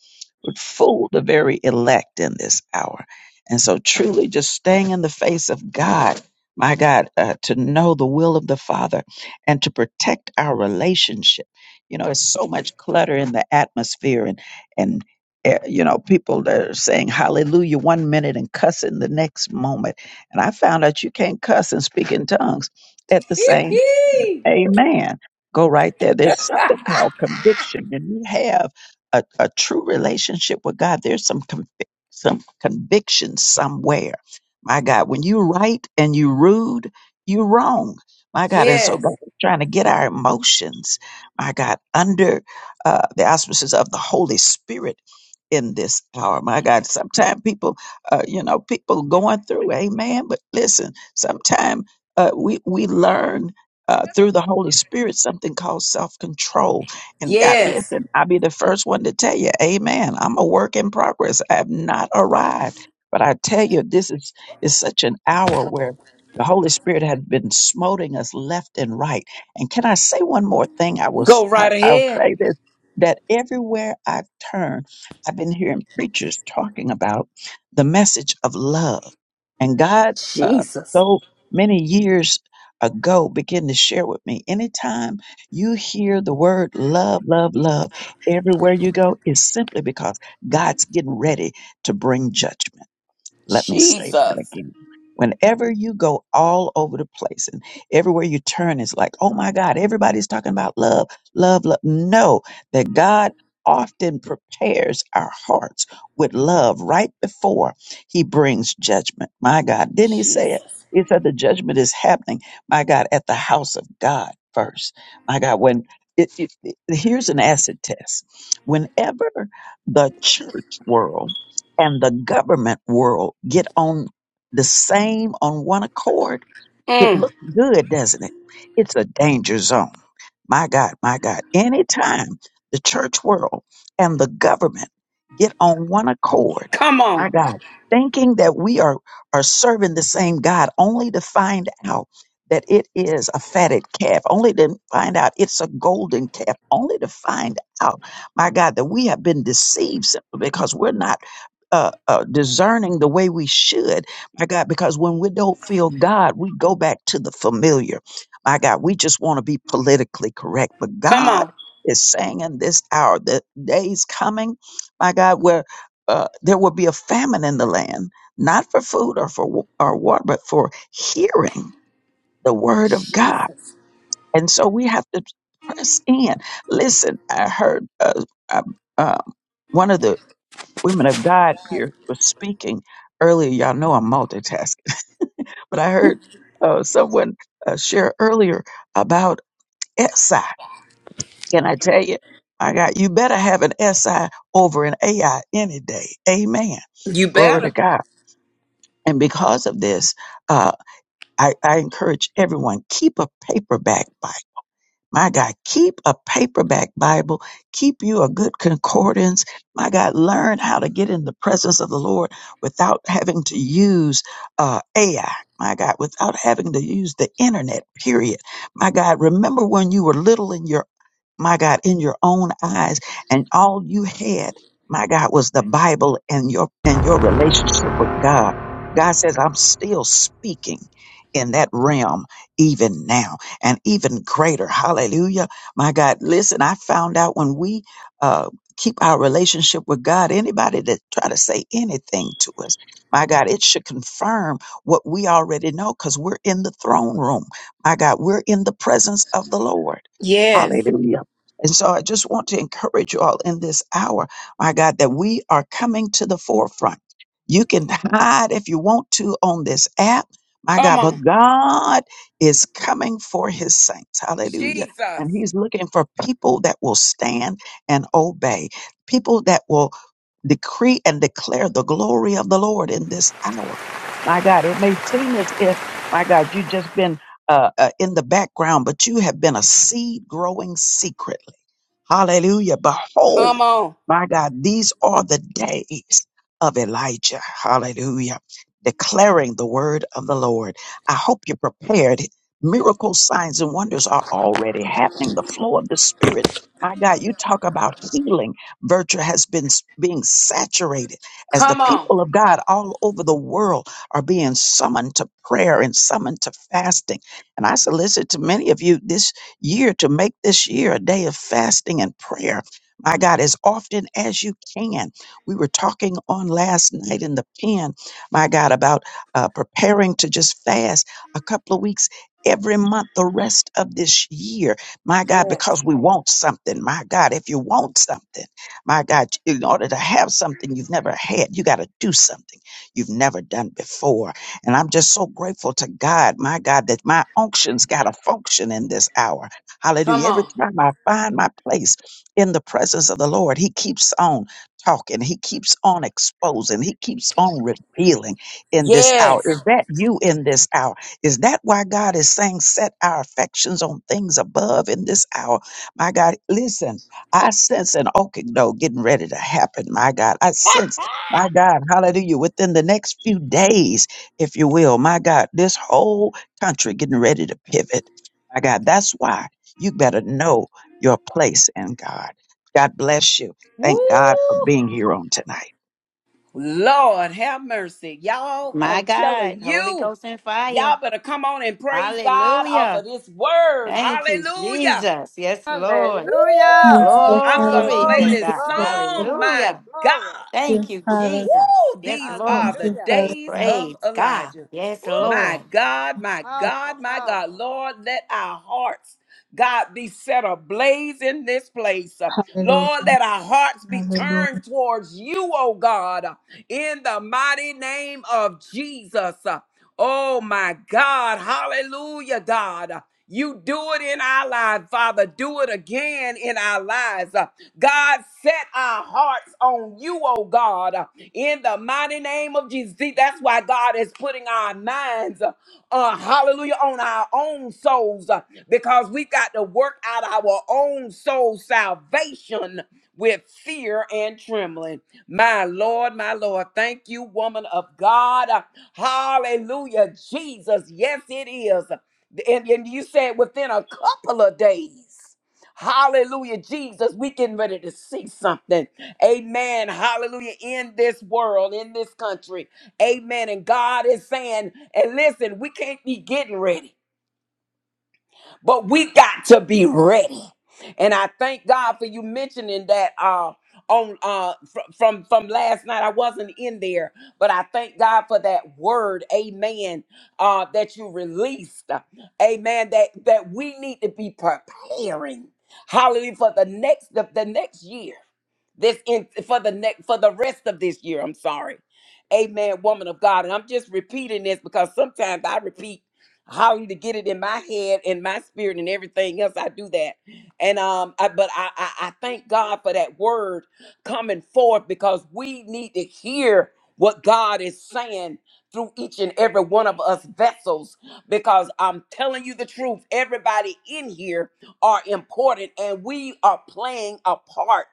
would fool the very elect in this hour. And so truly just staying in the face of God my God, uh, to know the will of the Father and to protect our relationship. You know, there's so much clutter in the atmosphere, and and uh, you know, people that are saying Hallelujah one minute and cussing the next moment. And I found out you can't cuss and speak in tongues at the same
Hee.
Amen. Go right there. There's something called conviction. When you have a, a true relationship with God, there's some convi- some conviction somewhere. My God, when you right and you rude, you wrong. My God, and so
yes.
God is trying to get our emotions, my God, under uh, the auspices of the Holy Spirit in this hour. My God, sometimes people, uh, you know, people going through, amen. But listen, sometimes uh, we we learn uh, through the Holy Spirit something called self control. And God,
Yes.
listen, I'll be the first one to tell you, Amen. I'm a work in progress. I have not arrived, but I tell you, this is is such an hour where the Holy Spirit has been smoting us left and right. And can I say one more thing? I will. s-
Go
I,
right
I'll
ahead.
say this. That everywhere I've turned, I've been hearing preachers talking about the message of love. And God, uh,
Jesus.
so many years ago begin to share with me. Anytime you hear the word love, love, love everywhere you go, is simply because God's getting ready to bring judgment. Let me say that
Jesus.
again. Whenever you go all over the place and everywhere you turn is like, oh my God, everybody's talking about love, love, love. Know that God often prepares our hearts with love right before he brings judgment. My God, didn't he say it?
Jesus.
He said the judgment is happening, my God, at the house of God first. My God, when it, it, it- here's an acid test. Whenever the church world and the government world get on the same on one accord, it
Mm.
looks good, doesn't it? It's a danger zone. My God, my God. Anytime the church world and the government get on one accord,
Come
my
on.
God, thinking that we are, are serving the same God, only to find out that it is a fatted calf, only to find out it's a golden calf, only to find out, my God, that we have been deceived simply because we're not uh, uh, discerning the way we should, my God, because when we don't feel God, we go back to the familiar. My God, we just want to be politically correct. But
Come
God
on.
is saying in this hour, the days coming, my God, where uh, there will be a famine in the land, not for food or for wa- or water, but for hearing the word of God.
Jesus.
And so we have to press in. Listen, I heard uh, uh, uh, one of the women of God here was speaking earlier. Y'all know I'm multitasking, but I heard uh, someone uh, share earlier about SI. Can I tell you? My God, you better have an SI over an AI any day. Amen.
You
Glory to
better.
God. And because of this, uh, I, I encourage everyone keep a paperback Bible My God, keep a paperback Bible. Keep you a good concordance. My God, learn how to get in the presence of the Lord without having to use uh, AI. My God, without having to use the internet, period. My God, remember when you were little in your my God, in your own eyes, and all you had, my God, was the Bible and your and your relationship with God. God says, I'm still speaking in that realm even now and even greater. Hallelujah. My God, listen, I found out when we uh keep our relationship with God, anybody that try to say anything to us, my God, it should confirm what we already know because we're in the throne room. My God, we're in the presence of the Lord.
Yes.
Hallelujah. And so I just want to encourage you all in this hour, my God, that we are coming to the forefront. You can hide if you want to on this app, my
Come
God, but
on.
God is coming for his saints. Hallelujah.
Jesus.
And he's looking for people that will stand and obey, people that will decree and declare the glory of the Lord in this hour. My God, it may seem as if, my God, you've just been uh, uh, in the background, but you have been a seed growing secretly. Hallelujah. Behold,
Come on.
my God, these are the days of Elijah. Hallelujah. Declaring the word of the Lord. I hope you're prepared. Miracles, signs, and wonders are already happening. The flow of the Spirit. My God, you talk about healing. Virtue has been s- being saturated as the
Come on.
people of God all over the world are being summoned to prayer and summoned to fasting. And I solicit to many of you this year to make this year a day of fasting and prayer. My God, as often as you can. We were talking on last night in the pen, my God, about uh, preparing to just fast a couple of weeks every month the rest of this year. My God,
Yes.
because we want something. My God, if you want something, my God, in order to have something you've never had, you got to do something you've never done before. And I'm just so grateful to God, my God, that my unctions got a function in this hour.
Come
Hallelujah. Every
on.
time I find my place in the presence of the Lord, He keeps on talking. He keeps on exposing. He keeps on revealing in this hour.
Yes.
Is that you in this hour? Is that why God is saying, set our affections on things above in this hour? My God, listen, I sense an okado getting ready to happen. My God, I sense. My God, hallelujah. Within the next few days, if you will, my God, this whole country getting ready to pivot. My God, that's why. You better know your place in God. God bless you.
Woo.
Thank God for being here on tonight.
Lord have mercy. Y'all,
My
I'm
God.
telling
Holy
you,
Ghost and fire.
y'all better come on and praise God off
Hallelujah.
of this word.
Thank you,
Hallelujah.
Jesus. Yes,
Woo.
Lord.
Hallelujah.
the
I'm
Father,
going to
Glory
play
to
Glory,
thank you,
this
God.
glory,
Father,
song.
glory,
My
Hallelujah.
glory.
God.
Thank
yes,
Thank
you,
you,
Father,
Jesus.
Jesus.
Woo!
Yes,
These are
Lord.
thank
the
you,
Hallelujah.
Father,
days
yes,
of
Praise God.
Elijah.
Yes,
Woo.
My
Lord.
God, my
Powerful,
God, my God.
powerful.
Lord, let our hearts, God, be set ablaze in this place. Uh,
hallelujah,
Lord, let our hearts be
hallelujah,
turned towards you, oh God, uh, in the mighty name of Jesus. Uh, Oh my God. Hallelujah, God. Uh, You do it in our lives, Father. Do it again in our lives eyes. Uh, God, set our hearts on you, oh God, uh, in the mighty name of Jesus. See, that's why God is putting our minds, uh, uh, hallelujah, on our own souls uh, because we got to work out our own soul salvation with fear and trembling. My Lord, my Lord, thank you, woman of God. Uh, Hallelujah, Jesus. Yes, it is. And, and you said within a couple of days. Hallelujah, Jesus. We getting ready to see something. Amen. Hallelujah. In this world, in this country. Amen. And God is saying, and listen, we can't be getting ready but we got to be ready. And I thank God for you mentioning that uh on uh fr- from from last night I wasn't in there, but I thank God for that word, amen, uh that you released. Amen that that we need to be preparing. Hallelujah for the next the, the next year. This in for the next for the rest of this year, I'm sorry. Amen, woman of God. And I'm just repeating this because sometimes I repeat hollering to get it in my head and my spirit and everything else. I do that. And um, I, but I, I, I thank God for that word coming forth because we need to hear what God is saying through each and every one of us vessels because I'm telling you the truth everybody in here are important and we are playing a part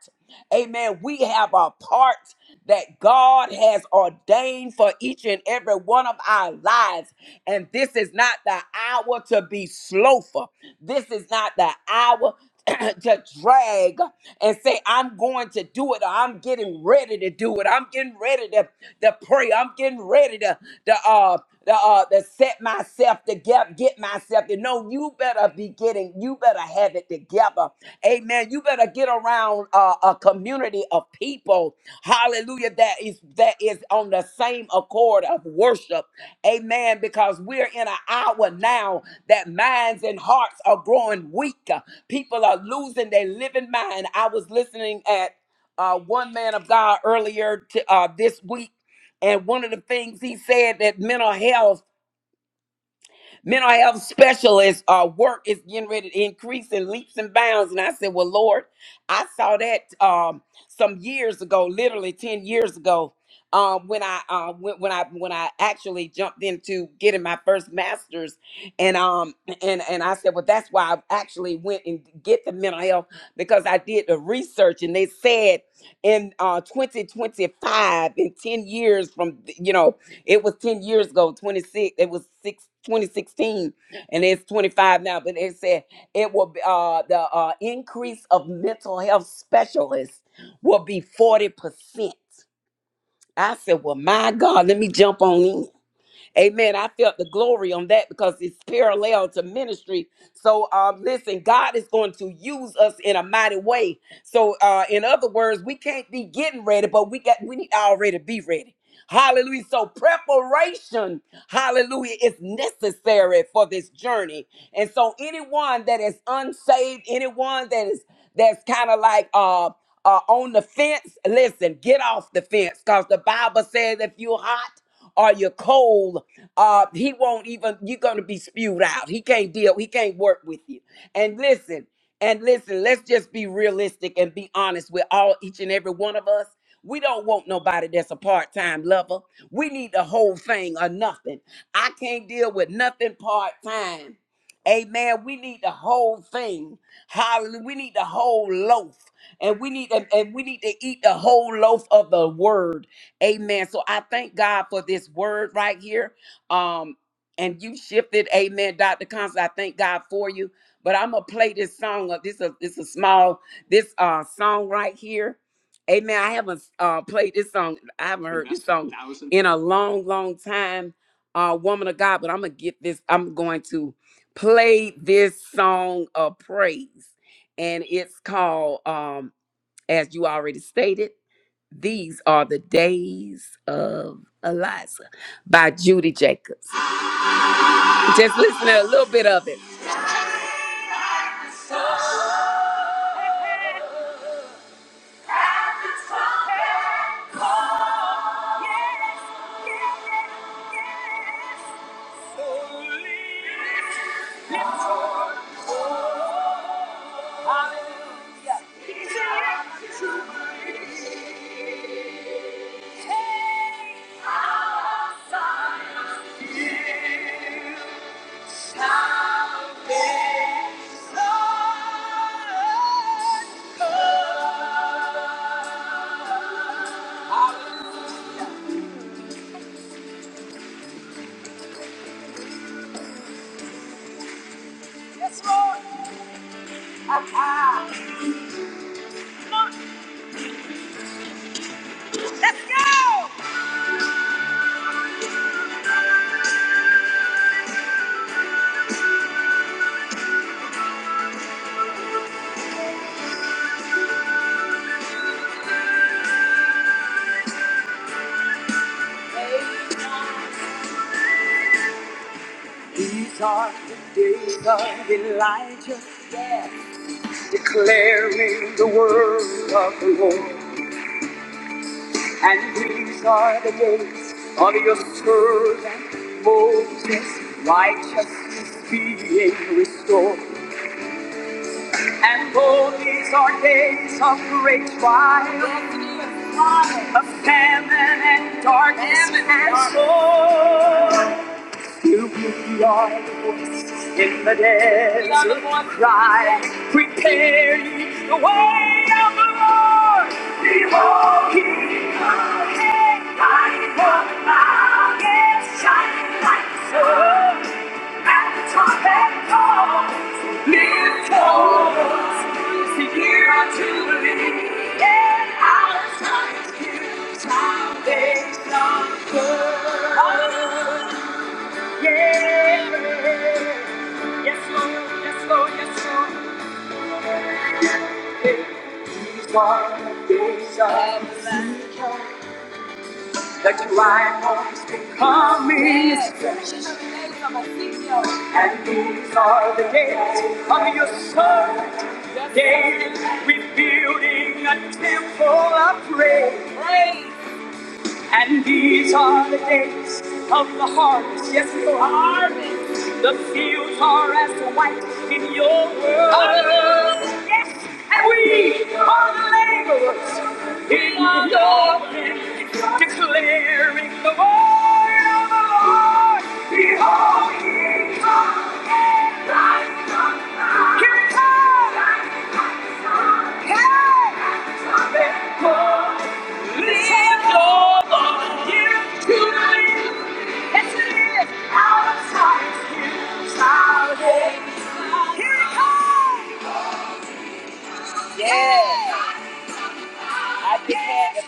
amen we have a part that God has ordained for each and every one of our lives and this is not the hour to be slothful. This is not the hour to drag and say, I'm going to do it, or I'm getting ready to do it. I'm getting ready to, to pray. I'm getting ready to, to uh to, uh, to set myself to get, get myself to know you better be getting, you better have it together. Amen. You better get around uh, a community of people, hallelujah, that is that is on the same accord of worship Amen. Because we're in an hour now that minds and hearts are growing weak. People are losing their living mind. I was listening at uh, one man of God earlier to, uh, this week, and one of the things he said that mental health mental health specialists uh, work is getting ready to increase in leaps and bounds. And I said, Well, Lord, I saw that um, some years ago, literally 10 years ago, um, when I uh, when, when I when I actually jumped into getting my first master's. And um and, and I said, Well, that's why I actually went and get the mental health because I did the research and they said in uh, 2025, in 10 years from th- you know it was 10 years ago, 26, it was six, twenty sixteen, and it's 25 now, but it said it will be, uh, the uh, increase of mental health specialists will be 40%. I said, well, my God, let me jump on in. Amen. I felt the glory on that because it's parallel to ministry. So um, listen, God is going to use us in a mighty way. So uh, in other words, we can't be getting ready, but we got we need to already be ready. Hallelujah. So preparation, hallelujah, is necessary for this journey. And so anyone that is unsaved, anyone that is that's kind of like uh uh, on the fence, listen, get off the fence because the Bible says if you're hot or you're cold, uh he won't even you're gonna be spewed out he can't deal he can't work with you and listen and listen let's just be realistic and be honest with all each and every one of us we don't want nobody that's a part-time lover we need the whole thing or nothing i can't deal with nothing part-time amen we need the whole thing hallelujah we need the whole loaf and we need and and we need to eat the whole loaf of the word amen so i thank god for this word right here um and you shifted amen dr constance i thank god for you but i'm gonna play this song of this a this a small this uh song right here amen i haven't uh played this song i haven't heard this song in a long long time uh woman of god but i'm gonna get this i'm going to play this song of praise and it's called um as you already stated these are the days of eliza by judy jacobs just listen to a little bit of it. These are the days of Elijah, declaring the word of the Lord. And these are the days of your servant Moses, righteousness being restored. And all these are days of great trial, of famine and darkness and sorrow. Fill with your voice in the days of cry. Prepare ye the way of the Lord. Behold, he cometh, riding on the clouds, shining like the sun. And the trumpet calls, lift us, is here unto the lead, and our time is here, salvation comes. Yeah. Yes, Lord. Yes, Lord. Yes, Lord. Hey, He's one of these others that you ride on to come in His And these are the days of your son, David. We're building a temple of praise. And these are the days of the harvest. Yes, your harvest. The fields are as white in your world. Yes, and we are the laborers in your land, declaring the word of the Lord. Behold, he comes. again, like thief the thief. Here he comes. Hey. the Live, oh Lord, give to me. Let's live out of sight, give salvation. Here it comes. Yes.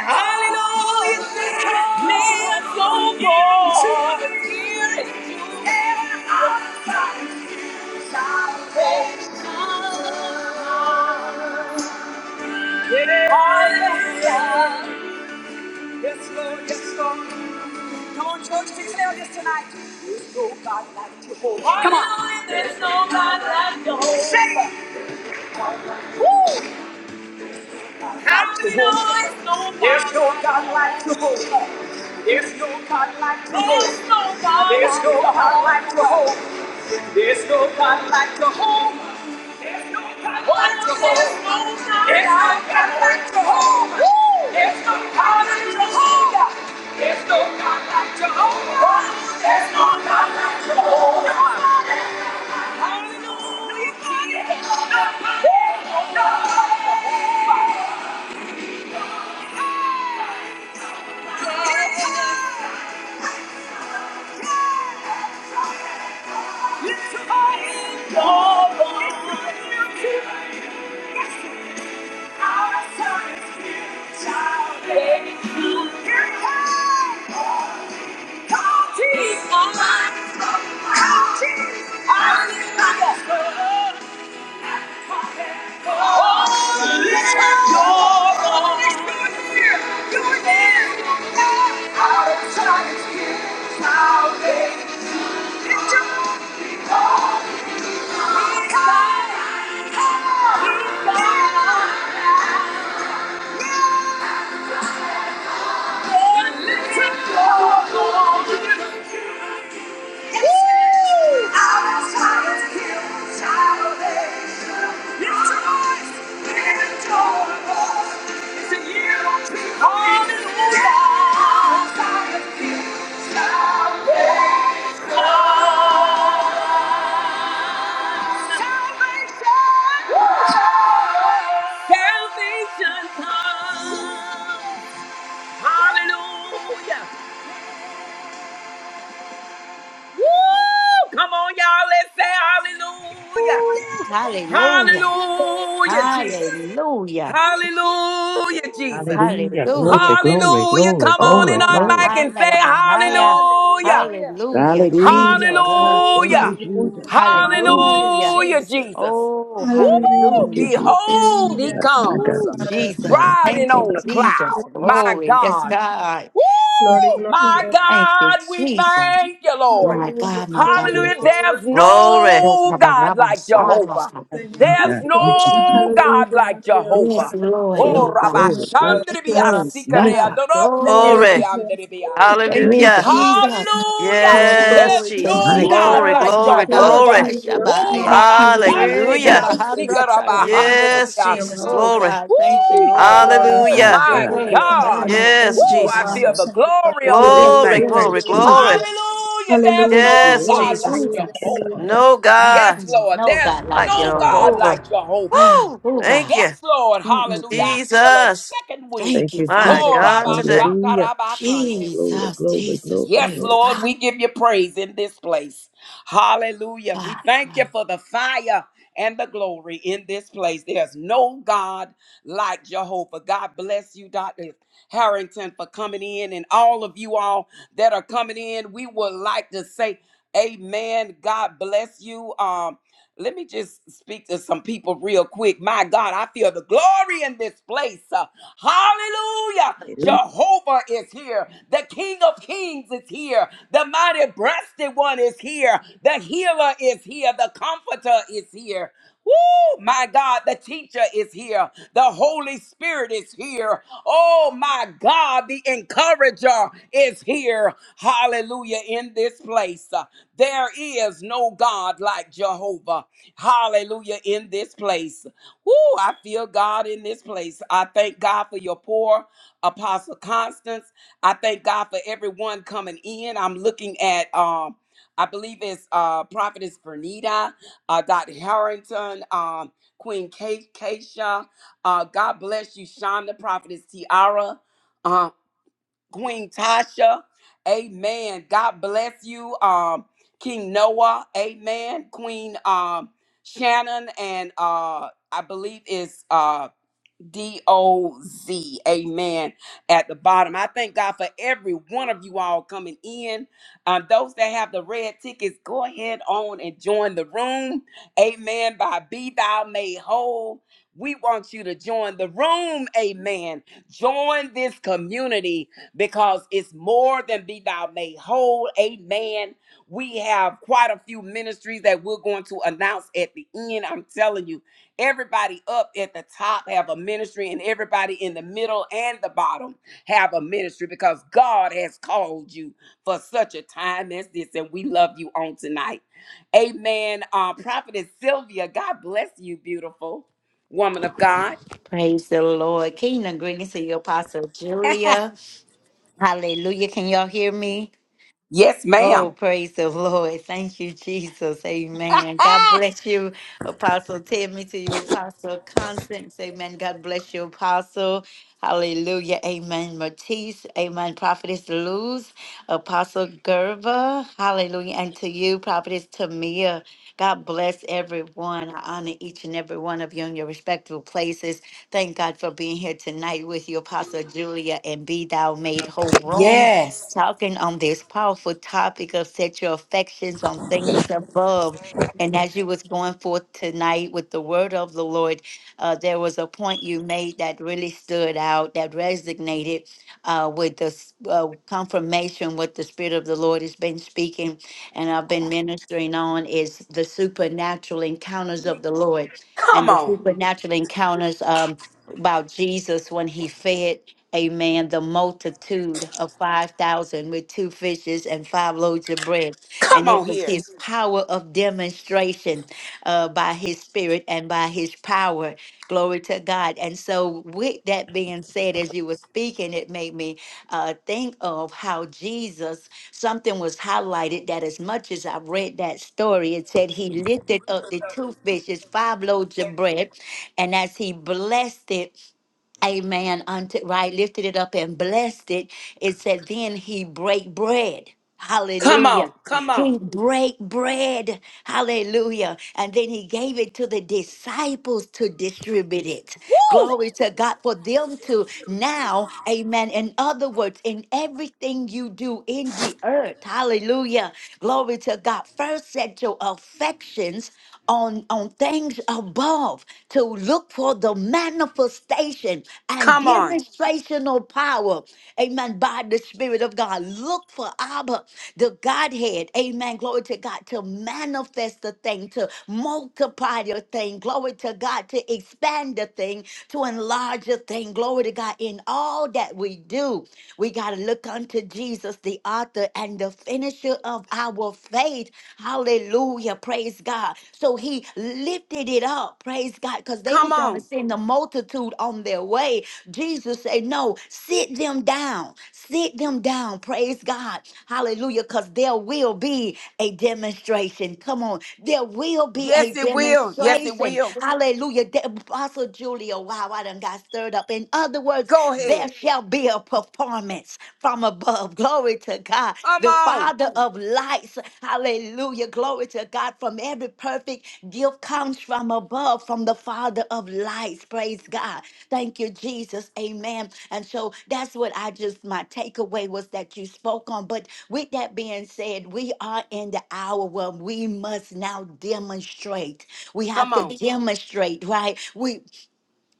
Hallelujah. Give salvation. Hallelujah. Yes, Lord, yes, Lord. no like Come on. There's no God like Jehovah. Sing it. Woo. There's no God like Jehovah. There's no God like the There's no God There's no God like the whole. There's no God like the whole. There's no God like the whole. There's no God like the whole. There's no God like the whole. There's no God like the whole. There's no God like the whole. Hallelujah. Nobody. Nobody. out of time it's here, Now they're Salvation. Salvation comes. Hallelujah. Woo! Come on, y'all. Let's say hallelujah.
Ooh, hallelujah.
Hallelujah, Jesus.
Hallelujah.
Hallelujah, Jesus.
Hallelujah. Glory,
Hallelujah.
glory,
Hallelujah.
glory,
Come on in
glory,
Oro
on
glory.
mic and
bahana
say
la bahaya.
hallelujah.
Hallelujah.
Hallelujah,
Hallelujah.
Hallelujah.
Jesus.
God, thank
Hallelujah.
you,
Hallelujah.
Ooh,
Jesus.
hallelujah,
Thank
Hallelujah.
you,
hallelujah.
Hallelujah,
Jesus.
Jesus.
Oh,
Woo!
Thank
hallelujah,
you,
hallelujah.
Jesus.
Behold, he
hallelujah,
My God,
comes
Oh,
my God, my God, my God,
Jesus.
my
riding
Thank
God.
you,
on a
thank you,
Jesus.
cloud.
Jesus,
My
Glory. Yes,
God.
God.
glory,
Woo!
glory,
My
glory,
Thank you,
God, we
Jesus.
thank you, Lord.
My
hallelujah,
God,
hallelujah,
my God, my
Hallelujah.
God.
There's
Lord,
Glory,
Oh, my
no God
God,
like
hallelujah,
my
Jehovah.
My
Señor,
There's
God, thank you,
gloria,
Jesus.
no God
hallelujah,
like
Dios,
Yes,
Jehovah.
Padre,
Lord,
Oh,
Glory,
yes,
no
Rabbi
God.
glory,
Señor,
glory.
Padre,
Shandribi
Jehová,
Praise
No
Asikare,
God.
God, but
Jehová, de los
Glory.
glory,
ejércitos,
Ooh, Thank
no
you,
God.
hallelujah.
Gloria to Sinai,
Jesus.
Hallelujah.
Gloria
Ooh,
to
Yes,
There's
the
Glory to
Jesus.
no
Gloria.
Mighty,
God
Glory,
mighty.
like
Jesus,
glory,
my
Gloria
God.
Jehovah.
glory.
to
is
Dios,
Oh,
Ashabaya.
Gloria
Rabba
to
he,
Dios,
Shandri
Hey,
Padre,
Jesus.
Hallelujah.
gracias.
Biasika,
Gabahadra
Rabba
Gloria to
Tarabaya.
Handri
Dios,
Yes, Jesus.
Jehová.
Biasi.
Oh,
Glory,
Glory.
God. Thank
glory,
you,
Oh,
Lord.
glory.
Gloria,
Woo!
my
Hallelujah.
gloria,
My
God. I
gloria a ti,
Praise
God.
Señor
God.
Hallelujah.
Padre.
Yes,
Thank
thank
Te
you,
Woo! I
Jesus.
feel
Alabamos,
Father.
the
Señor
glory
Padre.
on this
Yes,
Aleluya,
Glory,
thing.
Lord
aleluya,
glory,
you, Jesus.
glory.
aleluya.
Hallelujah.
Jesus.
There's
Aleluya,
Thank you,
no
Yes,
Lord
aleluya,
God like
Jesus.
aleluya,
Jesus.
Jehovah.
aleluya.
No
Yes,
God
Yes,
there is
Lord.
no
There's
God like
like
no God
Jehovah.
like
Jehovah.
Jehovah.
Wow.
Woo!
Oh, God.
Thank you,
Yes, Lord. Hallelujah. I
Mm-mm-mm.
feel a
Jesus.
second wind.
Thank
Thank you,
you,
My
Jesus.
Father
Oh,
God.
God,
Rabba
today.
Shaka
Hallelujah.
Rabba Kande.
Glory,
Jesus,
glory,
Jesus,
glory,
Yes,
praise
glory.
Lord,
God.
we give you praise in this place. Hallelujah. We thank you
God.
for the fire and the glory in this place. There's no God like Jehovah. God bless you, Dr. Harrington, for coming in, and all of you all that are coming in. We would like to say, Amen. God bless you. Um, let me just speak to some people real quick. My God, I feel the glory in this place. Uh, Hallelujah.
Hallelujah.
Jehovah is here. The King of Kings is here. The mighty breasted one is here. The healer is here. The comforter is here. Woo! My God, the teacher is here. The Holy Spirit is here. Oh my God, the encourager is here. Hallelujah. In this place, Uh, there is no God like Jehovah. Hallelujah. In this place. Woo! I feel God in this place. I thank God for your poor Apostle Constance. I thank God for everyone coming in. I'm looking at um I believe it's uh Prophetess Vernita uh, Dr. Harrington, um, Queen Kay, Keisha. Uh, God bless you, Shonda, Prophetess Tiara, uh, Queen Tasha. Amen. God bless you, um, King Noah. Amen. Queen um, Shannon and uh, I believe is D O Z. Amen. At the bottom. I thank God for every one of you all coming in. Um, those that have the red tickets, go ahead on and join the room. Amen. By Be Thou Made Whole. We want you to join the room. Amen. Join this community because it's more than Be Thou Made Whole. Amen. We have quite a few ministries that we're going to announce at the end. I'm telling you everybody up at the top have a ministry and everybody in the middle and the bottom have a ministry because god has called you for such a time as this and we love you on tonight amen uh prophetess sylvia god bless you beautiful woman of god
Praise the Lord. Kingdom greetings to you, Apostle Julia. Hallelujah. Can y'all hear me?
yes
Oh,
ma'am
praise the Lord. Thank you, Jesus. Amen. God bless you, Apostle Timmy, to you, Apostle Constance. Amen. God bless you, Apostle. Hallelujah. Amen. Matisse. Amen. Prophetess Luz, Apostle Gerva. Hallelujah. And to you, Prophetess Tamia. God bless everyone. I honor each and every one of you in your respectable places. Thank God for being here tonight with you, Apostle Julia, and be thou made whole room
yes
talking on this powerful topic of set your affections on things above. And as you was going forth tonight with the word of the Lord, uh, there was a point you made that really stood out, that resonated uh, with the s- uh, confirmation what the Spirit of the Lord has been speaking and I've been ministering on is the supernatural encounters of the Lord
come
and the
on
supernatural encounters um, about Jesus when he fed Amen. The multitude of 5,000 with two fishes and five loaves of bread.
come
And
on
it was
here
his power of demonstration uh, by his spirit and by his power. Glory to God. And so, with that being said, as you were speaking, it made me uh, think of how Jesus, something was highlighted that as much as I read that story, it said he lifted up the two fishes, five loaves of bread, and as he blessed it, amen, unto right, lifted it up and blessed it. It said, then he break bread.
come
Hallelujah.
on come on
He break bread. Hallelujah. And then he gave it to the disciples to distribute it.
Woo!
Glory to God for them to now, amen. In other words, in everything you do in the earth, hallelujah. Glory to God. First, set your affections on, on things above to look for the manifestation and
come on
demonstrational power. Amen. By the Spirit of God. Look for Abba, the Godhead. Amen. Glory to God. To manifest the thing, to multiply the thing. Glory to God. To expand the thing, to enlarge the thing. Glory to God. In all that we do, we got to look unto to Jesus, the author and the finisher of our faith. Hallelujah. Praise God. So he lifted it up. Praise God. Because they
come
was going to
on
send the multitude on their way. Jesus said, no, sit them down. Sit them down. Praise God. Hallelujah. Because there will be a demonstration. Come on. There will be
yes
a
it will yes it
demonstration.
will
Hallelujah. De- Apostle Julia, wow, I done got stirred up. In other words,
go
there
ahead
shall be a performance from above. Glory to God,
come
the
on
Father of lights. Hallelujah. Glory to God. From every perfect gift comes from above, from the Father of lights. Praise God. Thank you, Jesus. Amen. And so that's what I just, my takeaway was that you spoke on. But with that being said, we are in the hour where we must now demonstrate. We have
Come
to
on.
Amen. demonstrate, right? We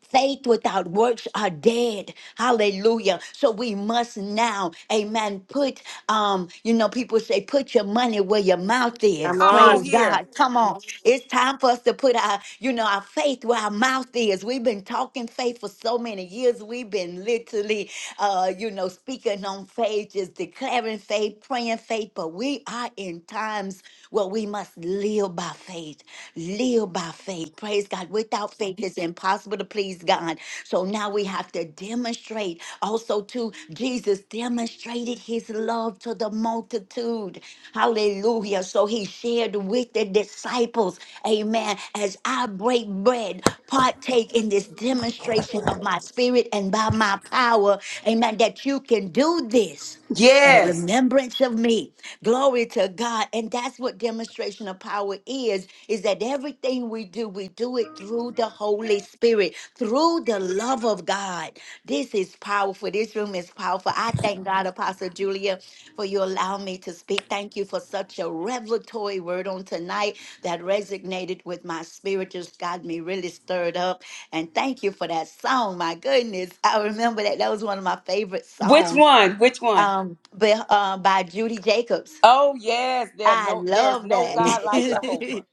Faith without works are dead. Hallelujah. So we must now, amen, put um, you know, people say put your money where your mouth
Come
is.
Come
on.
on
Praise
here.
God. Come on. It's time for us to put our, you know, our faith where our mouth is. We've been talking faith for so many years. We've been literally uh, you know, speaking on faith, just declaring faith, praying faith, but we are in times where we must live by faith. Live by faith. Praise God. Without faith, it's impossible to please God. So now we have to demonstrate also to Jesus demonstrated his love to the multitude. Hallelujah. So he shared with the disciples, amen, as I break bread, partake in this demonstration of my spirit and by my power, amen, that you can do this and
Yes.
remembrance of me. Glory to God. And that's what demonstration of power is, is that everything we do, we do it through the Holy Spirit, through the love of God. This is powerful. This room is powerful. I thank God, Apostle Julia, for you allowing me to speak. Thank you for such a revelatory word on tonight that resonated with my spirit, just got me really stirred up. And thank you for that song. My goodness, I remember that. That was one of my favorite
Which
songs
one? Which one?
um, but uh, by Judy Jacobs.
Oh yes, there
I
no there's
love
no
that.
God like Jehovah.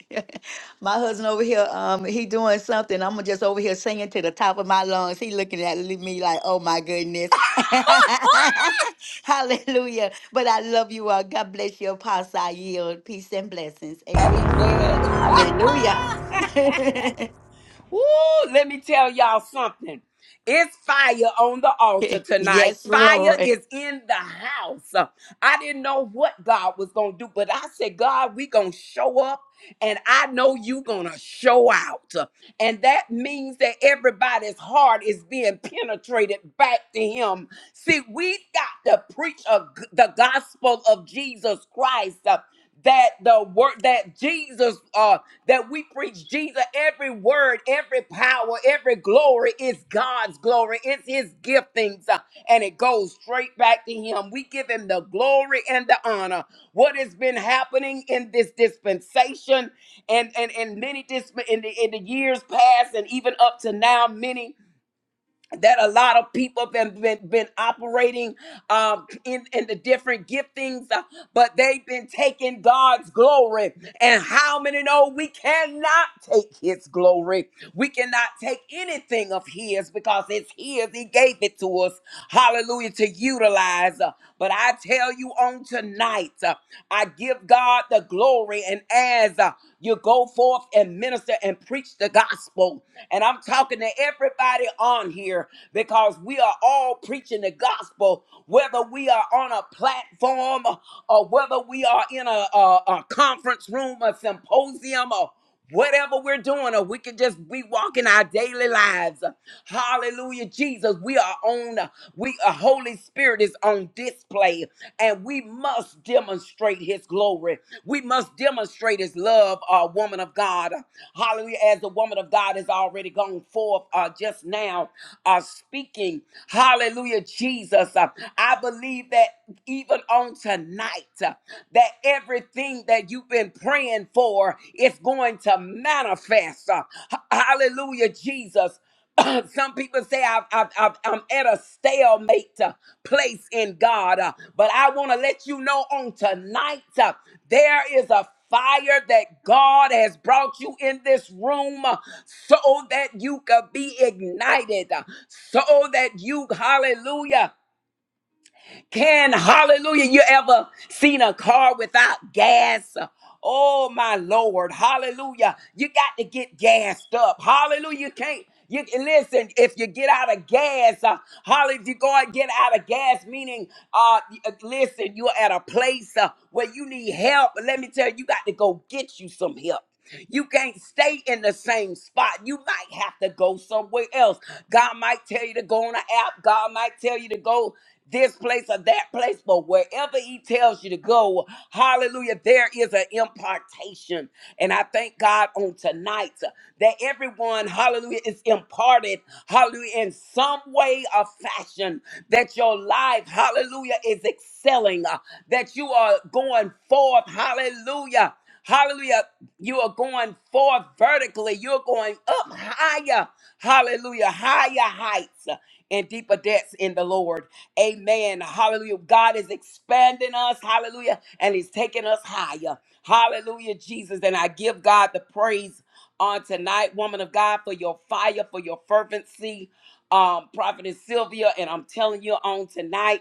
my husband over here, um, he doing something. I'm just over here singing to the top of my lungs. He looking at me like, oh my goodness. Hallelujah. But I love you all. God bless you, Apostle. I yield. Peace and blessings. Amen.
Amen.
Hallelujah.
Ooh, let me tell y'all something. It's fire on the altar tonight.
yes,
Fire
Lord.
is in the house. I didn't know what God was going to do, but I said, God, we going to show up and I know you going to show out. And that means that everybody's heart is being penetrated back to him. See, we got to preach a, g- the gospel of Jesus Christ. uh, that the word that Jesus uh, that we preach Jesus. Every word, every power, every glory is God's glory. It's his giftings. uh, And it goes straight back to him. We give him the glory and the honor. What has been happening in this dispensation and, and, and many disp- in, the, in the years past and even up to now, many that a lot of people have been, been, been operating um, in, in the different giftings, uh, but they've been taking God's glory. And how many know we cannot take his glory? We cannot take anything of His because it's His. He gave it to us. Hallelujah. To utilize. Uh, But I tell you on tonight, uh, I give God the glory. And as uh, you go forth and minister and preach the gospel, and I'm talking to everybody on here because we are all preaching the gospel, whether we are on a platform or whether we are in a, a, a conference room, a symposium, or Whatever we're doing, or we could just be walking our daily lives. Hallelujah, Jesus. We are on, we a Holy Spirit is on display, and we must demonstrate his glory. We must demonstrate his love, uh, woman of God. Hallelujah. As the woman of God has already gone forth uh, just now, uh, speaking. Hallelujah, Jesus. Uh, I believe that even on tonight that everything that you've been praying for is going to manifest. Uh, h- Hallelujah, Jesus. Some people say I've, I've, I've, I'm at a stalemate uh, place in God, uh, but I want to let you know on tonight uh, there is a fire that God has brought you in this room uh, so that you could be ignited, uh, so that you, hallelujah. Can hallelujah you ever seen a car without gas? Oh my Lord, hallelujah. You got to get gassed up. Hallelujah. You can't you listen if you get out of gas, uh, holly, if you go and get out of gas, meaning uh y- uh, listen, you're at a place uh, where you need help. Let me tell you, you got to go get you some help. You can't stay in the same spot. You might have to go somewhere else. God might tell you to go on an app. God might tell you to go this place or that place, but wherever he tells you to go, hallelujah, there is an impartation. And I thank God on tonight that everyone, hallelujah, is imparted, hallelujah, in some way or fashion, that your life, hallelujah, is excelling, uh, that you are going forth, hallelujah. Hallelujah. You are going forth vertically. You're going up higher. Hallelujah. Higher heights and deeper depths in the Lord. Amen. Hallelujah. God is expanding us. Hallelujah. And He's taking us higher. Hallelujah, Jesus. And I give God the praise on tonight, woman of God, for your fire, for your fervency. Um, Prophetess Sylvia, and I'm telling you on tonight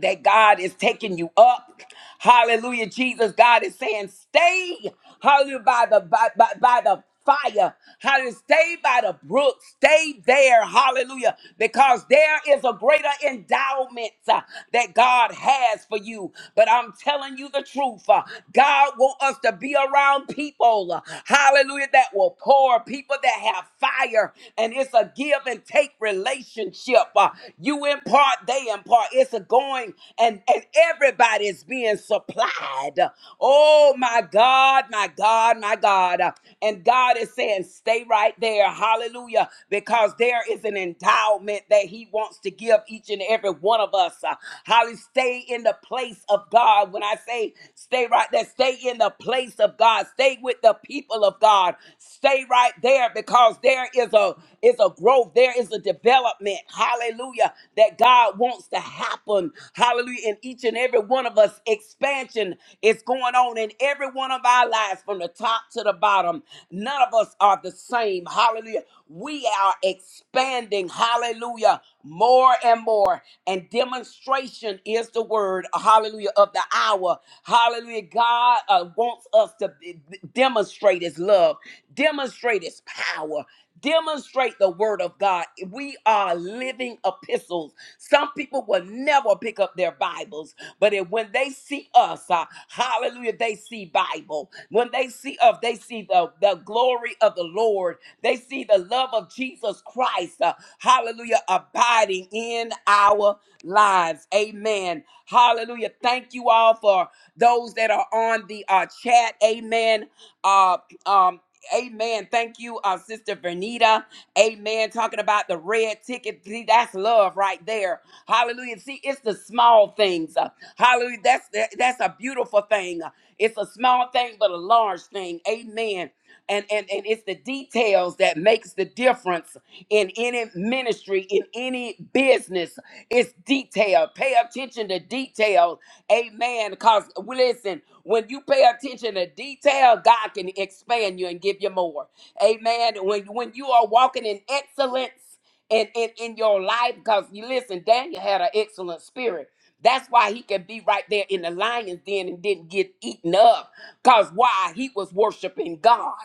that God is taking you up. Hallelujah. Jesus, God is saying, stay, hallelujah, by the by, by, by the fire. Hallelujah. Stay by the brook. Stay there. Hallelujah. Because there is a greater endowment uh, that God has for you. But I'm telling you the truth. uh, God wants us to be around people. uh, Hallelujah. That will pour, people that have fire. And it's a give and take relationship. uh, you impart, they impart. It's a going, and, and everybody's being supplied. Oh my God, my God, my God. And God is saying, stay right there. Hallelujah. Because there is an endowment that He wants to give each and every one of us. Uh, Holly, stay in the place of God. When I say stay right there, stay in the place of God. Stay with the people of God. Stay right there because there is a is a growth growth. There is a development, hallelujah, that God wants to happen, hallelujah, in each and every one of us. Expansion is going on in every one of our lives from the top to the bottom. None of us are the same, hallelujah. We are expanding, hallelujah, more and more. And demonstration is the word, hallelujah, of the hour. Hallelujah. God uh, wants us to be- demonstrate his love, demonstrate his power, Demonstrate the word of God. We are living epistles. Some people will never pick up their Bibles, but if, when they see us, uh, hallelujah, they see Bible. When they see us, they see the, the glory of the Lord. They see the love of Jesus Christ, uh, hallelujah, abiding in our lives. Amen. Hallelujah. Thank you all for those that are on the uh, chat. Amen. Uh, um, Amen. Thank you, uh, Sister Vernita. Amen. Talking about the red ticket. See, that's love right there. Hallelujah. See, it's the small things. Uh, hallelujah. That's that's a beautiful thing. Uh, It's a small thing, but a large thing. Amen. And and and it's the details that make makes the difference in any ministry, in any business. It's detail. Pay attention to detail. Amen. Because listen, when you pay attention to detail, God can expand you and give you more. Amen. When when you are walking in excellence in, in, in your life, because you listen, Daniel had an excellent spirit. That's why he could be right there in the lion's den and didn't get eaten up. Because why? He was worshiping God.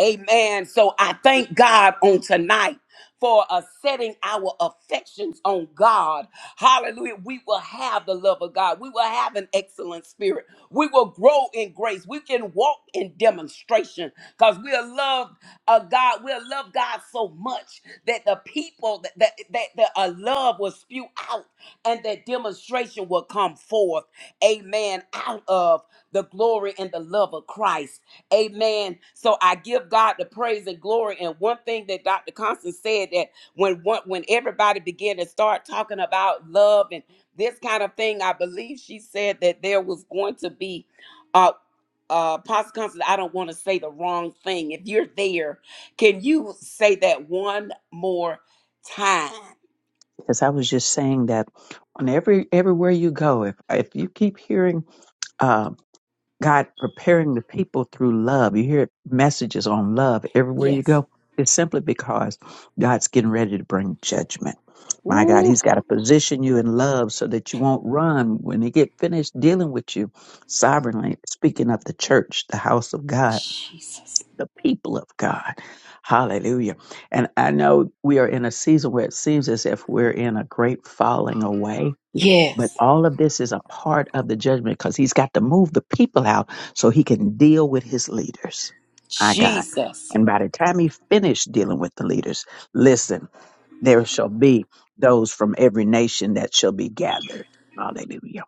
Amen. So I thank God on tonight for uh, setting our affections on God. Hallelujah. We will have the love of God. We will have an excellent spirit. We will grow in grace. We can walk in demonstration because we are loved of God. We'll love God so much that the people that, that, that, that a love will spew out and that demonstration will come forth. Amen. Out of the glory and the love of Christ. Amen. So I give God the praise and glory. And one thing that Dr. Constance said that when one, when everybody began to start talking about love and this kind of thing, I believe she said that there was going to be uh uh Pastor Constance, I don't want to say the wrong thing. If you're there, can you say that one more time?
Because I was just saying that on every everywhere you go, if if you keep hearing uh, God preparing the people through love, you hear messages on love everywhere you
Yes.
go. It's simply because God's getting ready to bring judgment. My God,
Ooh,
He's got to position you in love so that you won't run when He get finished dealing with you sovereignly. Speaking of the church, the house of God.
Jesus.
the people of God. Hallelujah. And I know we are in a season where it seems as if we're in a great falling away, but
Yes.
all of this is a part of the judgment because he's got to move the people out so he can deal with his leaders. My God.
Jesus.
And by the time he finished dealing with the leaders, listen, there shall be those from every nation that shall be gathered. Hallelujah.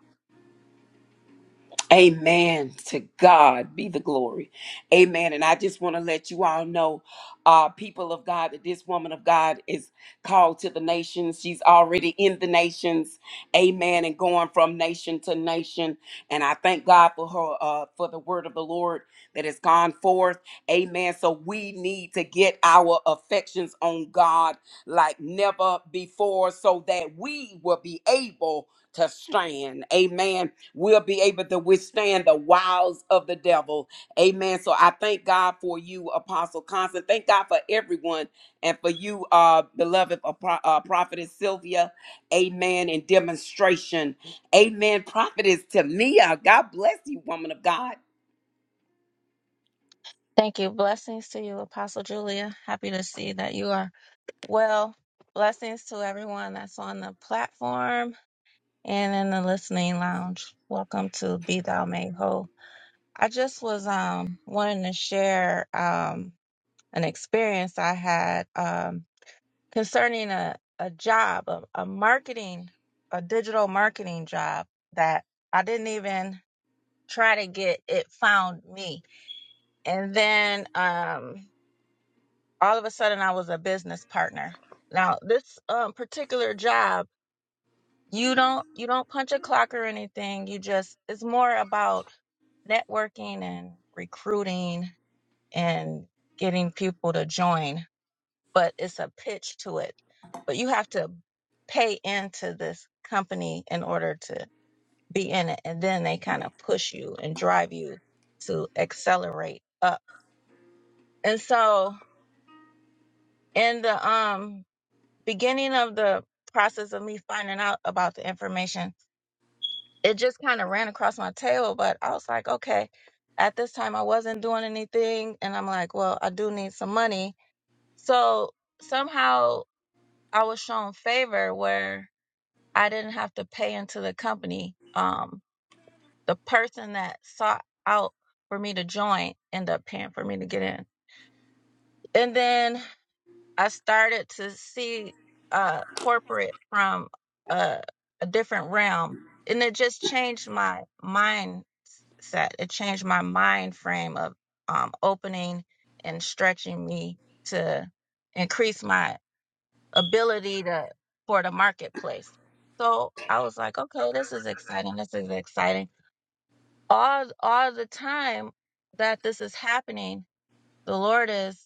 Amen. To God be the glory. Amen. And I just want to let you all know, uh, people of God, that this woman of God is called to the nations. She's already in the nations. Amen. And going from nation to nation. And I thank God for her, uh, for the word of the Lord that has gone forth. Amen. So we need to get our affections on God like never before so that we will be able to stand. Amen we'll be able to withstand the wiles of the devil. Amen. So I thank God for you, Apostle Constant. Thank God for everyone and for you, uh, beloved Apro- uh, Prophetess Sylvia. Amen. In demonstration. Amen. Prophetess Tamia. God bless you, woman of God.
Thank you. Blessings to you, Apostle Julia. Happy to see that you are well. Blessings to everyone that's on the platform and in the listening lounge. Welcome to Be Thou Made Whole. I just was um wanting to share um an experience I had um concerning a, a job, a, a marketing, a digital marketing job that I didn't even try to get it found me and then um, all of a sudden I was a business partner. Now this um, particular job, you don't you don't punch a clock or anything. You just it's more about networking and recruiting and getting people to join, but it's a pitch to it. But you have to pay into this company in order to be in it, and then they kind of push you and drive you to accelerate up. And so in the um beginning of the process of me finding out about the information, it just kind of ran across my tail, but I was like, okay, at this time I wasn't doing anything and I'm like, well, I do need some money. So somehow I was shown favor where I didn't have to pay into the company. Um the person that sought out for me to join ended up paying for me to get in. And then I started to see uh, corporate from a, a different realm, and it just changed my mindset. It changed my mind frame of um, opening and stretching me to increase my ability to for the marketplace. So I was like, okay, this is exciting. This is exciting. All all the time that this is happening the Lord is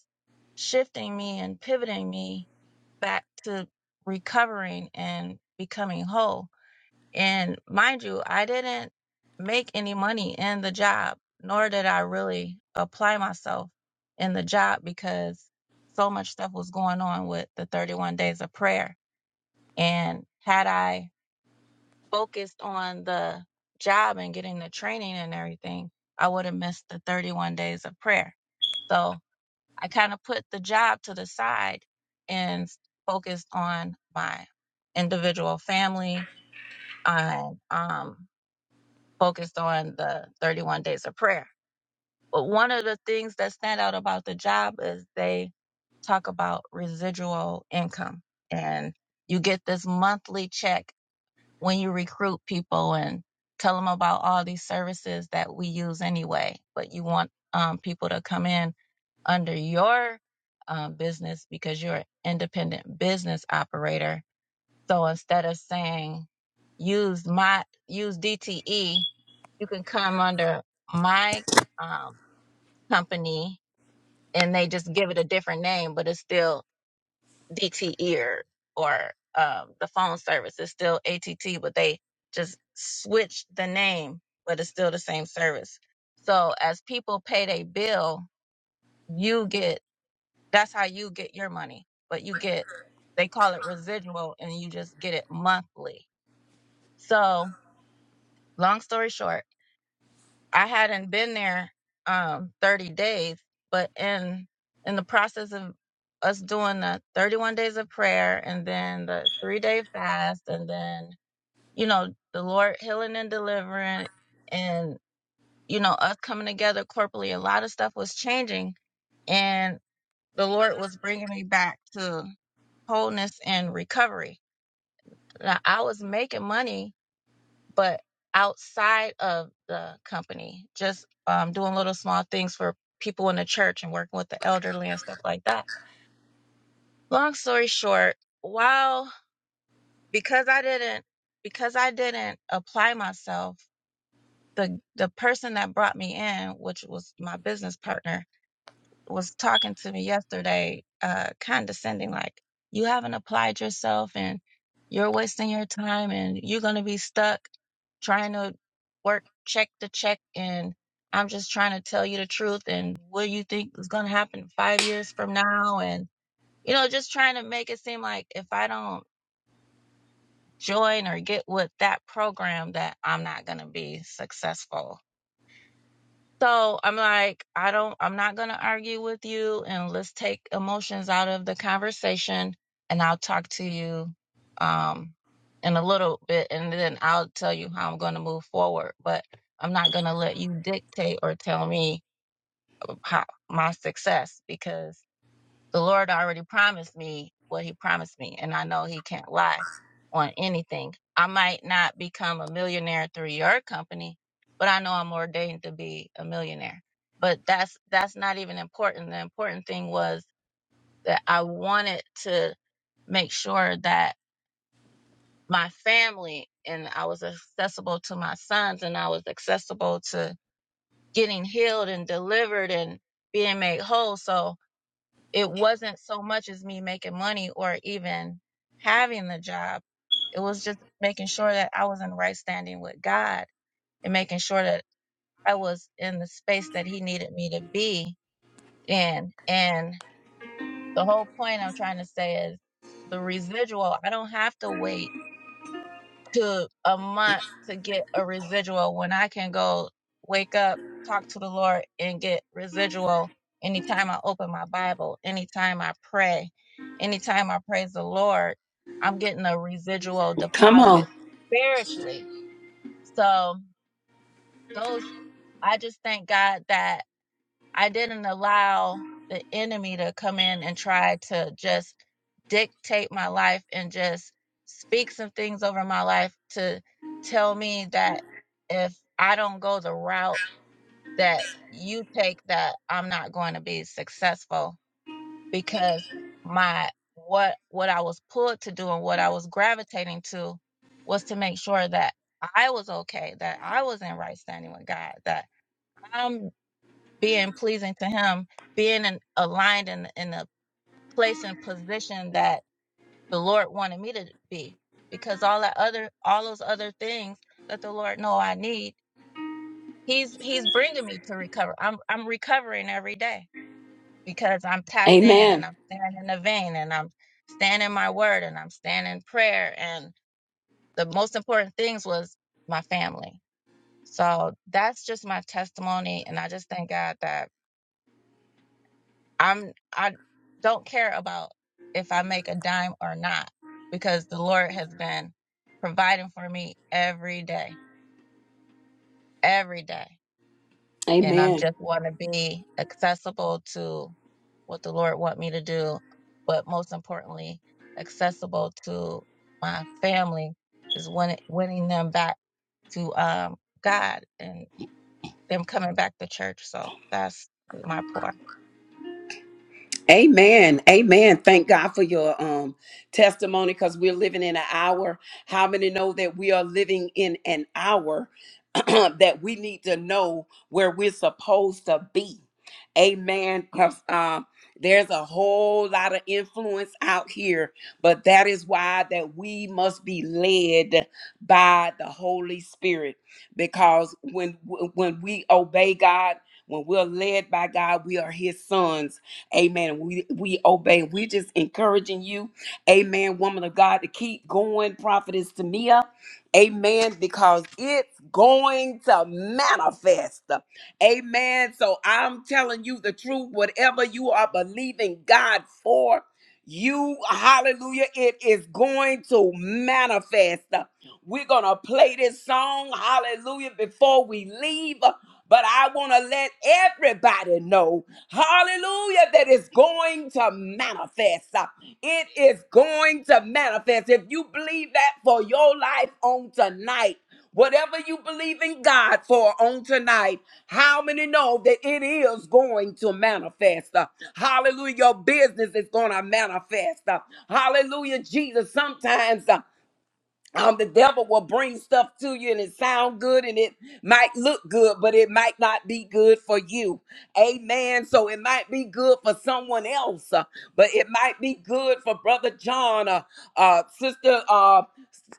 shifting me and pivoting me back to recovering and becoming whole. And mind you, I didn't make any money in the job, nor did I really apply myself in the job because so much stuff was going on with the 31 days of prayer. And had I focused on the job and getting the training and everything, I would have missed the 31 days of prayer. So I kind of put the job to the side and focused on my individual family I um, focused on the 31 days of prayer. But one of the things that stand out about the job is they talk about residual income and you get this monthly check when you recruit people and tell them about all these services that we use anyway, but you want um, people to come in under your um, business because you're an independent business operator. So instead of saying use my use DTE, you can come under my um, company and they just give it a different name, but it's still DTE ear or or um, the phone service is still ATT, but they just switched the name, but it's still the same service. So as people pay their bill, you get that's how you get your money, but you get they call it residual, and you just get it monthly. So long story short I hadn't been there um 30 days, but in in the process of us doing the 31 days of prayer and then the 3-day fast and then you know the Lord healing and delivering and you know us coming together corporately a lot of stuff was changing and the Lord was bringing me back to wholeness and recovery. Now, I was making money but outside of the company, just um, doing little small things for people in the church and working with the elderly and stuff like that. Long story short, while because I didn't because I didn't apply myself, the the person that brought me in, which was my business partner, was talking to me yesterday, uh, condescending, like you haven't applied yourself and you're wasting your time and you're gonna be stuck trying to work check to check and I'm just trying to tell you the truth and what you think is going to happen 5 years from now and you know just trying to make it seem like if I don't join or get with that program that I'm not going to be successful so I'm like, I don't, I'm not going to argue with you and let's take emotions out of the conversation and I'll talk to you, um, in a little bit and then I'll tell you how I'm going to move forward. But I'm not going to let you dictate or tell me how, my success because the Lord already promised me what He promised me, and I know He can't lie on anything. I might not become a millionaire through your company, but I know I'm ordained to be a millionaire. But that's that's not even important. The important thing was that I wanted to make sure that my family and I was accessible to my sons and I was accessible to getting healed and delivered and being made whole. So it wasn't so much as me making money or even having the job. It was just making sure that I was in right standing with God and making sure that I was in the space that He needed me to be in. And the whole point I'm trying to say is the residual, I don't have to wait took a month to get a residual when I can go wake up, talk to the Lord, and get residual anytime I open my Bible, anytime I pray, anytime I praise the Lord, I'm getting a residual
Come
deposit
on.
spiritually. So, those, I just thank God that. I didn't allow the enemy to come in and try to just dictate my life and just speak some things over my life to tell me that if I don't go the route that you take that I'm not going to be successful because my what what I was pulled to do and what I was gravitating to was to make sure that I was okay, that I was in right standing with God, that I'm being pleasing to him, being in, aligned in, in a place and position that the Lord wanted me to be. Because all that other, all those other things that the Lord know I need, He's He's bringing me to recover. I'm I'm recovering every day because I'm tapped in
Amen.
and I'm standing in the vein and I'm standing my word and I'm standing in prayer. And the most important things was my family. So that's just my testimony, and I just thank God that. I'm I don't care about if I make a dime or not because the Lord has been providing for me every day, every day. And I
Amen.
just want to be accessible to what the Lord want me to do, but most importantly, accessible to my family is winning, winning them back to um, God and them coming back to church. So that's my point.
Amen. Amen. Thank God for your um testimony because we're living in an hour. How many know that we are living in an hour that we need to know where we're supposed to be? Amen. Because um there's a whole lot of influence out here, but that is why that we must be led by the Holy Spirit. Because when when we obey God, when we're led by God, we are His sons Amen. We we obey. We're just encouraging you, Amen, woman of God, to keep going, prophetess Tamia. Amen. Because it's going to manifest. Amen. So I'm telling you the truth. Whatever you are believing God for, you, hallelujah, it is going to manifest. We're going to play this song, hallelujah, before we leave. But I want to let everybody know hallelujah, that is going to manifest. Uh, It is going to manifest. If you believe that for your life on tonight, whatever you believe in God for on tonight, how many know that it is going to manifest? Uh, Hallelujah. Your business is going to manifest. Uh, Hallelujah, Jesus. Sometimes uh, um, the devil will bring stuff to you and it sound good and it might look good, but it might not be good for you. Amen. So it might be good for someone else, uh, but it might be good for Brother John, uh, uh, Sister uh,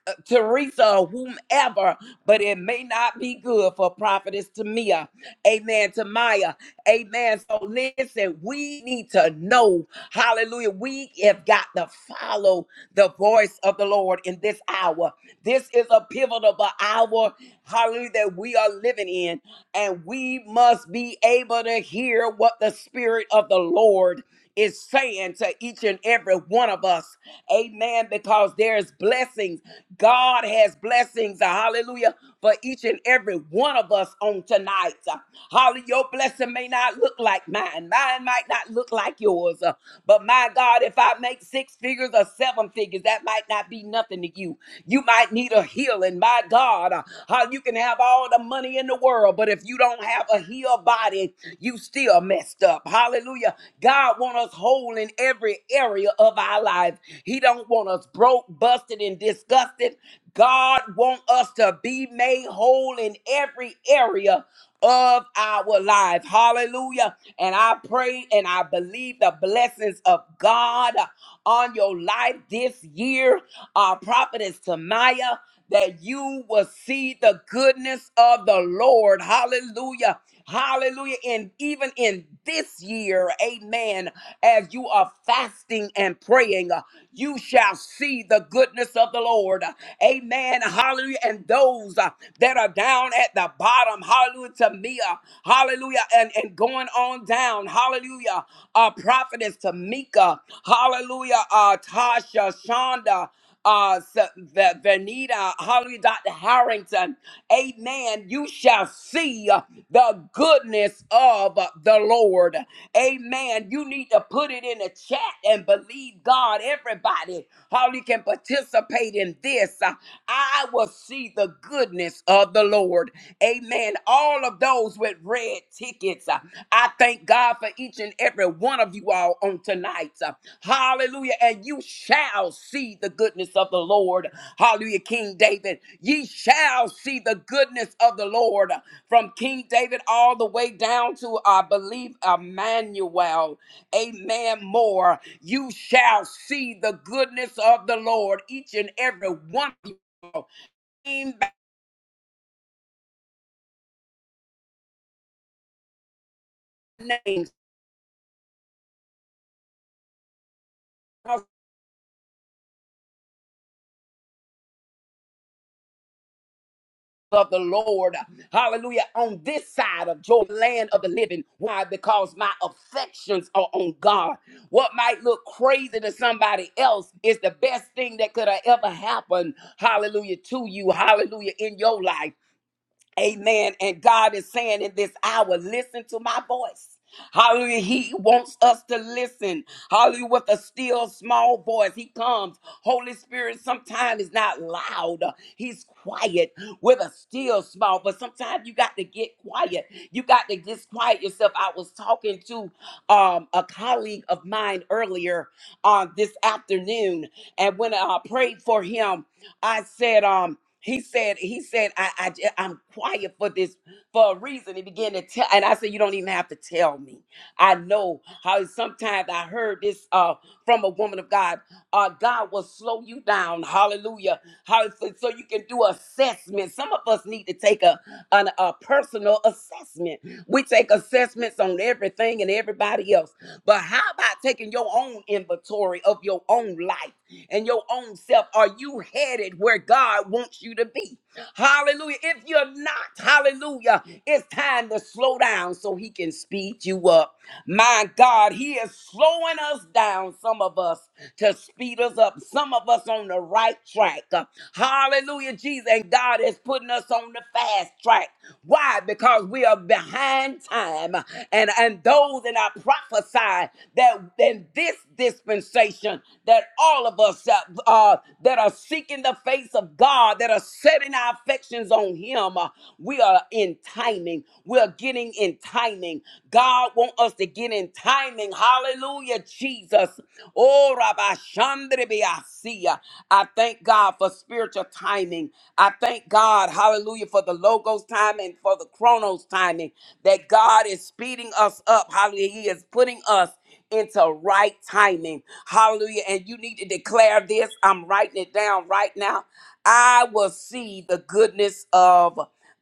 uh, Teresa or whomever, but it may not be good for prophetess Tamia. Amen. Tamaya. Amen. So listen, we need to know, hallelujah, we have got to follow the voice of the Lord in this hour. This is a pivotal hour, hallelujah, that we are living in, and we must be able to hear what the Spirit of the Lord is saying to each and every one of us. Amen. Because there's blessings. God has blessings. uh, Hallelujah. For each and every one of us on tonight. uh. Holly, your blessing may not look like mine. Mine might not look like yours. Uh, But my God, if I make six figures or seven figures, that might not be nothing to you you. You might need a healing. My God, uh, how you can have all the money in the world, but if you don't have a healed body, you still messed up. Hallelujah. God want us whole in every area of our life. He don't want us broke, busted, and disgusted. God want us to be made whole in every area of our life. Hallelujah. And I pray and I believe the blessings of God on your life this year, uh, Prophetess Tamaya, that you will see the goodness of the Lord. Hallelujah. Hallelujah. And even in this year, amen, as you are fasting and praying, uh, you shall see the goodness of the Lord. Amen. Hallelujah. And those uh, that are down at the bottom, hallelujah to me, uh, hallelujah, and, and going on down, hallelujah. Uh, prophetess Tamika, Hallelujah. Uh, Tasha, Shonda, uh, S- V- Vanita, hallelujah, Dr. Harrington. Amen. You shall see uh, the goodness of uh, the Lord. Amen. You need to put it in the chat and believe God. Everybody, how can participate in this. Uh, I will see the goodness of the Lord. Amen. All of those with red tickets. uh, I thank God for each and every one of you all on tonight. Hallelujah. And you shall see the goodness of the Lord. Hallelujah, King David. Ye shall see the goodness of the Lord from King David all the way down to, I believe, Emmanuel. Amen. More. You shall see the goodness of the Lord, each and every one of you, name by name. of the Lord. Hallelujah. On this side of joy, land of the living. Why? Because my affections are on God. What might look crazy to somebody else is the best thing that could have ever happened. Hallelujah to you. Hallelujah in your life. Amen. And God is saying in this hour, listen to my voice. Hallelujah. He wants us to listen. Hallelujah. With a still small voice, He comes. Holy Spirit sometimes is not loud, He's quiet with a still small. But sometimes you got to get quiet. You got to just quiet yourself. I was talking to um, a colleague of mine earlier, uh, this afternoon, and when I prayed for him, I said, um, he said, he said, I, I, j- I'm quiet for this for a reason. He began to tell, and I said, you don't even have to tell me. I know how sometimes I heard this uh from a woman of God. Uh God will slow you down. Hallelujah. How so so you can do assessment. Some of us need to take a an, a personal assessment. We take assessments on everything and everybody else. But how about taking your own inventory of your own life and your own self? Are you headed where God wants you to be? Hallelujah. If you're not, hallelujah, it's time to slow down so he can speed you up. My God, he is slowing us down, some of us, to speed us up. Some of us on the right track. Uh, Hallelujah, Jesus. And God is putting us on the fast track. Why? Because we are behind time. And, and those, and I prophesy that in this dispensation, that all of us uh, uh, that are seeking the face of God, that are setting our affections on Him, uh, we are in timing. We are getting in timing. God wants us to get in timing. Hallelujah, Jesus. Oh, Rabbi Shandribiasia. I thank God for spiritual timing. I thank God, hallelujah, for the logos time and for the chronos timing that God is speeding us up. Hallelujah. He is putting us into right timing. Hallelujah. And you need to declare this. I'm writing it down right now. I will see the goodness of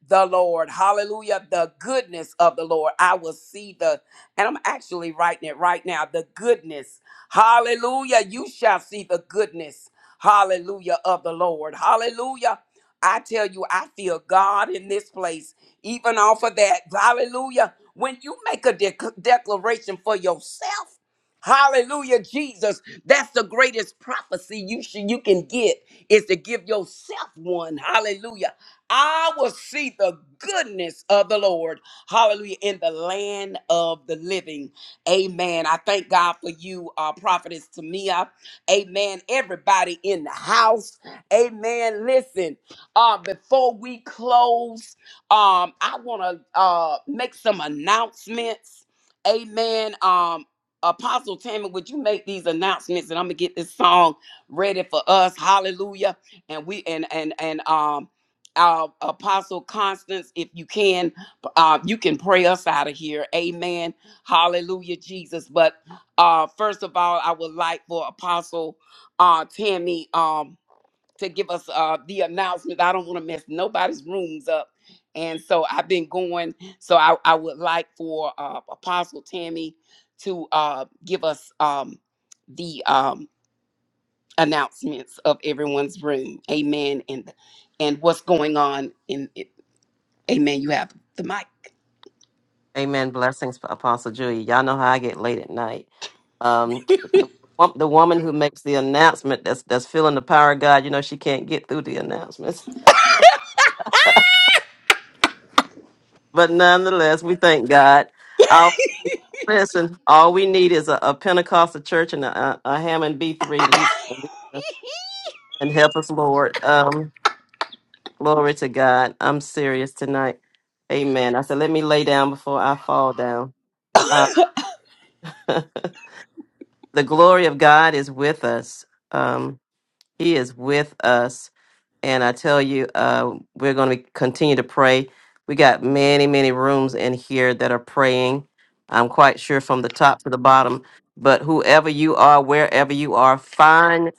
the Lord. Hallelujah. The goodness of the Lord. I will see the, and I'm actually writing it right now. The goodness. Hallelujah. You shall see the goodness. Hallelujah of the Lord. Hallelujah. I tell you, I feel God in this place, even off of that. Hallelujah. When you make a dec declaration for yourself, Hallelujah, Jesus. That's the greatest prophecy you should you can get is to give yourself one. Hallelujah. I will see the goodness of the Lord. Hallelujah. In the land of the living. Amen. I thank God for you, uh, prophetess Tamia. Amen. Everybody in the house. Amen. Listen, uh, before we close, um, I want to uh make some announcements. Amen. Um, Apostle Tammy, would you make these announcements and I'm gonna get this song ready for us? Hallelujah. And we and and and um our apostle Constance, if you can, uh, you can pray us out of here. Amen. Hallelujah, Jesus. But uh first of all, I would like for Apostle uh Tammy um to give us uh, the announcement. I don't want to mess nobody's rooms up. And so I've been going. So I, I would like for uh, Apostle Tammy to uh, give us um, the um, announcements of everyone's room. Amen. And and what's going on in it. Amen. You have the mic.
Amen. Blessings, Apostle Julia. Y'all know how I get late at night. Um, wo- the woman who makes the announcement that's that's feeling the power of God. You know she can't get through the announcements, but nonetheless, we thank God. I'll listen. All we need is a, a Pentecostal church and a, a Hammond B three. We, we- and help us, Lord. Um, glory to God. I'm serious tonight. Amen. I said, let me lay down before I fall down. Uh, the glory of God is with us. Um, He is with us. And I tell you, uh, we're going to continue to pray. We got many, many rooms in here that are praying. I'm quite sure from the top to the bottom. But whoever you are, wherever you are, find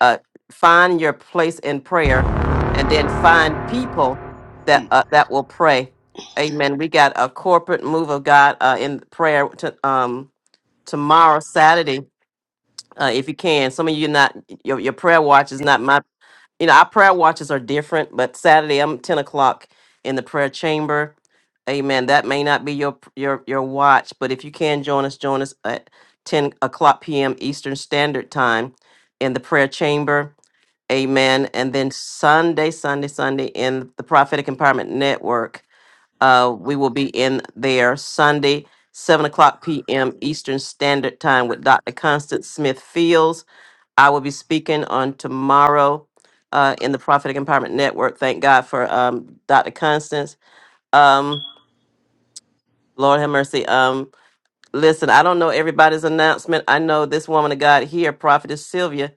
uh, find your place in prayer, and then find people that uh, that will pray. Amen. We got a corporate move of God uh, in prayer to, um, tomorrow, Saturday uh, if you can. Some of you not your, your prayer watch is not my you know, our prayer watches are different, but Saturday I'm ten o'clock in the prayer chamber. Amen. That may not be your your your watch, but if you can join us, join us at ten o'clock p.m. Eastern Standard Time in the prayer chamber. Amen. And then Sunday, Sunday, Sunday in the Prophetic Empowerment Network, uh, we will be in there Sunday, seven o'clock p.m. Eastern Standard Time with Dr. Constance Smith Fields I will be speaking on tomorrow uh, in the Prophetic Empowerment Network. Thank God for um, Dr. Constance. Um, Lord have mercy. Um, Listen, I don't know everybody's announcement. I know this woman of God here, Prophetess Sylvia,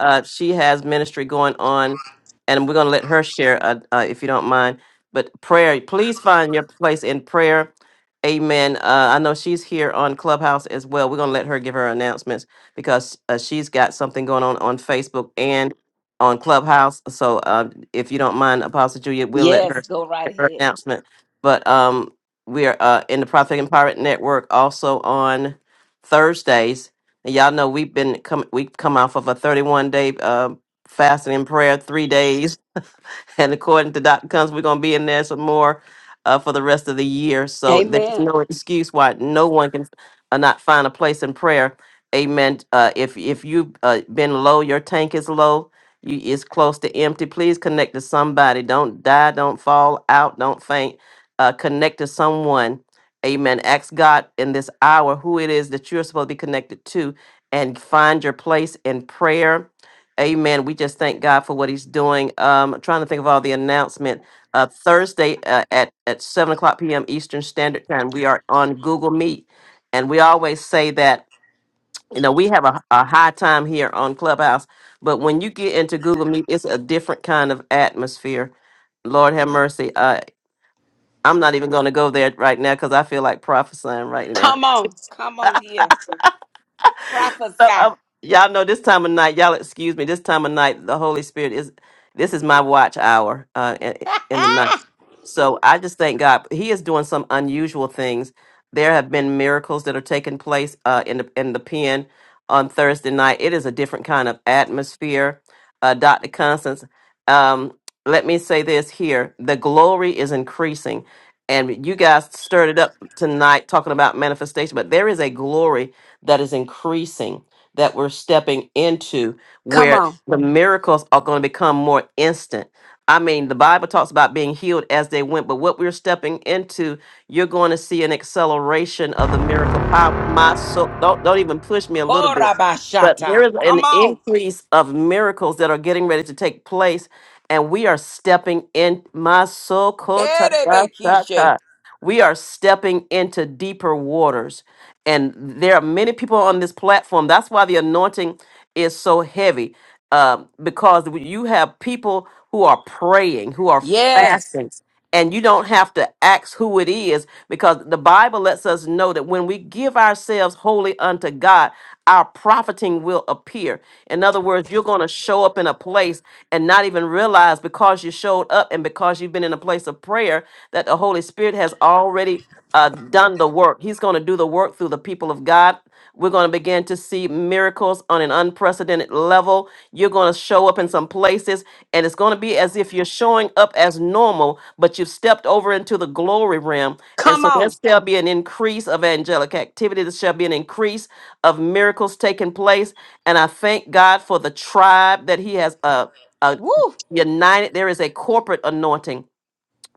uh, she has ministry going on, and we're going to let her share uh, uh, if you don't mind. But prayer, please find your place in prayer. Amen. Uh, I know she's here on Clubhouse as well. We're going to let her give her announcements because uh, she's got something going on on Facebook and on Clubhouse. So uh, if you don't mind, Apostle Julia, we'll let her
Yes, go right
give her
ahead.
announcement. But um, we are uh, in the Prophetic Empowerment Network also on Thursdays. And y'all know we've been come we've come off of a 31 day uh, fasting and prayer, three days and according to Dr. Combs, we're gonna be in there some more uh, for the rest of the year. So there's
Amen.
no excuse why no one can uh, not find a place in prayer. Amen. Uh, if if you've uh, been low, your tank is low. You is close to empty. Please connect to somebody. Don't die. Don't fall out. Don't faint. Uh, connect to someone. Amen. Ask God in this hour who it is that you're supposed to be connected to, and find your place in prayer Amen. We just thank God for what He's doing. Um, I'm trying to think of all the announcement. Uh, Thursday uh, at at seven o'clock p.m. Eastern Standard Time, we are on Google Meet, and we always say that you know we have a, a high time here on Clubhouse, but when you get into Google Meet, it's a different kind of atmosphere. Lord have mercy. Uh, I'm not even going to go there right now because I feel like prophesying right now.
Come on. Come on here. Prophesy.
So, uh, y'all know this time of night, y'all excuse me, this time of night, the Holy Spirit is, this is my watch hour uh, in, in the night. So I just thank God. He is doing some unusual things. There have been miracles that are taking place uh, in, the, in the pen on Thursday night. It is a different kind of atmosphere. Uh, Dr. Constance, um, let me say this here the glory is increasing. And you guys stirred it up tonight talking about manifestation, but there is a glory that is increasing that we're stepping into
come
where
on.
the miracles are going to become more instant. I mean, the Bible talks about being healed as they went, but what we're stepping into, you're going to see an acceleration of the miracle power. My soul, don't don't even push me a little bit. But there
Korabashata.
is an
Come on.
increase of miracles that are getting ready to take place, and we are stepping in. My soul, ko ta ta ta
Herebekishe.
ta. we are stepping into deeper waters and there are many people on this platform. That's why the anointing is so heavy, um, because you have people who are praying, who are
Yes.
fasting, and you don't have to ask who it is, because the Bible lets us know that when we give ourselves wholly unto God, our profiting will appear. In other words, you're going to show up in a place and not even realize because you showed up and because you've been in a place of prayer that the Holy Spirit has already uh, done the work. He's going to do the work through the people of God. We're going to begin to see miracles on an unprecedented level. You're going to show up in some places, and it's going to be as if you're showing up as normal, but you've stepped over into the glory realm. And
Come
so there
on.
shall be an increase of angelic activity. There shall be an increase of miracles taking place. And I thank God for the tribe that He has uh, uh,
Woo.
united. There is a corporate anointing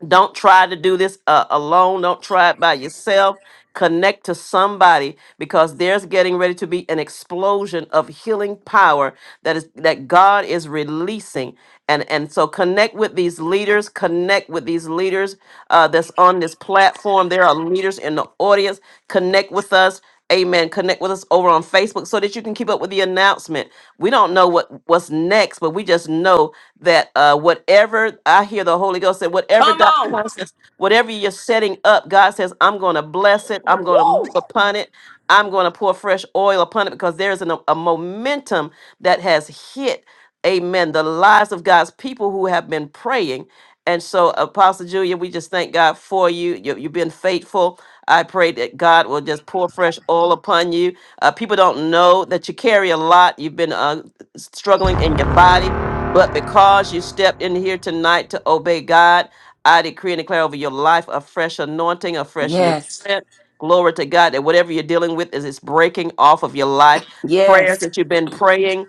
don't try to do this uh, alone. Don't try it by yourself. Connect to somebody because there's getting ready to be an explosion of healing power that is that God is releasing and and so connect with these leaders connect with these leaders uh, that's on this platform there are leaders in the audience connect with us amen connect with us over on facebook so that you can keep up with the announcement we don't know what what's next but we just know that uh, whatever i hear the holy ghost said whatever
Come
dr
on.
Constance, whatever you're setting up god says i'm going to bless it i'm going to move upon it i'm going to pour fresh oil upon it because there's an, a momentum that has hit amen, the lives of God's people who have been praying. And so, Apostle Julia, we just thank God for you. you you've been faithful. I pray that God will just pour fresh oil upon you. Uh, people don't know that you carry a lot. You've been uh, struggling in your body, but because you stepped in here tonight to obey God, I decree and declare over your life a fresh anointing, a fresh new
Yes.
strength. Glory to God that whatever you're dealing with is it's breaking off of your life. Prayers
Yes.
that you've been praying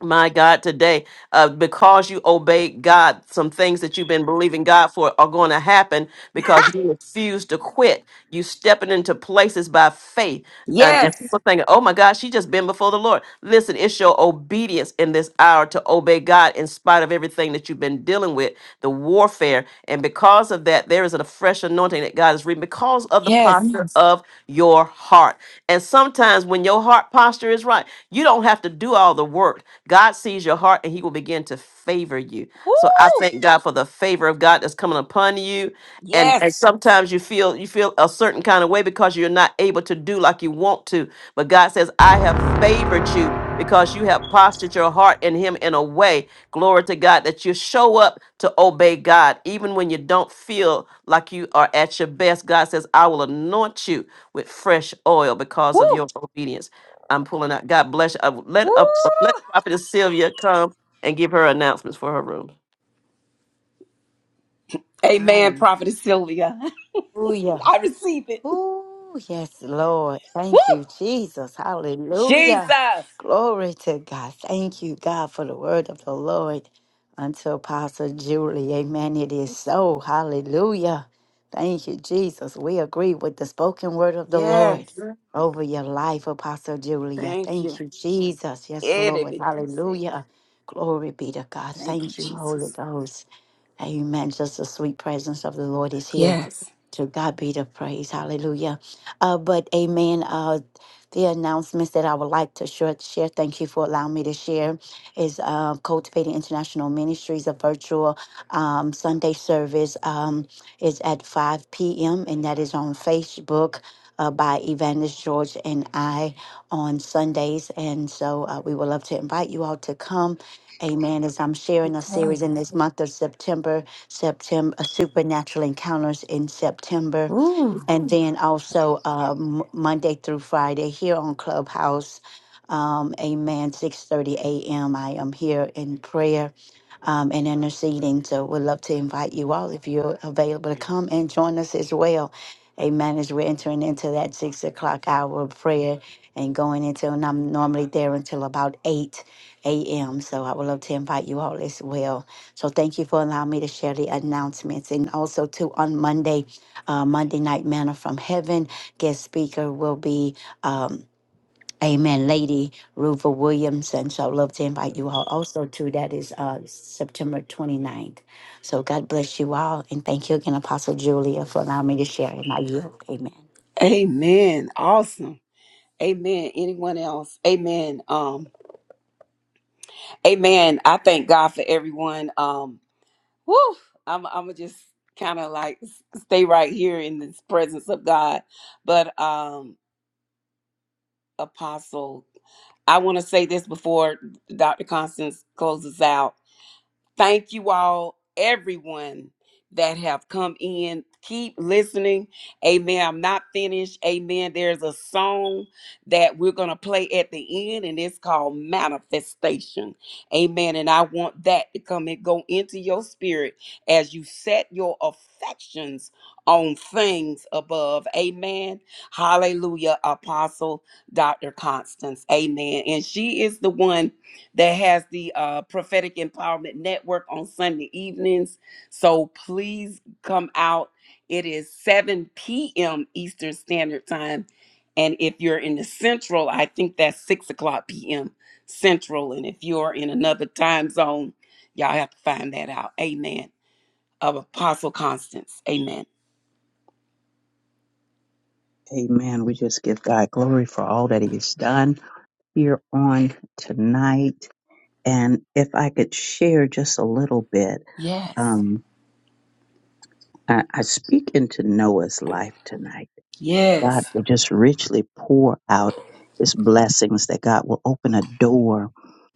my God, today, uh, because you obeyed God, some things that you've been believing God for are going to happen because you refuse to quit. You stepping into places by faith. And, and
Yes.
people thinking, oh my God, she just been before the Lord. Listen, it's your obedience in this hour to obey God in spite of everything that you've been dealing with, the warfare. And because of that, there is a fresh anointing that God is reading because of the posture
Yes.
Yes. of your heart. And sometimes when your heart posture is right, you don't have to do all the work God sees your heart and he will begin to favor you. So I
Woo.
thank God for the favor of God that's coming upon you. And,
Yes.
and sometimes you feel you feel a certain kind of way because you're not able to do like you want to. But God says, I have favored you because you have postured your heart in him in a way, glory to God, that you show up to obey God. Even when you don't feel like you are at your best, God says, I will anoint you with fresh oil because of your
Woo.
obedience. I'm pulling out. God bless you. Uh, let
Woo.
up. let Prophetess Sylvia come and give her announcements for her room.
Amen,
Hallelujah.
Prophetess Sylvia. I receive it.
Oh yes, Lord.
Woo.
Thank you, Jesus. Hallelujah.
Jesus.
Glory to God. Thank you, God, for the word of the Lord unto Apostle Julie. Amen. It is so. Hallelujah. Thank you, Jesus. We agree with the spoken word of the Lord
Yes.
over your life, Apostle Julia.
Thank
Thank
you.
you, Jesus. Yes, Lord.
Herebekishe.
Hallelujah. Glory be to God.
Thank you,
Thank you, Holy
Jesus.
Ghost. Amen. Just the sweet presence of the Lord is here.
Yes.
To God be the praise. Hallelujah. Uh, but amen. Uh, the announcements that I would like to share, share, thank you for allowing me to share, is uh, Cultivating International Ministries, a virtual um, Sunday service um, is at 5 p.m., and that is on Facebook uh, by Evangelist George and I on Sundays. And so uh, we would love to invite you all to come Amen. As I'm sharing a series in this month of September, September Supernatural Encounters in September and then also um, Monday through Friday here on Clubhouse. Um, amen. Six thirty a.m. I am here in prayer um, and interceding. So we'd love to invite you all if you're available to come and join us as well. Amen. As we're entering into that six o'clock hour of prayer and going into, and I'm normally there until about eight a.m. So I would love to invite you all as well. So thank you for allowing me to share the announcements. And also too on Monday uh, Monday Night Manna from Heaven. Guest speaker will be. Um, Amen, Lady Ruva Williams. And so I'd love to invite you all also to that is uh, September ninth. So God bless you all. And thank you again, Apostle Julia, for allowing me to share. And I yield. Amen.
Amen. Awesome. Amen. Anyone else? Amen. Um, amen. I thank God for everyone. Um, whew, I'm I'm gonna just kind of like s- stay right here in this presence of God. But um, Apostle, I want to say this before Dr. Constance closes out. Thank you all, everyone that have come in. Keep listening. Amen. I'm not finished. Amen. There's a song that we're going to play at the end, and it's called Manifestation. Amen. And I want that to come and go into your spirit as you set your affections on things above. Amen. Hallelujah, Apostle Dr. Constance. Amen. And she is the one that has the uh, prophetic empowerment network on sunday evenings so please come out it is 7 p.m eastern standard time and if you're in the central i think that's 6 o'clock p.m central and if you're in another time zone y'all have to find that out amen of apostle constance amen
Amen. We just give God glory for all that he has done here on tonight. And if I could share just a little bit,
yes
um, I, I speak into Noah's life tonight God
yes
will just richly pour out his blessings, that God will open a door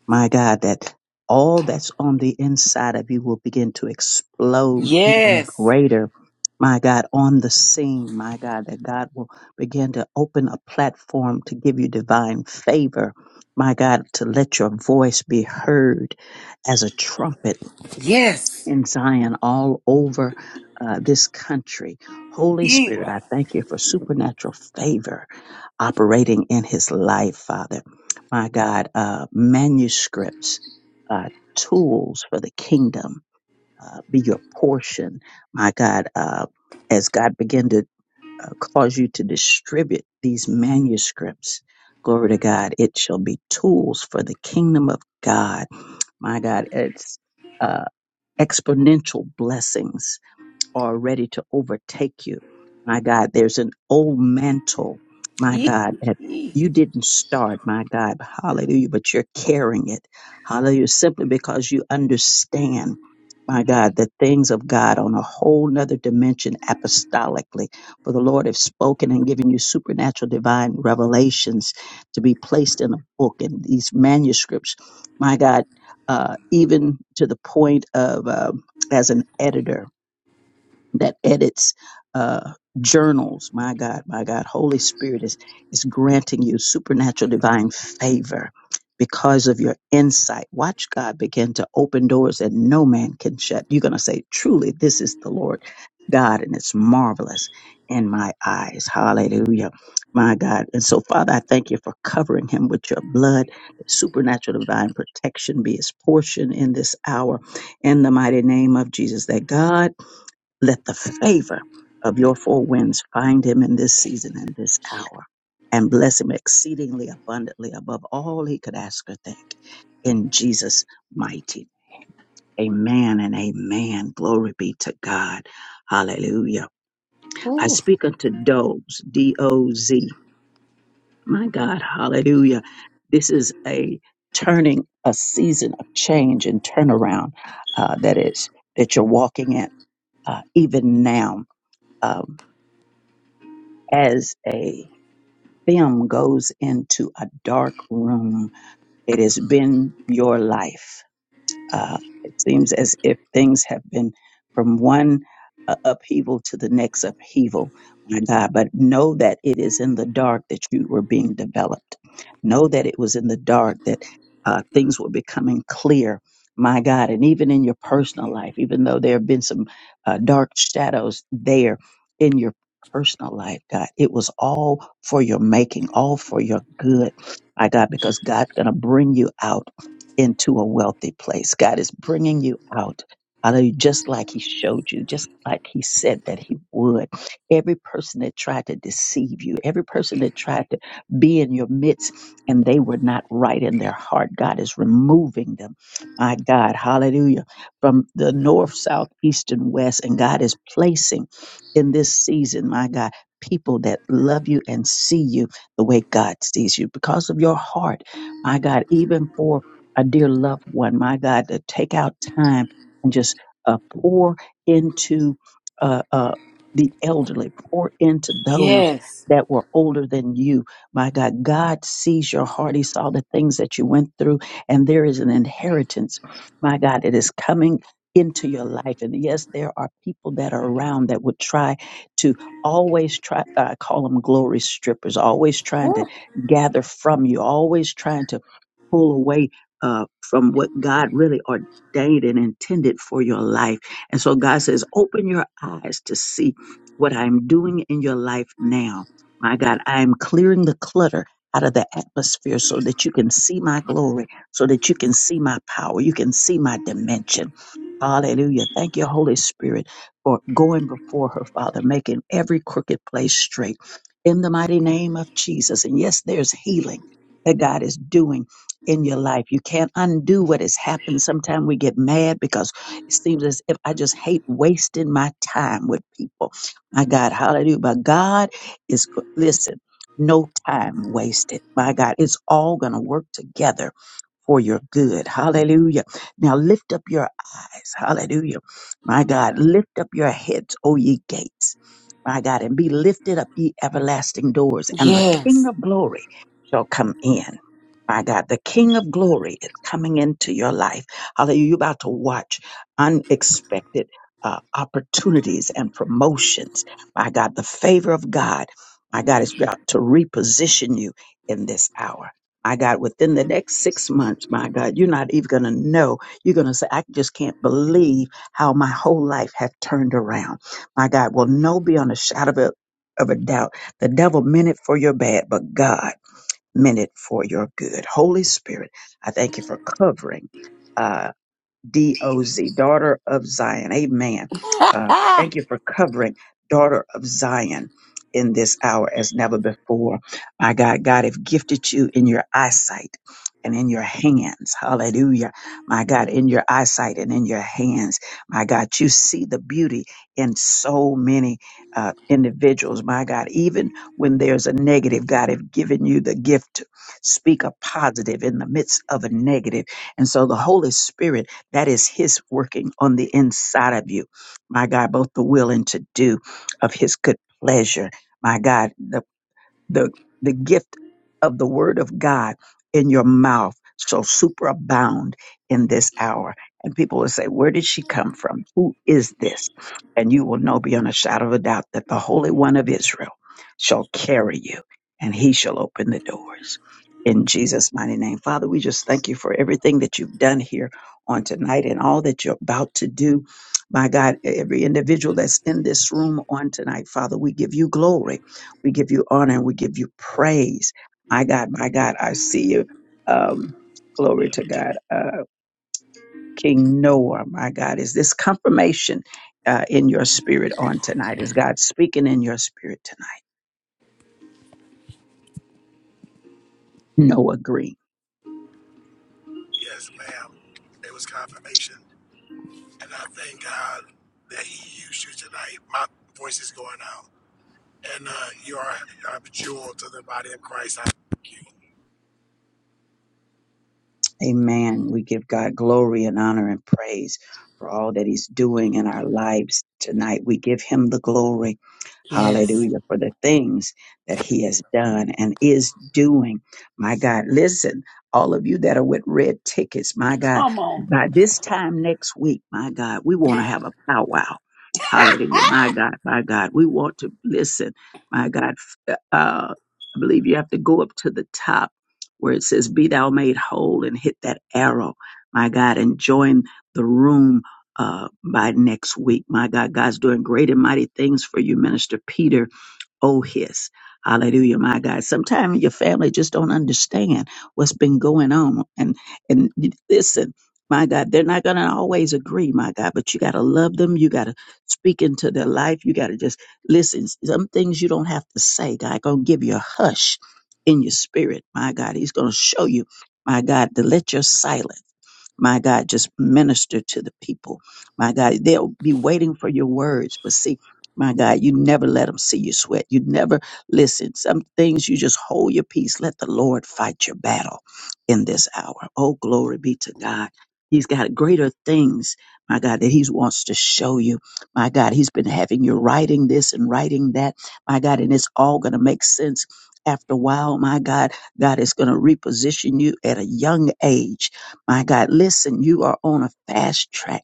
my God, that all that's on the inside of you will begin to explode even
yes
greater. My God, on the scene, my God, that God will begin to open a platform to give you divine favor. My God, to let your voice be heard as a trumpet
yes
in Zion all over uh, this country. Holy Spirit,
Yeah.
I thank you for supernatural favor operating in his life, Father. My God, uh, manuscripts, uh, tools for the kingdom uh, be your portion. My God, uh, as God begin to uh, cause you to distribute these manuscripts, glory to God, it shall be tools for the kingdom of God. My God, it's uh, exponential blessings are ready to overtake you. My God, there's an old mantle, my God, that
Yeah.
you didn't start, my God, hallelujah, but you're carrying it, hallelujah, simply because you understand, my God, the things of God on a whole nother dimension apostolically. For the Lord has spoken and given you supernatural divine revelations to be placed in a book and these manuscripts, my God, uh, even to the point of uh, as an editor that edits uh, journals. My God, my God, Holy Spirit is is granting you supernatural divine favor because of your insight. Watch God begin to open doors that no man can shut. You're going to say, "Truly, this is the Lord God, and it's marvelous in my eyes." Hallelujah, my God. And so, Father, I thank you for covering him with your blood. Supernatural divine protection be his portion in this hour, in the mighty name of Jesus. That God let the favor of your four winds find him in this season and this hour, and bless him exceedingly abundantly above all he could ask or think. In Jesus' mighty name. Amen and amen. Glory be to God. Hallelujah. I
Ooh.
speak unto Doze, D O Z. My God, hallelujah. This is a turning, a season of change and turnaround uh, that is that you're walking in uh, even now. Um, as a film goes into a dark room, it has been your life. Uh, it seems as if things have been from one uh, upheaval to the next upheaval, my God. But know that it is in the dark that you were being developed. Know that it was in the dark that uh, things were becoming clear, my God. And even in your personal life, even though there have been some uh, dark shadows there in your personal life, God, it was all for your making, all for your good, my God, because God's going to bring you out into a wealthy place. God is bringing you out. Hallelujah. Just like he showed you, just like he said that he would. Every person that tried to deceive you, every person that tried to be in your midst and they were not right in their heart, God is removing them. My God, hallelujah. From the north, south, east, and west. And God is placing in this season, my God, people that love you and see you the way God sees you because of your heart. My God, even for a dear loved one, my God, to take out time and just uh, pour into uh, uh, the elderly, pour into those
yes
that were older than you. My God, God sees your heart. He saw the things that you went through, and there is an inheritance, my God, that is coming into your life. And yes, there are people that are around that would try to always try, I call them glory strippers, always trying to gather from you, always trying to pull away uh, from what God really ordained and intended for your life. And so God says, open your eyes to see what I'm doing in your life now. My God, I am clearing the clutter out of the atmosphere so that you can see my glory, so that you can see my power, you can see my dimension. Hallelujah. Thank you, Holy Spirit, for going before her, Father, making every crooked place straight in the mighty name of Jesus. And yes, there's healing that God is doing in your life. You can't undo what has happened. Sometimes we get mad because it seems as if I just hate wasting my time with people. My God, hallelujah. But God is, go- listen, no time wasted. My God, it's all going to work together for your good. Hallelujah. Now lift up your eyes. Hallelujah. My God, lift up your heads, O ye gates. My God, and be lifted up, ye everlasting doors, and the King
Yes.
of glory shall come in. My God, the King of glory is coming into your life. Hallelujah. You're about to watch unexpected uh, opportunities and promotions. My God, the favor of God, my God, is about to reposition you in this hour. I got within the next six months, my God, you're not even going to know. You're going to say, I just can't believe how my whole life have turned around. My God, will no beyond a shadow of a, of a doubt. The devil meant it for your bad, but God meant it for your good. Holy Spirit, I thank you for covering. uh, D O Z, daughter of Zion. Amen. Uh, thank you for covering daughter of Zion in this hour as never before. My God, God have gifted you in your eyesight and in your hands. Hallelujah. My God, in your eyesight and in your hands. My God, you see the beauty in so many uh, individuals. My God, even when there's a negative, God have given you the gift to speak a positive in the midst of a negative. And so the Holy Spirit that is His working on the inside of you. My God, both the will and to do of His good pleasure. My God, The the the gift of the word of God in your mouth shall superabound in this hour. And people will say, Where did she come from? Who is this? And you will know beyond a shadow of a doubt that the Holy One of Israel shall carry you and he shall open the doors. In Jesus' mighty name. Father, we just thank you for everything that you've done here on tonight and all that you're about to do. My God, every individual that's in this room on tonight, Father, we give you glory. We give you honor and we give you praise. My God, my God, I see you. Um, glory to God. Uh, King Noah, my God, is this confirmation uh, in your spirit on tonight? Is God speaking in your spirit tonight? Noah Green.
Yes, ma'am. It was confirmation. And I thank God that He used you tonight. My voice is going out. And uh, you are a jewel to the body of Christ. I thank you.
Amen. We give God glory and honor and praise for all that He's doing in our lives tonight. We give Him the glory.
yes.
Hallelujah. For the things that He has done and is doing. My God, listen, all of you that are with red tickets, my God,
Come on.
by this time next week, my God, we want to have a powwow. Hallelujah. My God, my God, we want to listen. My God, uh, I believe you have to go up to the top where it says, Be thou made whole and hit that arrow, my God, and join the room uh, by next week. My God, God's doing great and mighty things for you, Minister Peter Oh, his. Hallelujah, my God. Sometimes your family just don't understand what's been going on. And and listen, my God, they're not gonna always agree, my God, but you gotta love them. You gotta speak into their life. You gotta just listen. Some things you don't have to say. God gonna give you a hush in your spirit, my God. He's gonna show you, my God, to let your silence. My God, just minister to the people. My God, they'll be waiting for your words. But see, my God, you never let them see you sweat. You never listen. Some things you just hold your peace. Let the Lord fight your battle in this hour. Oh, glory be to God. He's got greater things, my God, that He wants to show you. My God, He's been having you writing this and writing that. My God, and it's all going to make sense after a while. My God, God is going to reposition you at a young age my God, listen, you are on a fast track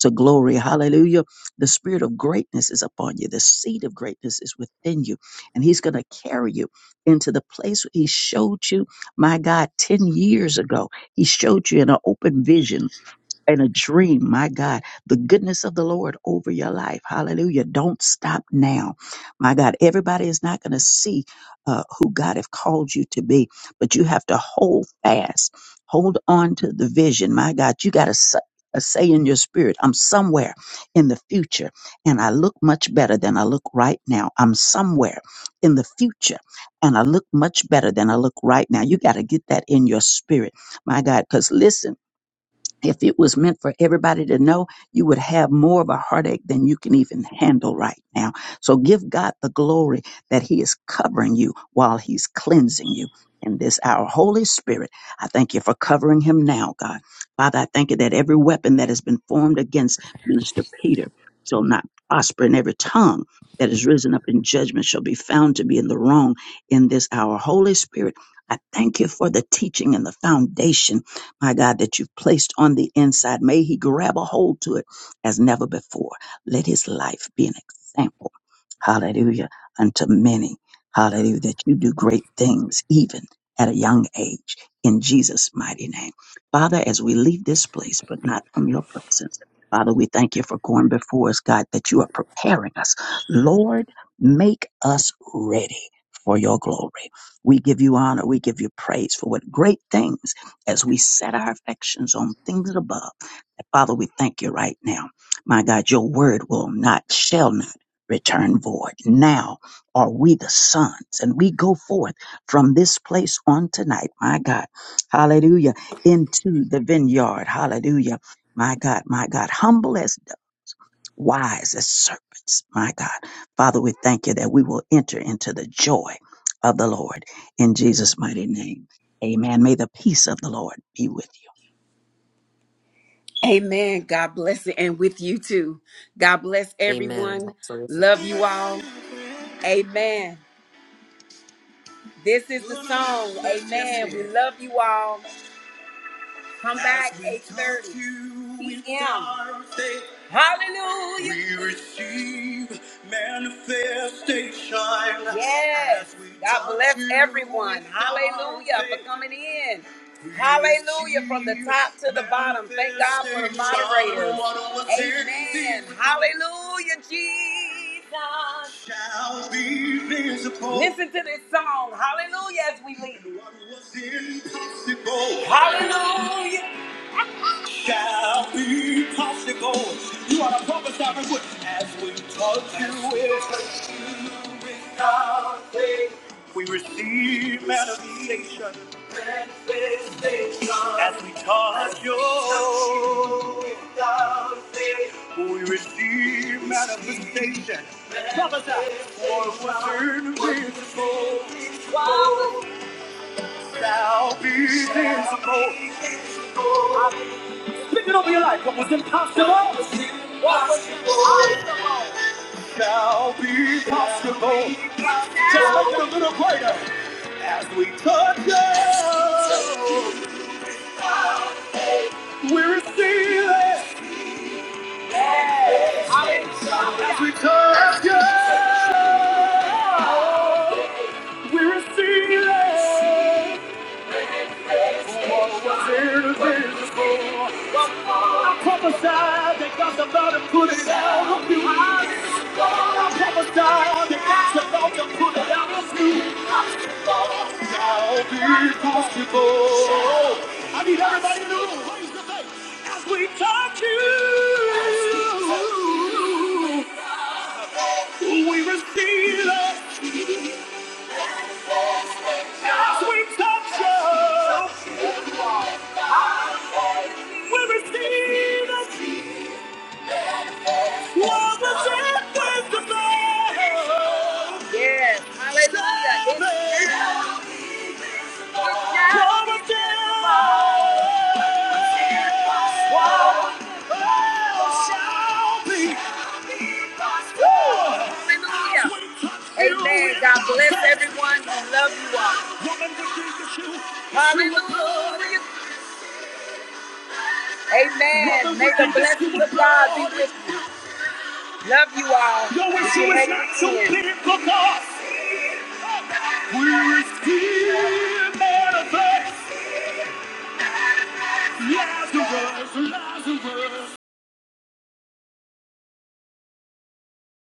to glory. Hallelujah. The spirit of greatness is upon you. The seed of greatness is within you. And he's going to carry you into the place he showed you, my God, 10 years ago. He showed you in an open vision and a dream, my God, the goodness of the Lord over your life. Hallelujah. Don't stop now. My God, everybody is not going to see uh, who God have called you to be, but you have to hold fast, hold on to the vision. My God, you got to s- uh, say in your spirit, I'm somewhere in the future and I look much better than I look right now. I'm somewhere in the future and I look much better than I look right now. You got to get that in your spirit, my God, because listen, if it was meant for everybody to know, you would have more of a heartache than you can even handle right now. So give God the glory that He is covering you while He's cleansing you. In this hour, Holy Spirit, I thank you for covering him now, God. Father, I thank you that every weapon that has been formed against Minister Peter shall not prosper, and every tongue that is risen up in judgment shall be found to be in the wrong in this hour. Holy Spirit, I thank you for the teaching and the foundation my God, that you've placed on the inside. May he grab a hold to it as never before. Let his life be an example. Hallelujah. Unto many. Hallelujah. That you do great things, even at a young age, in Jesus' mighty name. Father, as we leave this place, but not from your presence, Father, we thank you for going before us, God, that you are preparing us. Lord, make us ready for your glory. We give you honor. We give you praise for what great things as we set our affections on things above. Father, we thank you right now. My God, your word will not, shall not return void. Now are we the sons and we go forth from this place on tonight. My God, hallelujah, into the vineyard. Hallelujah. My God, my God, humble as wise as serpents. My God. Father, we thank you that we will enter into the joy of the Lord in Jesus' mighty name. Amen. May the peace of the Lord be with you.
Amen. God bless it. And with you too. God bless everyone. Love you all. Amen. This is the song. Amen. We love you all. Come back 8.30 p.m. Hallelujah. We receive manifestation. Yes. God bless everyone. Hallelujah for coming in. Hallelujah. From the top to the bottom. Thank God for the moderators. Amen. Hallelujah, Jesus. Listen to this song. Hallelujah as we leave. Hallelujah. Shall be possible. You are to prophesy with as we touch you with. We receive manifestation as we touch you, We receive manifestation for certain visible shall be visible, shall be possible. Just make it a little greater as we touch you. We receive it as we touch you. We're seeing what was here to be. I prophesied that God's about to put it out of you. I prophesied that God's about to put it out of you. Now be possible. I need everybody to know. Raise the faith. As we touch you, we receive it. As we touch you, we receive it. Yes, hallelujah. Hallelujah. Amen. God bless everyone. I love you all. Hallelujah. Amen. May the blessings of God be with you. Love you all.